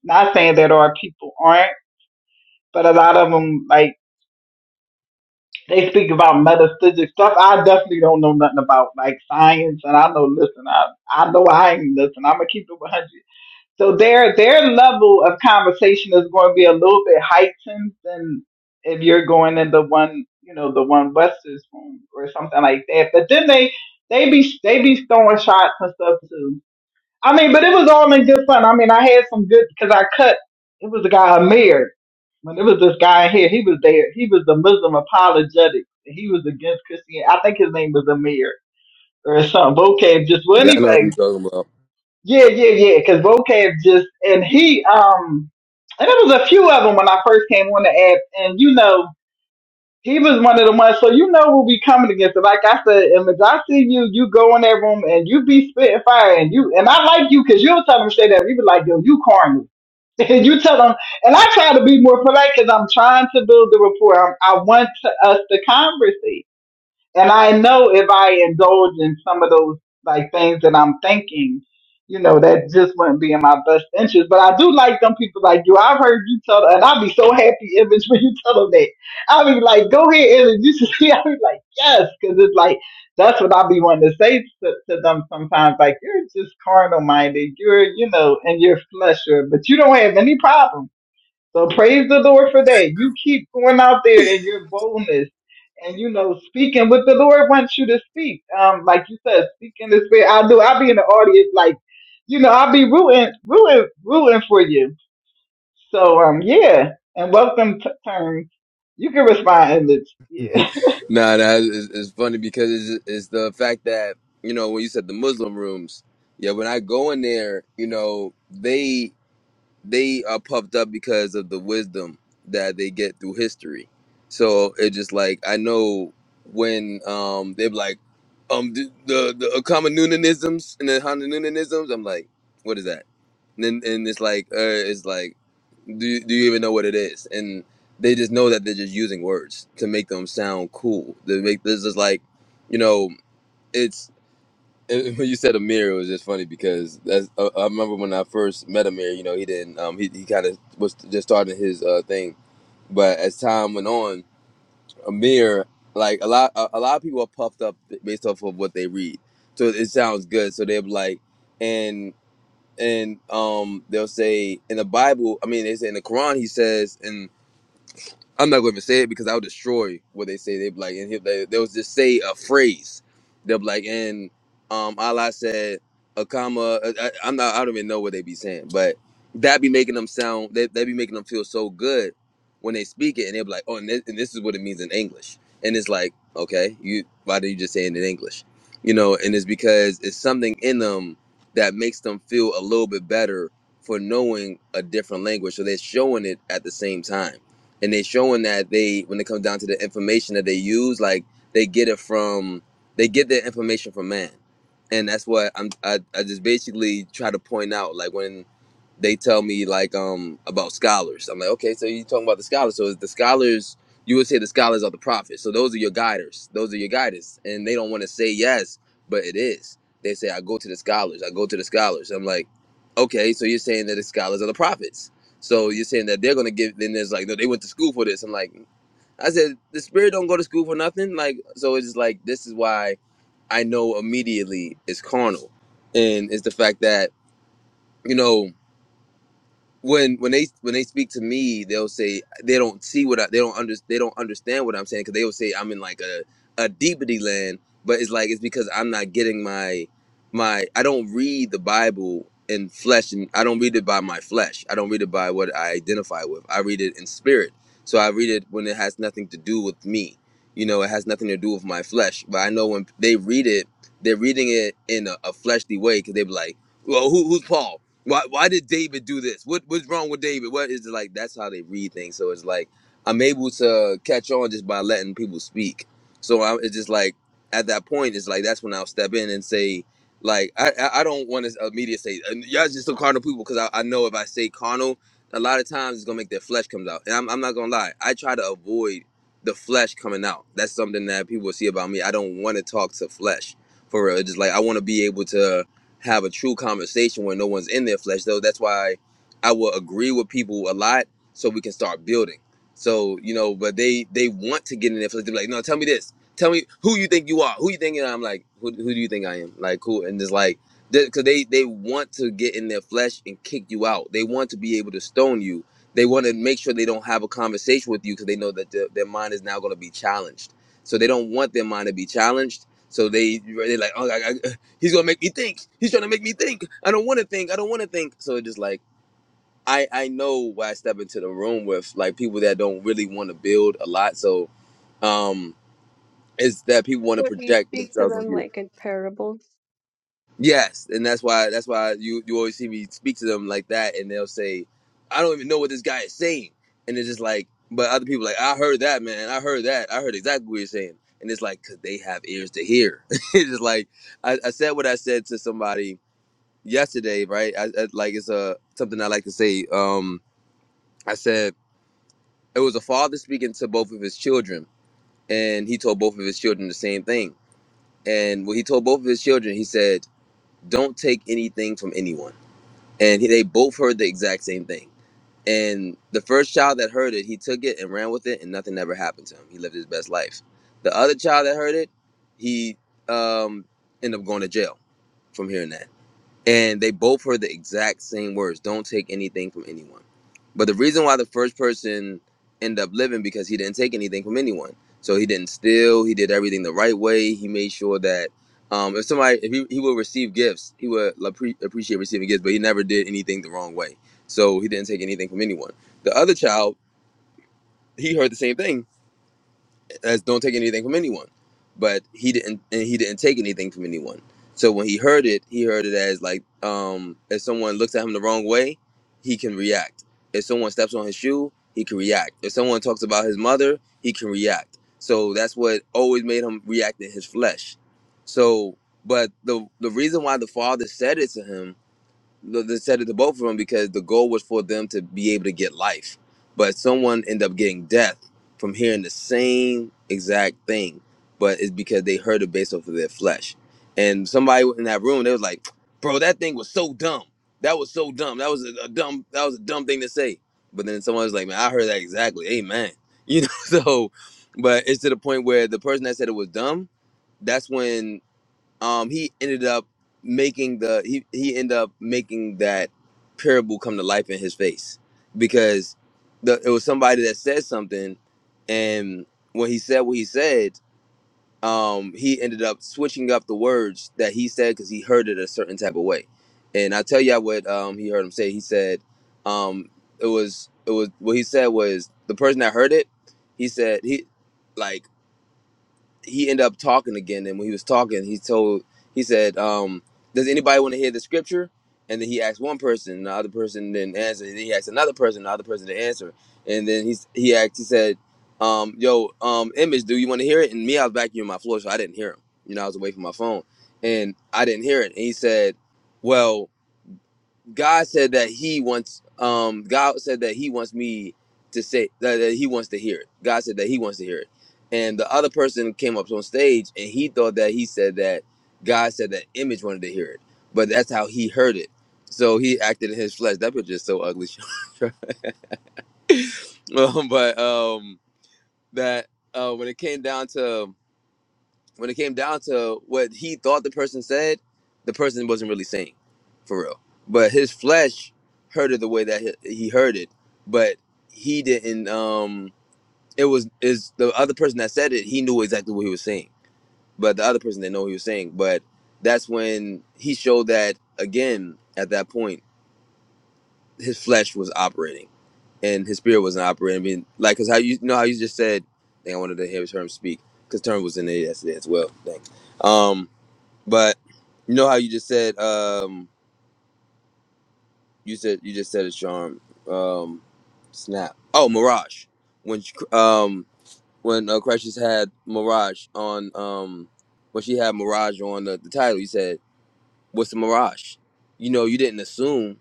Not saying that our people aren't, but a lot of them, like, they speak about metaphysics stuff I definitely don't know nothing about, like science. And I know, listen, I, I know I ain't listen. I'm going to keep it 100. So their their level of conversation is going to be a little bit heightened than if you're going in the one you know the one Wester's room or something like that. But then they they be they be throwing shots and stuff too. I mean, but it was all in good fun. I mean, I had some good because I cut. It was a guy Amir when it was this guy in here. He was there. He was the Muslim apologetic. He was against Christianity. I think his name was Amir or something. Okay, just well, Yeah, I know what anybody you're talking about. yeah, yeah, yeah. Because vocab just and he um and there was a few of them when I first came on the app, and you know he was one of the ones. So you know we'll be coming against it. Like I said, and if I see you, you go in that room and you be spitting fire, and you and I like you because you'll tell them straight up. You be like, yo, you corny. And you tell them, and I try to be more polite because I'm trying to build the rapport. I'm, I want to, us to conversate. And I know if I indulge in some of those like things that I'm thinking, you know, that just wouldn't be in my best interest. But I do like them people like you. I've heard you tell, and I'll be so happy, Image, when you tell them that. I'll be like, go ahead, Image. You should see. I'll be like, yes, because it's like that's what I'll be wanting to say to, to them sometimes. Like, you're just carnal minded. You're, you know, in your flesh, or- but you don't have any problems so praise the Lord for that. You keep going out there in your boldness and you know speaking what the Lord wants you to speak. Um, like you said, speaking the spirit. I do. I'll be in the audience, like you know, I'll be rooting, rooting, rooting for you. So um, yeah, and welcome to turn. You can respond in this. nah, nah it's, it's funny because it's, it's the fact that you know when you said the Muslim rooms, yeah, when I go in there, you know they they are puffed up because of the wisdom that they get through history. So it's just like I know when um they're like um the the, the Akamanunanisms and the Hanunanisms, I'm like, what is that? And then and it's like uh, it's like do you, do you even know what it is? And they just know that they're just using words to make them sound cool. To make this is like, you know, it's and when you said Amir, it was just funny because that's, I, I remember when I first met Amir. You know, he didn't. Um, he he kind of was just starting his uh thing, but as time went on, Amir like a lot a, a lot of people are puffed up based off of what they read, so it sounds good. So they're like, and and um, they'll say in the Bible. I mean, they say in the Quran, he says and. I'm not going to even say it because I'll destroy what they say. They be like, and he, they, they'll just say a phrase. They'll be like, and um, Allah said, a comma. I, I- I'm not. I don't even know what they be saying, but that be making them sound. They, they be making them feel so good when they speak it, and they'll be like, oh, and this, and this is what it means in English. And it's like, okay, you why did you just say it in English? You know, and it's because it's something in them that makes them feel a little bit better for knowing a different language. So they're showing it at the same time and they are showing that they when it comes down to the information that they use like they get it from they get their information from man and that's what i'm i, I just basically try to point out like when they tell me like um about scholars i'm like okay so you talking about the scholars so the scholars you would say the scholars are the prophets so those are your guiders those are your guiders and they don't want to say yes but it is they say i go to the scholars i go to the scholars i'm like okay so you're saying that the scholars are the prophets so you're saying that they're gonna give? Then there's like, no, they went to school for this. I'm like, I said, the spirit don't go to school for nothing. Like, so it's just like this is why I know immediately it's carnal, and it's the fact that you know when when they when they speak to me, they'll say they don't see what I, they don't under, they don't understand what I'm saying because they'll say I'm in like a a deepity land, but it's like it's because I'm not getting my my I don't read the Bible in flesh and I don't read it by my flesh. I don't read it by what I identify with. I read it in spirit. So I read it when it has nothing to do with me. You know, it has nothing to do with my flesh. But I know when they read it, they're reading it in a, a fleshly way because they be like, "Well, who, who's Paul? Why why did David do this? What what's wrong with David? What is it like? That's how they read things. So it's like I'm able to catch on just by letting people speak. So I, it's just like at that point, it's like that's when I'll step in and say, like I I I don't want to immediately say "Uh, y'all just some carnal people because I, I know if I say carnal, a lot of times it's gonna make their flesh comes out. And I'm I'm not gonna lie, I try to avoid the flesh coming out. That's something that people see about me. I don't want to talk to flesh for real. It's just like I want to be able to have a true conversation where no one's in their flesh though that's why i will agree with people a lot so we can start building so you know but they they want to get in their flesh they're like no tell me this tell me who you think you are who you think i'm like who, who do you think i am like who and it's like because they they want to get in their flesh and kick you out they want to be able to stone you they want to make sure they don't have a conversation with you because they know that their their mind is now going to be challenged so they don't want their mind to be challenged so they they're like, oh, I, He's gonna make me think. He's trying to make me think. I don't want to think. I don't want to think. So it's just like I I know why I step into the room with like people that don't really want to build a lot. So um, it's that people want to Or do you project speak to themselves on them you. like in parables? Yes, and that's why that's why you you always see me speak to them like that, and they'll say, I don't even know what this guy is saying, and it's just like, but other people are like I heard that man, I heard that, I heard exactly what you're saying, and it's like because they have ears to hear. it's just like I, I said what I said to somebody yesterday, right? I, I, like it's a something I like to say. Um, I said it was a father speaking to both of his children, and he told both of his children the same thing. And when he told both of his children, he said, "Don't take anything from anyone." And he, they both heard the exact same thing. And the first child that heard it, he took it and ran with it, and nothing ever happened to him. He lived his best life. The other child that heard it, he um, ended up going to jail from hearing that. and they both heard the exact same words don't take anything from anyone but the reason why the first person ended up living because he didn't take anything from anyone so he didn't steal he did everything the right way he made sure that um, if somebody if he, he would receive gifts he would appre- appreciate receiving gifts but he never did anything the wrong way so he didn't take anything from anyone the other child he heard the same thing as don't take anything from anyone but he didn't and he didn't take anything from anyone so when he heard it he heard it as like um if someone looks at him the wrong way he can react if someone steps on his shoe he can react if someone talks about his mother he can react so that's what always made him react in his flesh so but the the reason why the father said it to him they said it to both of them because the goal was for them to be able to get life, but someone ended up getting death from hearing the same exact thing, but it's because they heard it based off of their flesh. And somebody in that room, they was like, "Bro, that thing was so dumb. That was so dumb. That was a, a dumb. That was a dumb thing to say." But then someone was like, "Man, I heard that exactly. Amen." You know, so, but it's to the point where the person that said it was dumb, that's when um he ended up making the he he ended up making that parable come to life in his face because the it was somebody that said something and when he said what he said um he ended up switching up the words that he said because he heard it a certain type of way and i tell you what um he heard him say he said um it was it was what he said was the person that heard it he said he like he ended up talking again and when he was talking he told he said um does anybody want to hear the scripture and then he asked one person and the other person didn't answer and then he asked another person and the other person didn't answer and then he he asked he said um yo um image do you want to hear it and me i was back here on my floor so i didn't hear him you know i was away from my phone and i didn't hear it and he said well God said that He wants. Um, God said that He wants me to say that, that He wants to hear it. God said that He wants to hear it, and the other person came up on stage and he thought that he said that God said that image wanted to hear it, but that's how he heard it. So he acted in his flesh. That picture is so ugly. um, but um, that uh, when it came down to when it came down to what he thought the person said, the person wasn't really saying, for real. But his flesh heard it the way that he, he heard it, but he didn't. Um, it was is the other person that said it. He knew exactly what he was saying, but the other person didn't know what he was saying. But that's when he showed that again. At that point, his flesh was operating, and his spirit wasn't operating. I mean, like, cause how you, you know how you just said, I think I wanted to hear his term speak, cause term was in there yesterday as well. Thanks. Um, but you know how you just said um you said you just said it, Sean. Um snap. Oh, Mirage. When she- um when uh, Precious had Mirage on um when she had Mirage on the, the title, you said, "What's the Mirage?" You know, you didn't assume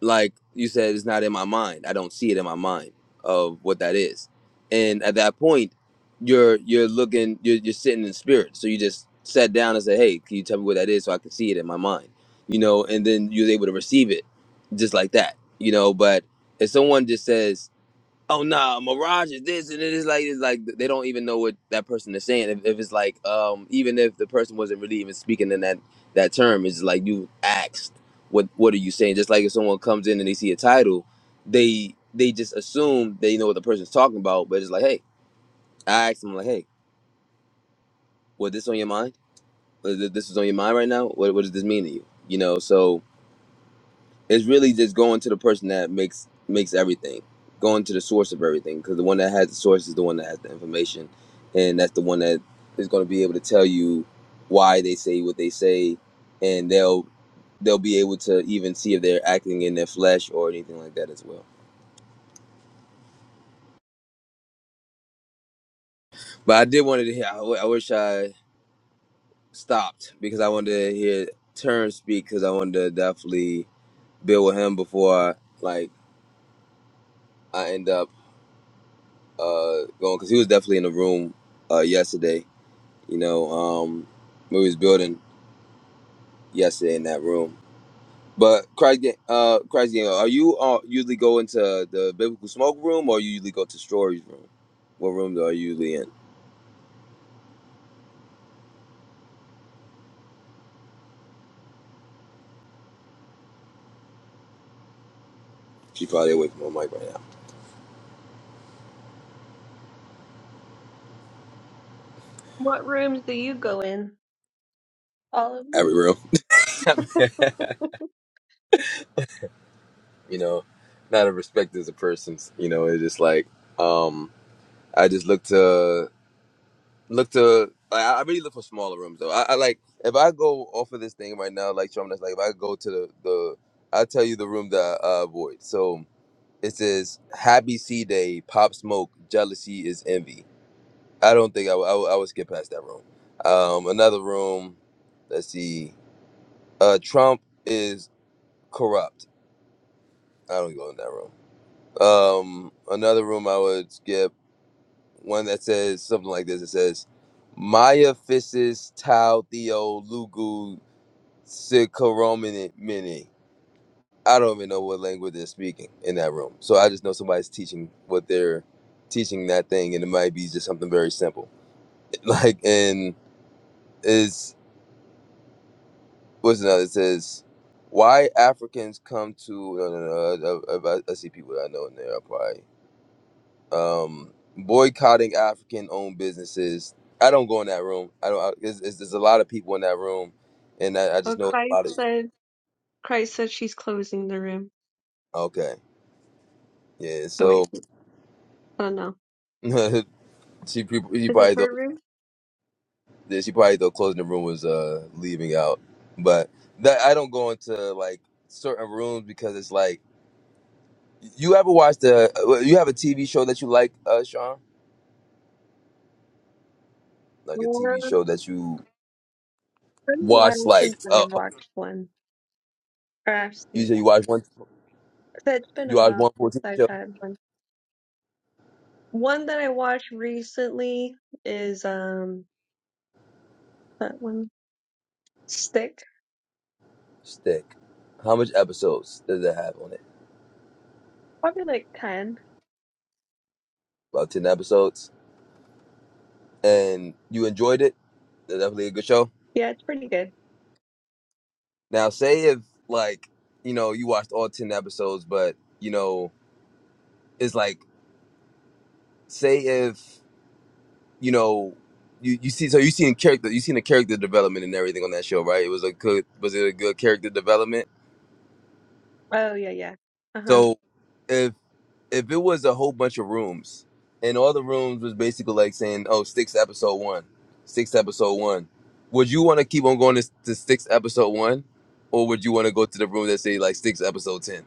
like you said, it's not in my mind. I don't see it in my mind of what that is. And at that point, you're you're looking, you're, you're sitting in spirit. So you just sat down and said, "Hey, can you tell me what that is, so I can see it in my mind?" You know, and then you're able to receive it just like that. You know, but if someone just says, oh nah, Mirage is this and it is like it's like they don't even know what that person is saying. If, if it's like um even if the person wasn't really even speaking in that that term, it's like you asked what what are you saying? Just like if someone comes in and they see a title, they they just assume they know what the person's talking about, but it's like hey, I asked them like hey, was this on your mind? Was th- This is on your mind right now. What what does this mean to you? You know, so it's really just going to the person that makes makes everything going to the source of everything because the one that has the source is the one that has the information and that's the one that is going to be able to tell you why they say what they say and they'll they'll be able to even see if they're acting in their flesh or anything like that as well but i did wanted to hear i, w- I wish i stopped because i wanted to hear Turn speak because i wanted to definitely build with him before I, like i end up uh, going because he was definitely in the room uh, yesterday. You know, um, when we was building yesterday in that room. But Christ, Ga- uh, Christ, Gang, are you uh, usually go into the biblical smoke room or you usually go to stories room? What room are you usually in? She's probably away from her mic right now. What rooms do you go in? All of them? Every room, you know, not a respect as a person. You know, it's just like um, I just look to. look to like, I, I really look for smaller rooms though. I, I like if I go off of this thing right now, like Trump, that's like if I go to the the I tell you the room that I uh, avoid. So it says Happy C Day, Pop Smoke, Jealousy is Envy. I don't think I would I would I would skip past that room. Um, another room. Let's see. Uh, Trump is corrupt. I don't go in that room. Um, another room I would skip. one that says something like this. It says, Maya Physis Tau Theo Lugu Sikoromini Mini. I don't even know what language they're speaking in that room. So I just know somebody's teaching what they're teaching that thing, and it might be just something very simple. Like, and is what's another? It says, why Africans come to no no no. I, I, I, see people that I know in there. I Probably. um, boycotting African-owned businesses. I don't go in that room. I don't. I, it's, it's, there's a lot of people in that room, and I, I just Oh, know it's a Christ lot of. said, Christ said she's closing the room. Okay, yeah. Oh, So wait. she- Oh, no. she, pre- she Is it probably her thought room? yeah, she probably thought closing the room was uh leaving out, but that I don't go into like certain rooms because it's like you ever watch the uh, you have a TV show that you like, uh, Sean, like a TV Um, it's show that you been a watch while like since i uh, watched one. Or I've you seen say one. you watch one So It's been you a watch while one full since TV I've show. had one. One that I watched recently is, um, that one, Stick. Stick. How much episodes did it have on it? Probably like 10. About ten episodes. And you enjoyed it? they definitely a good show. Yeah, it's pretty good. Now say if like, you know, you watched all ten episodes, but you know, it's like say if, you know, you, you see so you seen character you seen the character development and everything on that show, right? It was a good was it a good character development? Oh, yeah, yeah. Uh-huh. So if if it was a whole bunch of rooms and all the rooms was basically like saying, "Oh, six episode one, six episode one," would you want to keep on going to, to six episode one, or would you want to go to the room that say like six episode ten?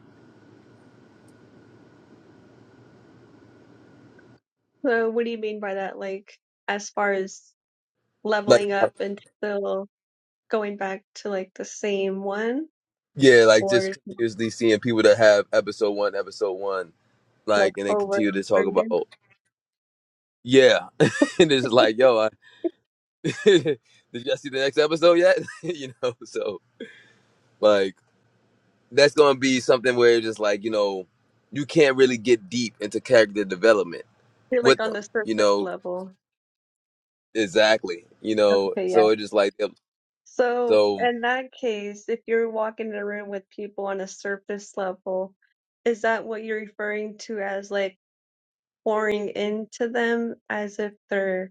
So what do you mean by that? Like as far as Like, leveling up and still going back to like the same one yeah, like or just is it, continuously seeing people that have episode one, episode one, like like, and then over and continue to over talk about, again? yeah, and it's just like, yo, I, did y'all see the next episode yet? you know, so like. that's gonna be something where it's just like you know you can't really get deep into character development You're like with on the them surface you know level. exactly you know Okay, yeah. so it just like um, So so in that case, if you're walking in a room with people on a surface level, is that what you're referring to as like pouring into them as if they're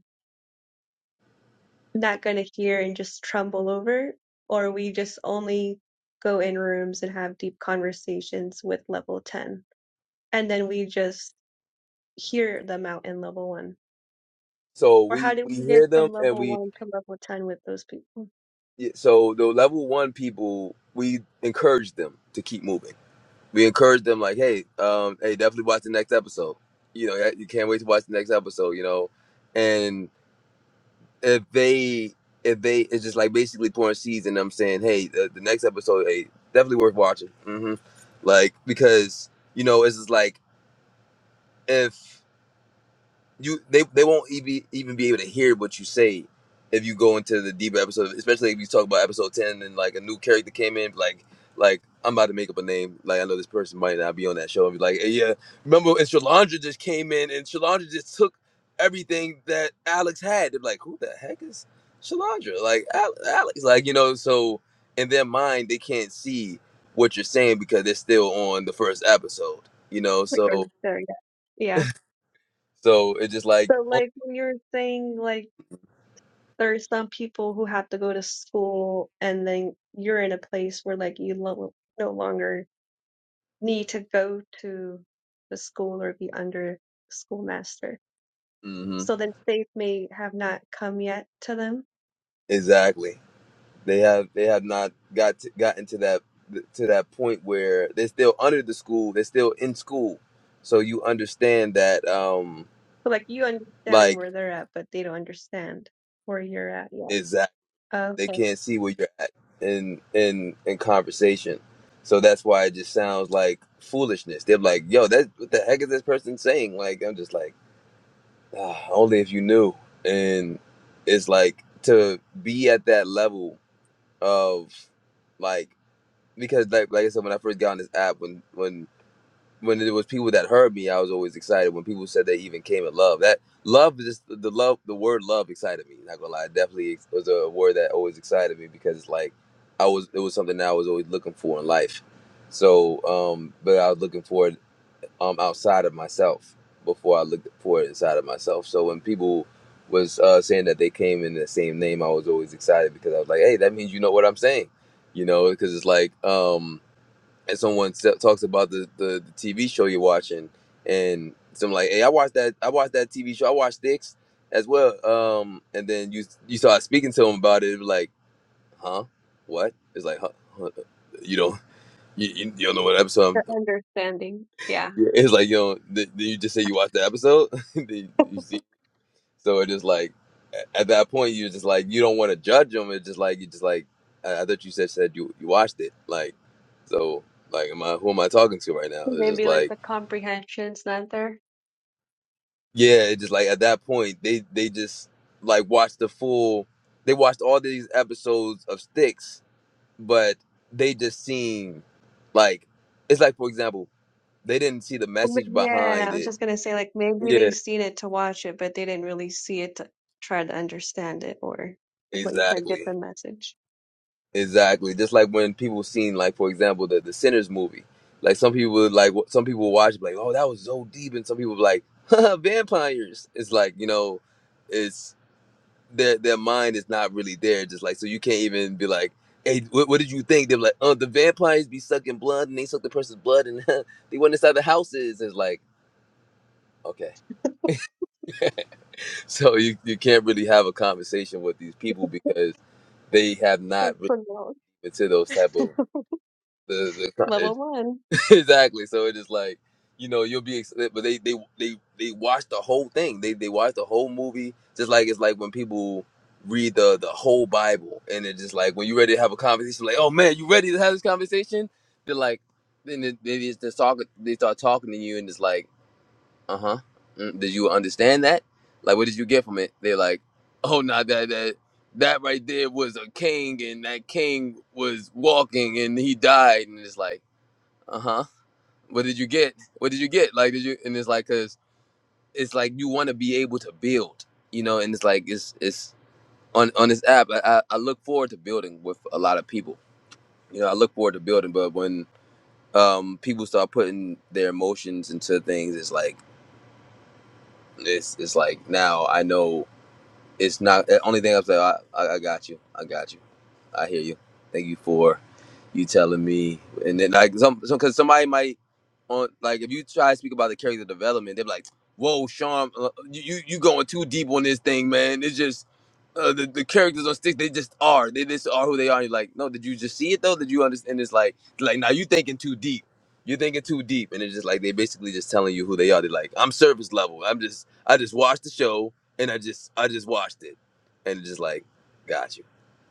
not going to hear and just trumble over, or we just only go in rooms and have deep conversations with level 10. And then we just hear them out in level one. so Or how we did we we get hear them from and level we one to level 10 with those people? yeah, so the level one people we encourage them to keep moving we encourage them like hey um hey definitely watch the next episode you know yeah, you can't wait to watch the next episode you know and. if they if they it's just like basically pouring seeds and I'm saying, hey, the, the next episode, hey, definitely worth watching. hmm Like because you know it's just like if you they they won't even even be able to hear what you say if you go into the deeper episode, especially if you talk about episode ten and like a new character came in, like like I'm about to make up a name. Like I know this person might not be on that show and be like, hey, yeah, remember when Shalandra just came in and Shalandra just took everything that Alex had. They're like, who the heck is Shalandra? Like Alex, like you know. So in their mind, they can't see what you're saying because they're still on the first episode, you know. Like, I'm So sorry. Yeah. yeah. so it's just like, So, only. like, when you're saying, like, there's some people who have to go to school, and then you're in a place where, like, you lo- no longer need to go to the school or be under the schoolmaster mm-hmm. so then faith may have not come yet to them. Exactly. They have they have not got to, gotten to that to that point where they're still under the school. They're still in school, so you understand that um So like you understand like where they're at, but they don't understand where you're at yet. exactly they Okay, can't see where you're at in in in conversation. So that's why it just sounds like foolishness. They're like, "Yo, that what the heck is this person saying?" Like I'm just like, ah, only if you knew. And it's like to be at that level of like because like like I said, when I first got on this app, when when when it was people that heard me, I was always excited. When people said they even came in love, that love just the love, the word love excited me. Not gonna lie, it definitely was a word that always excited me because it's like I was it was something that I was always looking for in life. So, um, but I was looking for it um outside of myself before I looked for it inside of myself. So when people was uh, saying that they came in the same name, I was always excited because I was like, hey, that means you know what I'm saying, you know, because it's like um and someone se- talks about the, the the TV show you're watching, and some like, hey, I watched that. I watched that TV show. I watched Sticks as well. Um, and then you you start speaking to him about it. it was like, huh? What? It's like, huh? huh, You don't you, you you don't know what episode? the I'm-" understanding, yeah, It's like you know. Th- did you just say you watched the episode? Then you see? So it's just like a- at that point you're just like you don't want to judge them. It's just like you just like I, I thought you said said you you watched it. Like so like am I who am I talking to right now? It's just maybe like like the comprehension's not there. Yeah, it just like at that point they they just like watched the full they watched all these episodes of Sticks, but they just seen like it's like for example, they didn't see the But message yeah, behind I was it. just gonna say like maybe they Yeah. seen it to watch it, but they didn't really see it to try to understand it or like what you said, get Exactly. the message. Exactly. Just like when people seen like for example the the Sinners movie. Like some people would like w- some people would watch it, be like, "Oh, that was so deep." And some people would be like, "Haha, "Vampires." It's like, you know, it's. their their mind is not really there. Just like so, you can't even be like, "Hey, what, what did you think?" They're like, "Oh, the vampires be sucking blood, and they suck the person's blood, and they went inside the houses." It's like, okay, so you you can't really have a conversation with these people because they have It's not really the level been to those type of the the. level one, exactly. So it's just like you know you'll be, ex- but they they they they watch the whole thing. They they watch the whole movie. Just like it's like when people read the the whole Bible, and it's just like when you're ready to have a conversation, like oh man, you ready to have this conversation? They're like, then they, they just they talk, they start talking to you, and it's like, uh huh, mm, did you understand that? Like what did you get from it? They're like, oh no, that that that right there was a king, and that king was walking, and he died, and it's like. Uh huh what did you get? What did you get? Like, did you? And it's like, cause it's like you want to be able to build, you know. And it's like, it's it's on on this app. I, I I look forward to building with a lot of people. You know, I look forward to building, but when um people start putting their emotions into things, it's like it's it's like now I know it's not the only thing I'm saying. I, I, I got you. I got you. I hear you. Thank you for you telling me. And then like some because somebody might on like if you try to speak about the character development, they're like, "Whoa, Sean, uh, you you you going too deep on this thing, man. It's just." Uh, the, the characters on stick, they just are. They just are who they are. And you're like, no, did you just see it though? Did you understand? It's like, like now you thinking too deep. You're thinking too deep, and it's just like they basically just telling you who they are. They're like, I'm surface level. I'm just, I just watch the show and I just I just watched it, and just like, got you,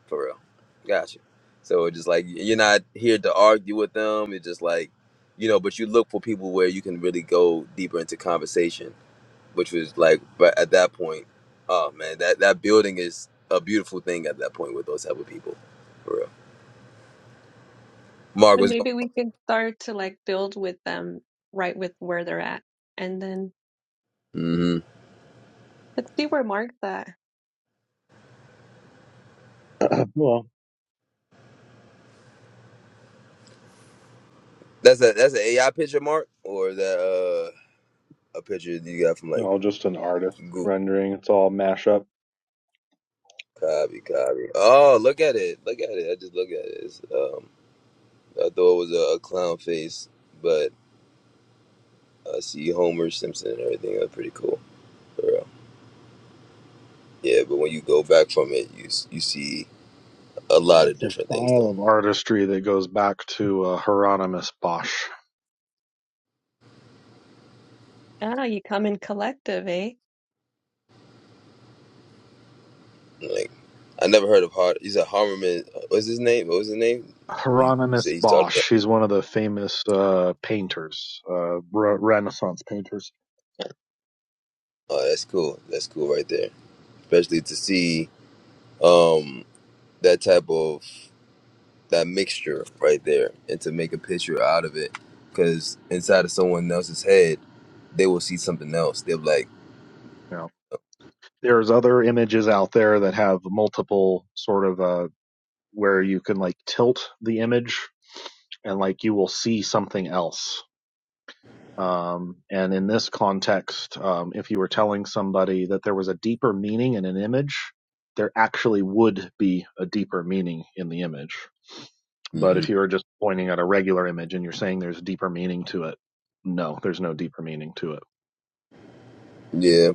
for real, got you. So it's just like you're not here to argue with them. It's just like, you know, but you look for people where you can really go deeper into conversation, which was like, but at that point, oh man, that that building is a beautiful thing at that point with those type of people, for real. Mark and was going. maybe we can start to like build with them right with where they're at, and then on? Mm-hmm. let's see where Mark's at. Well, That's a that's an AI picture, Mark, or is that uh, a picture that you got from they're like all just an artist Google. rendering. It's all mashup. Copy, copy. Oh, look at it. Look at it. I just look at it. It's, um, I thought it was a, a clown face, but I see Homer Simpson and everything. That's pretty cool. For real. Yeah, but when you go back from it, you s- you see a lot Yeah, of it's a different things though. style of artistry that goes back to uh, Hieronymus Bosch. Ah, you come in collective, eh? Like I never heard of Hard. He's a Harmerman. uh, What's his name? What was his name? You, you Hieronymus say he started. That? Bosch. He's one of the famous uh, painters, uh, re- Renaissance painters. Oh, that's cool. That's cool right there. Especially to see um that type of that mixture right there and to make a picture out of it because inside of someone else's head they will see something else they'll be like Yeah. there's other images out there that have multiple sort of uh where you can like tilt the image and like you will see something else um and in this context um if you were telling somebody that there was a deeper meaning in an image there actually would be a deeper meaning in the image but hmm if you were just pointing at a regular image and you're saying there's deeper meaning to it no there's no deeper meaning to it yeah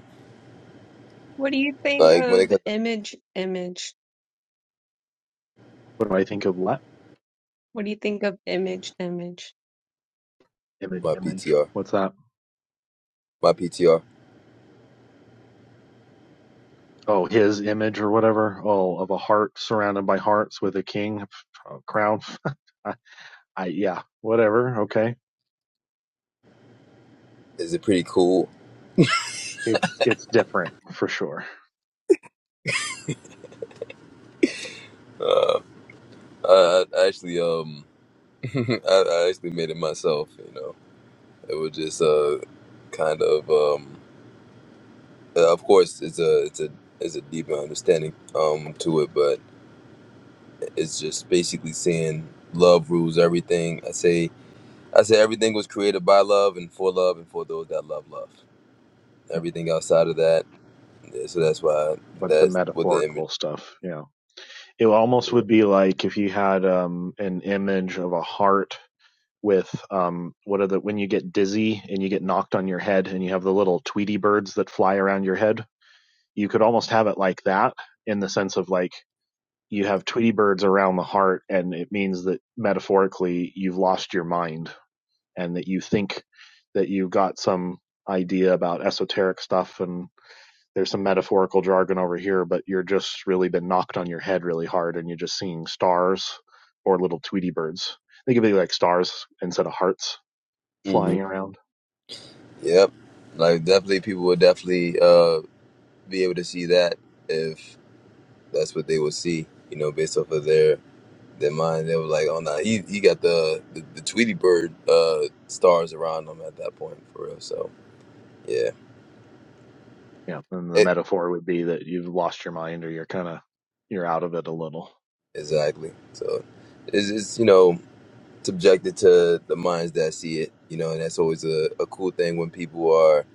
What do you think like when it of comes to image, image? what do i think of what What do you think of image, image? image my image ptr what's that my ptr oh his image or whatever oh of a heart surrounded by hearts with a king a crown I, I yeah whatever okay is it pretty cool it's it's different for sure uh, i I actually um I, I actually made it myself you know it was just uh kind of um uh, of course it's a it's a it's a deeper understanding um to it but it's just basically saying love rules everything i say I said everything was created by love and for love and for those that love love. you know, Everything outside of that, yeah, so that's why a bunch of that's what the image. metaphorical stuff you know it almost would be like if you had um an image of a heart with um what are the when you get dizzy and you get knocked on your head and you have the little tweety birds that fly around your head you could almost have it like that in the sense of like you have Tweety birds around the heart, and it means that metaphorically you've lost your mind and that you think that you've got some idea about esoteric stuff and there's some metaphorical jargon over here, but you're just really been knocked on your head really hard and you're just seeing stars or little Tweety birds. They could be like stars instead of hearts hmm flying around. Yep, like definitely people would definitely uh, be able to see that if that's what they would see. You know, based off of their their mind, they were like, "Oh no, he he got the the, the Tweety Bird uh, stars around him at that point for real." So yeah, Yeah. And the it, metaphor would be that you've lost your mind or you're kind of, you're out of it a little. exactly. So it's it's you know subjected to the minds that see it you know and that's always a, a cool thing when people are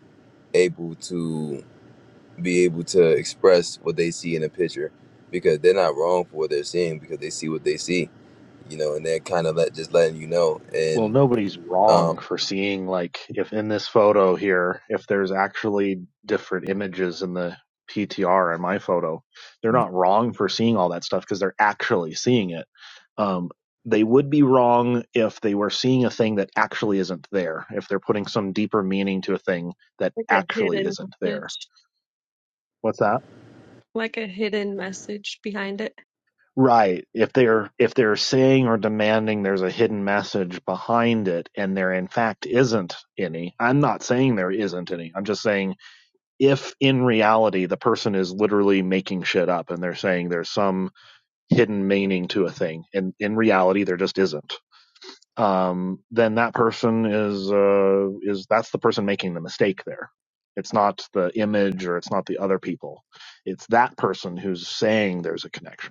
able to be able to express what they see in a picture because they're not wrong for what they're seeing because they see what they see you know and they're kind of let, just letting you know well, and nobody's um wrong for seeing like if in this photo here, if there's actually different images in the PTR in my photo, they're not wrong for seeing all that stuff because they're actually seeing it. Um, they would be wrong if they were seeing a thing that actually isn't there, if they're putting some deeper meaning to a thing that Like a actually hidden isn't there. message, What's that? like a hidden message behind it. Right. If they're if they're saying or demanding there's a hidden message behind it and there in fact isn't any. I'm not saying there isn't any. I'm just saying if in reality the person is literally making shit up and they're saying there's some hidden meaning to a thing and in reality there just isn't. Um then that person is uh is that's the person making the mistake there. It's not the image or it's not the other people. It's that person who's saying there's a connection.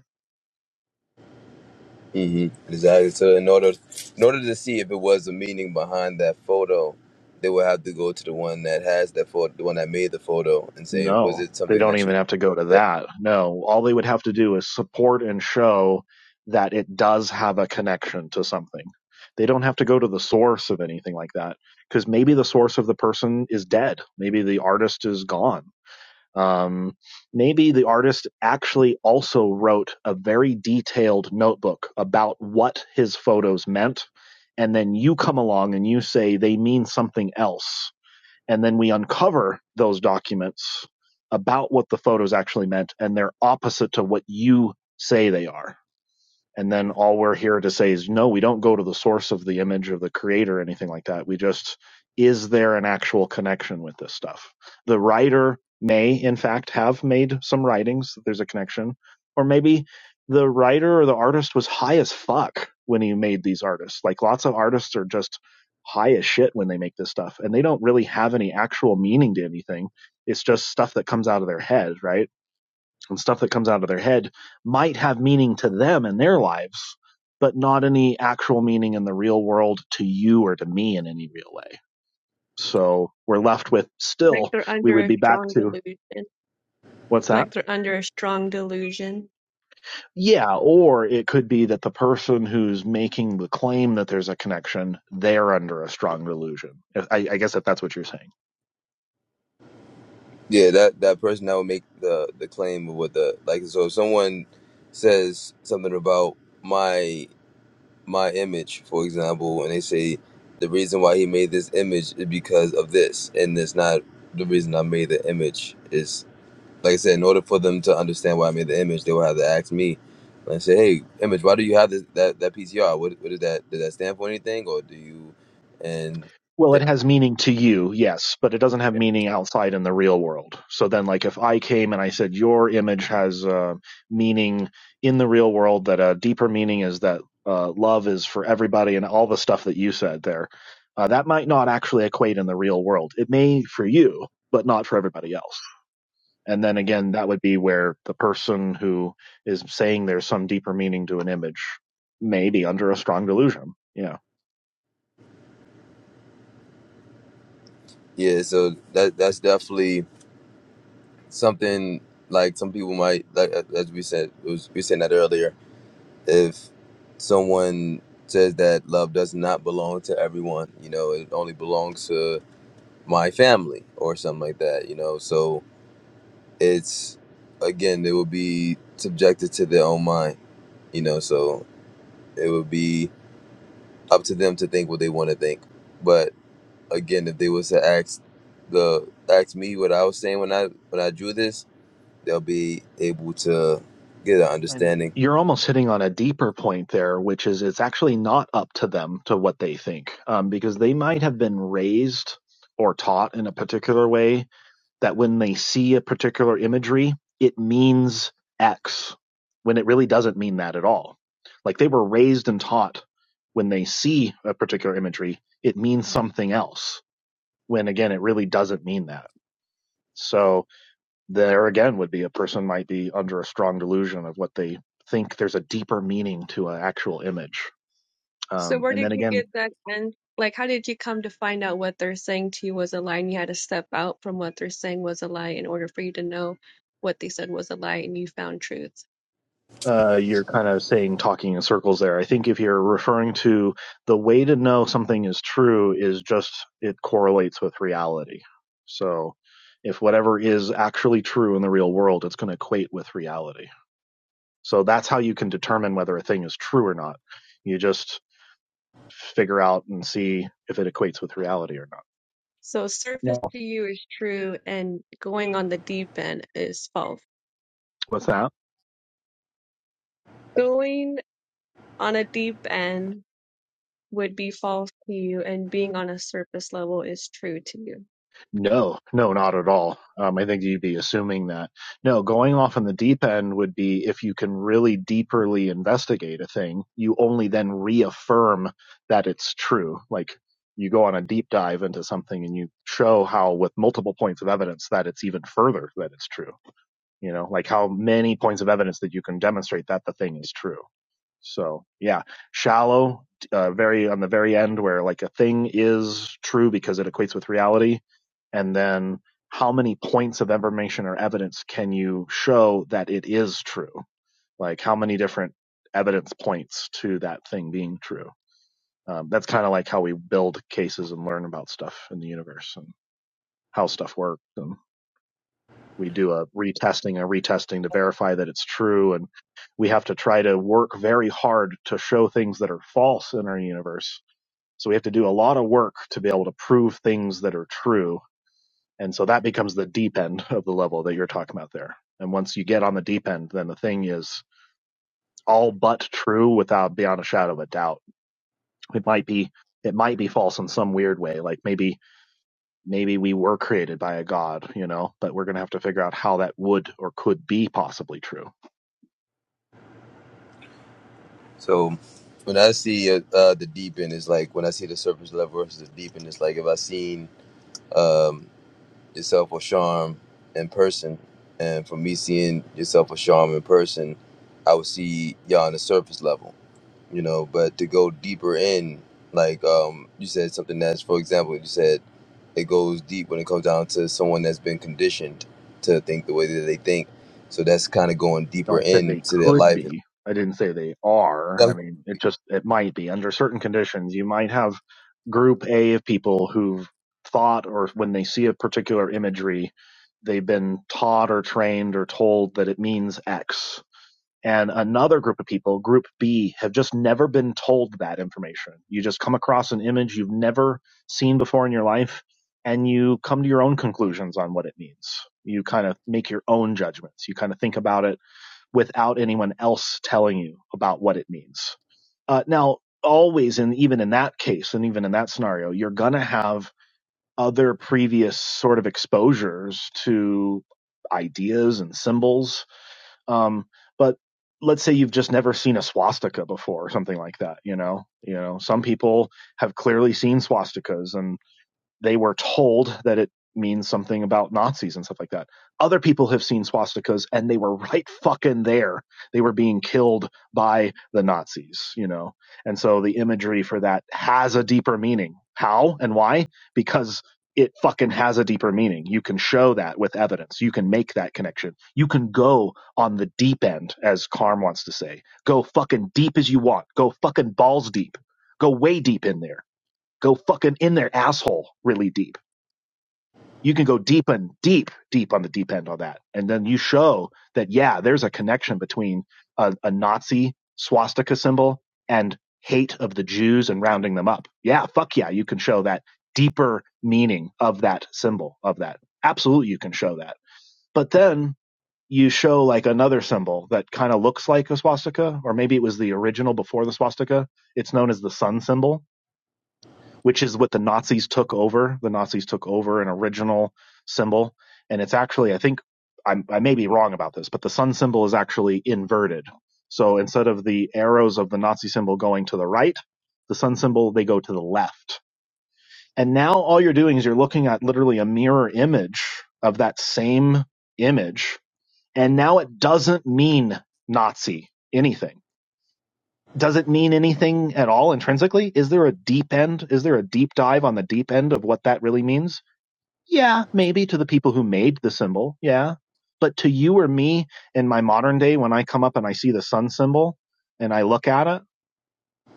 hmm exactly so in order in order to see if it was a meaning behind that photo they would have to go to the one that has that photo the one that made the photo and say was No, it they something don't that you even have to go to said? that. No, all they would have to do is support and show that it does have a connection to something. They don't have to go to the source of anything like that because maybe the source of the person is dead. Maybe the artist is gone. Um, maybe the artist actually also wrote a very detailed notebook about what his photos meant. And then you come along and you say they mean something else and then we uncover those documents about what the photos actually meant and they're opposite to what you say they are and then all we're here to say is no we don't go to the source of the image of the creator or anything like that we just is there an actual connection with this stuff the writer may in fact have made some writings that there's a connection or maybe the writer or the artist was high as fuck when he made these artists like lots of artists are just high as shit when they make this stuff and they don't really have any actual meaning to anything it's just stuff that comes out of their head right and stuff that comes out of their head might have meaning to them in their lives, but not any actual meaning in the real world to you or to me in any real way. So we're left with Like still, they're we under would a be back strong to delusion, what's that? like they're under a strong delusion. Yeah, or it could be that the person who's making the claim that there's a connection, they're under a strong delusion. I, I guess if that's what you're saying. Yeah, that that person that would make the the claim of what the like. So if someone says something about my my image, for example, and they say the reason why he made this image is because of this, and it's not the reason I made the image is like I said. In order for them to understand why I made the image, they will have to ask me and say, "Hey, image, why do you have this, that that PCR? What what did that did that stand for anything, or do you?" And Well, it has meaning to you, yes, but it doesn't have meaning outside in the real world. So then, like, if I came and I said your image has uh, meaning in the real world, that a deeper meaning is that uh, love is for everybody and all the stuff that you said there, uh, that might not actually equate in the real world. It may for you, but not for everybody else. And then again, that would be where the person who is saying there's some deeper meaning to an image may be under a strong delusion. Yeah. yeah, so that that's definitely. something like some people might like uh, as we said it was, we said that earlier if someone says that love does not belong to everyone you know it only belongs to my family or something like that you know so it's again they will be subjected to their own mind you know so it would be up to them to think what they want to think but again if they was to ask the ask me what i was saying when i when i drew this they'll be able to get an And understanding. you're almost hitting on a deeper point there, which is it's actually not up to them to what they think, um, because they might have been raised or taught in a particular way that when they see a particular imagery, it means X, when it really doesn't mean that at all. Like they were raised and taught when they see a particular imagery, it means something else, when again, it really doesn't mean that. So, there again would be a person might be under a strong delusion of what they think there's a deeper meaning to an actual image. So Um, where and did then you again, get that and like how did you come to find out what they're saying to you was a lie and you had to step out from what they're saying was a lie in order for you to know what they said was a lie and you found truth? uh, you're kind of saying talking in circles there. I think if you're referring to the way to know something is true is just it correlates with reality. So if whatever is actually true in the real world, it's going to equate with reality. So that's how you can determine whether a thing is true or not. You just figure out and see if it equates with reality or not. So surface Yeah. to you is true and going on the deep end is false. What's that? Going on a deep end would be false to you and being on a surface level is true to you. No, no, not at all. Um, I think you'd be assuming that. No, going off on the deep end would be if you can really deeperly investigate a thing, you only then reaffirm that it's true. Like you go on a deep dive into something and you show how, with multiple points of evidence, that it's even further that it's true. You know, like how many points of evidence that you can demonstrate that the thing is true. So yeah, shallow, uh, very on the very end where like a thing is true because it equates with reality, and then how many points of information or evidence can you show that it is true? Like how many different evidence points to that thing being true? Um, that's kind of like how we build cases and learn about stuff in the universe and how stuff works. and we do a retesting and retesting to verify that it's true and we have to try to work very hard to show things that are false in our universe so we have to do a lot of work to be able to prove things that are true and so that becomes the deep end of the level that you're talking about there and once you get on the deep end then the thing is all but true without beyond a shadow of a doubt it might be it might be false in some weird way like maybe maybe we were created by a god you know but we're going to have to figure out how that would or could be possibly true So when I see uh, uh, the deep end, it's like when I see the surface level versus the deep end, it's like if I seen um, yourself or Charm in person, and for me seeing yourself or Charm in person, I would see y'all on the surface level. you know but to go deeper in like um you said something that's for example you said it goes deep when it comes down to someone that's been conditioned to think the way that they think so that's kind of going No, deeper I said they into their could life be. I didn't say they are. I mean, it and just it might be under certain conditions. You might have group A of people who've thought, or when they see a particular imagery, they've been taught or trained or told that it means X. and another group of people, group B, have just never been told that information. You just come across an image you've never seen before in your life and you come to your own conclusions on what it means. You kind of make your own judgments. You kind of think about it without anyone else telling you about what it means. Uh, now, always, and even in that case, and even in that scenario, you're going to have other previous sort of exposures to ideas and symbols um, but let's say you've just never seen a swastika before or something like that. You know, you know, some people have clearly seen swastikas and they were told that it means something about Nazis and stuff like that. Other people have seen swastikas and they were right fucking there. They were being killed by the Nazis, you know. And so the imagery for that has a deeper meaning. How and why? Because it fucking has a deeper meaning. You can show that with evidence. You can make that connection. You can go on the deep end, as Carm wants to say. Go fucking deep as you want. Go fucking balls deep. Go way deep in there Go fucking in their asshole, really deep. You can go deep and deep, deep on the deep end on that. And then you show that, yeah, there's a connection between a, a Nazi swastika symbol and hate of the Jews and rounding them up. Yeah, fuck yeah, you can show that deeper meaning of that symbol, of that. Absolutely, you can show that. But then you show like another symbol that kind of looks like a swastika, or maybe it was the original before the swastika. It's known as the sun symbol which is what the Nazis took over. The Nazis took over an original symbol, and it's actually I think I'm, I may be wrong about this, but the sun symbol is actually inverted. So instead of the arrows of the Nazi symbol going to the right, the sun symbol they go to the left. And now all you're doing is you're looking at literally a mirror image of that same image, and now it doesn't mean Nazi anything does it mean anything at all intrinsically? Is there a deep end? Is there a deep dive on the deep end of what that really means? Yeah, maybe to the people who made the symbol. Yeah. But to you or me in my modern day, when I come up and I see the sun symbol and I look at it,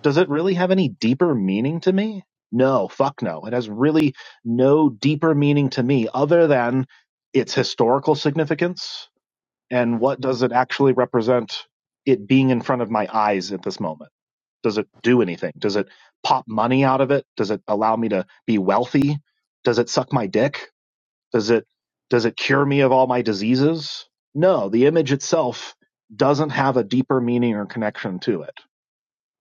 does it really have any deeper meaning to me? No, fuck no. It has really no deeper meaning to me other than its historical significance and what does it actually represent it being in front of my eyes at this moment. Does it do anything? Does it pop money out of it? Does it allow me to be wealthy? Does it suck my dick? Does it does it cure me of all my diseases? No, the image itself doesn't have a deeper meaning or connection to it.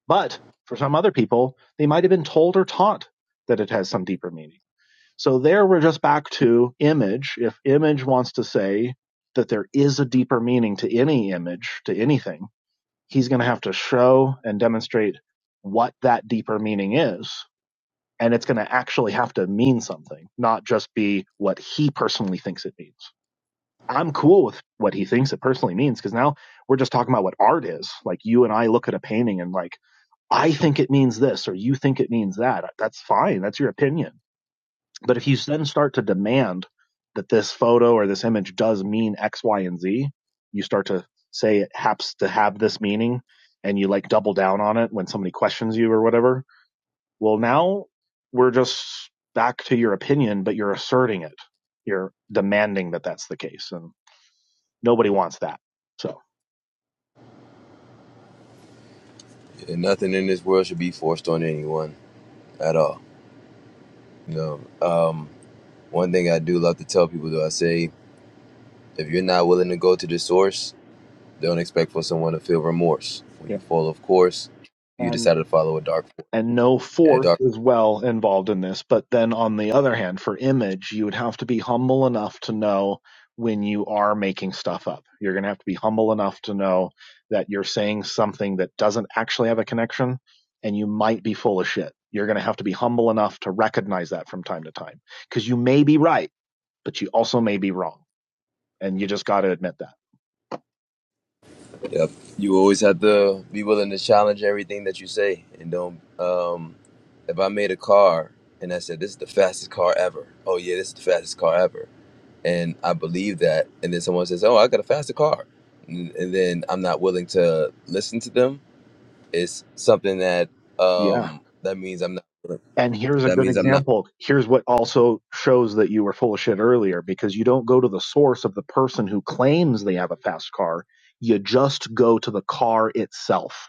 But for some other people, they might have been told or taught that it has some deeper meaning. So there we're just back to image. If image wants to say that there is a deeper meaning to any image, to anything, he's going to have to show and demonstrate what that deeper meaning is. And it's going to actually have to mean something, not just be what he personally thinks it means. I'm cool with what he thinks it personally means because now we're just talking about what art is. Like you and I look at a painting and like, I think it means this or you think it means that. That's fine. That's your opinion but if you then start to demand that this photo or this image does mean X, Y, and Z, you start to say it happens to have this meaning and you like double down on it when somebody questions you or whatever. Well, now we're just back to your opinion, but you're asserting it. You're demanding that that's the case. And Nobody wants that. So nothing in this world should be forced on anyone at all you know um one thing i do love to tell people though i say if you're not willing to go to the source don't expect for someone to feel remorse when yeah, you fall of course you and decided to follow a dark force and no and a dark force is well involved in this. But then on the other hand, for image, you would have to be humble enough to know when you are making stuff up. You're going to have to be humble enough to know that you're saying something that doesn't actually have a connection and you might be full of shit. You're going to have to be humble enough to recognize that from time to time because you may be right, but you also may be wrong and you just got to admit that. Yep. You always have to be willing to challenge everything that you say and don't um if I made a car and I said this is the fastest car ever. Oh yeah, this is the fastest car ever. And I believe that and then someone says, "Oh, I got a faster car." And, and then I'm not willing to listen to them. It's something that Yeah. um that means I'm not And here's a that good means I'm not. example. Here's what also shows that you were full of shit earlier because you don't go to the source of the person who claims they have a fast car. You just go to the car itself.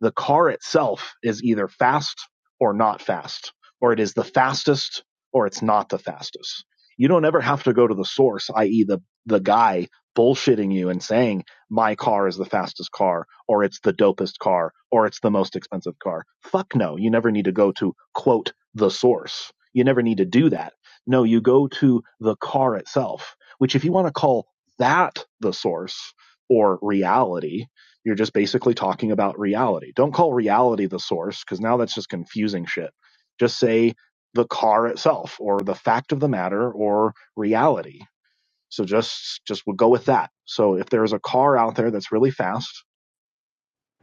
the car itself is either fast or not fast, or it is the fastest or it's not the fastest. You don't ever have to go to the source, i.e., the, the guy bullshitting you and saying, my car is the fastest car, or it's the dopest car, or it's the most expensive car. Fuck no. You never need to go to, quote, the source. You never need to do that. No, you go to the car itself, which if you want to call that the source or reality, you're just basically talking about reality. Don't call reality the source because now that's just confusing shit. Just say the car itself or the fact of the matter or reality. So just just we'll go with that. So if there's a car out there that's really fast,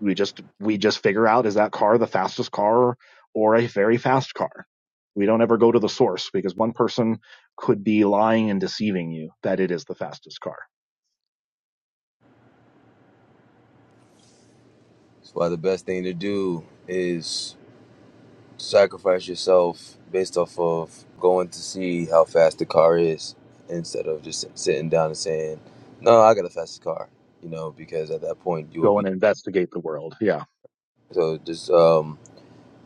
we just we just figure out is that car the fastest car or a very fast car. We don't ever go to the source because one person could be lying and deceiving you that it is the fastest car. That's why the best thing to do is sacrifice yourself based off of going to see how fast the car is instead of just sitting down and saying, "No, I got the fastest car," you know, because at that point you will Go be. and investigate the world. Yeah. So just um,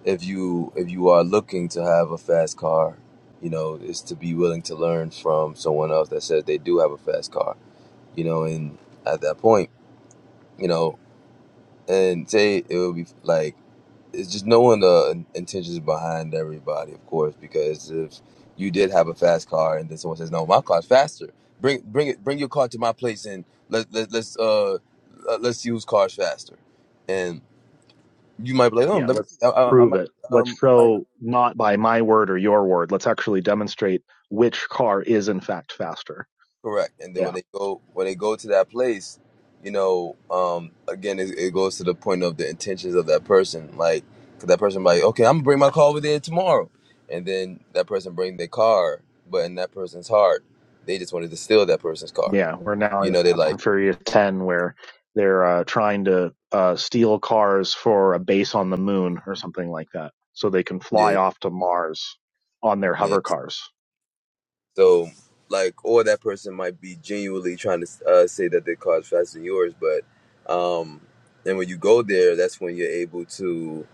if you if you are looking to have a fast car, you know, is to be willing to learn from someone else that says they do have a fast car, you know, and at that point, you know, and say it would be like it's just knowing the intentions behind everybody, of course, because if you did have a fast car and then someone says, "No, my car's faster," bring bring it bring your car to my place and let, let let's uh let- let's use cars faster, and you might be like, "Oh, Yeah, let me see, I, let's I, I prove might it. Let's um I might." show not by my word or your word. Let's actually demonstrate which car is in fact faster. Correct. And then when Yeah, they go when they go to that place, you know, um, again, it, it goes to the point of the intentions of that person. Like, 'cause that person like, okay, I'm gonna bring my car over there tomorrow, and then that person bring their car, but in that person's heart, they just wanted to steal that person's car. yeah. We're now You in know, they Fast like, and Furious 10 where they're uh, trying to uh, steal cars for a base on the moon or something like that so they can yeah, fly off to Mars on their yeah. hover cars. So, like, or that person might be genuinely trying to uh, say that their car is faster than yours, but, um, and when you go there, that's when you're able to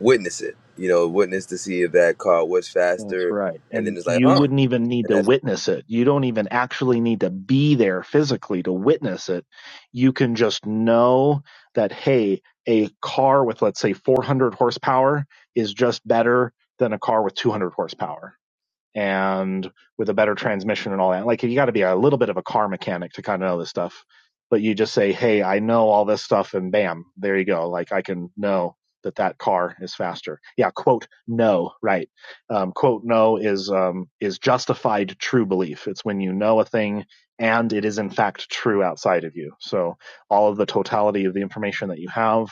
witness it. You know, witness to see if that car was That's faster, right. and then And it's like, you huh? wouldn't even need And to that, witness it. You don't even actually need to be there physically to witness it. You can just know that, hey, a car with, let's say, 400 horsepower is just better than a car with 200 horsepower and with a better transmission and all that. Like you got to be a little bit of a car mechanic to kind of know this stuff. But you just say, "Hey, I know all this stuff," and bam, there you go. Like I can know that that car is faster. Yeah, quote no, right? Um, quote no is um, is justified true belief. It's when you know a thing and it is in fact true outside of you. So all of the totality of the information that you have,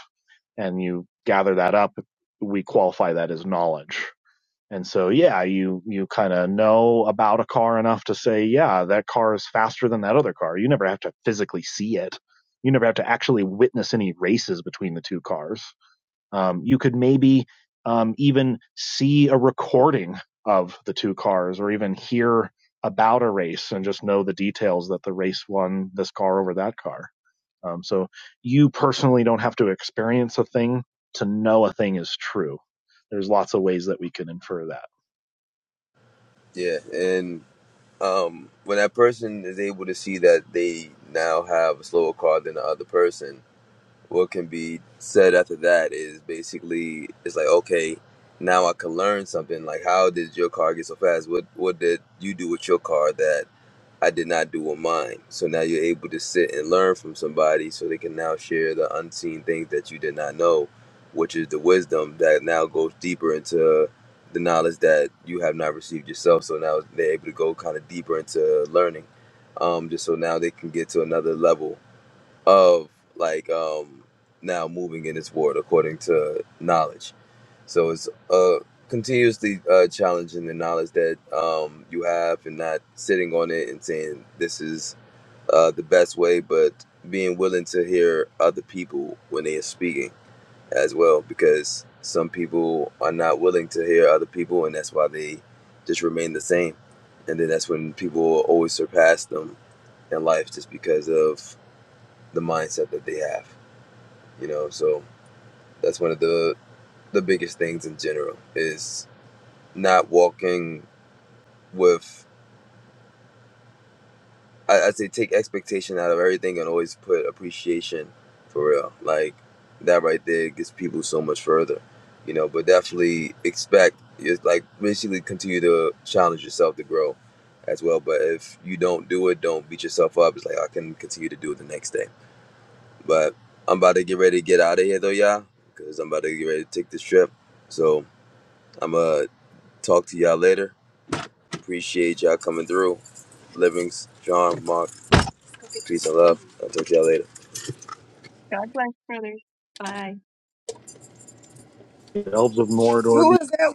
and you gather that up, we qualify that as knowledge. And so, yeah, you, you kind of know about a car enough to say, yeah, that car is faster than that other car. You never have to physically see it. You never have to actually witness any races between the two cars. Um, you could maybe um, even see a recording of the two cars or even hear about a race and just know the details that the race won this car over that car. Um, so you personally don't have to experience a thing to know a thing is true. There's lots of ways that we can infer that. yeah. And um, when that person is able to see that they now have a slower car than the other person, what can be said after that is basically it's like, okay, now I can learn something. Like, how did your car get so fast? What what did you do with your car that? I did not do on mine. So now you're able to sit and learn from somebody so they can now share the unseen things that you did not know, which is the wisdom that now goes deeper into the knowledge that you have not received yourself. So now they're able to go kind of deeper into learning. Um, just so now they can get to another level of like um now moving in this world according to knowledge so it's uh continuously uh challenging the knowledge that um you have and not sitting on it and saying this is uh the best way but being willing to hear other people when they are speaking as well because some people are not willing to hear other people and that's why they just remain the same and then that's when people always surpass them in life just because of the mindset that they have you know so that's one of the the biggest things in general is not walking with I, i'd say take expectation out of everything and always put appreciation for real like that right there gets people so much further you know but definitely expect it's like basically continue to challenge yourself to grow as well but if you don't do it don't beat yourself up it's like i can continue to do it the next day but i'm about to get ready to get out of here though y'all because i'm about to get ready to take this trip so I'm going to talk to y'all later. Appreciate y'all coming through. Livings, John, Mark, peace and love. I'll talk to y'all later. God bless, brother. Bye. elves of Mordor Who is that?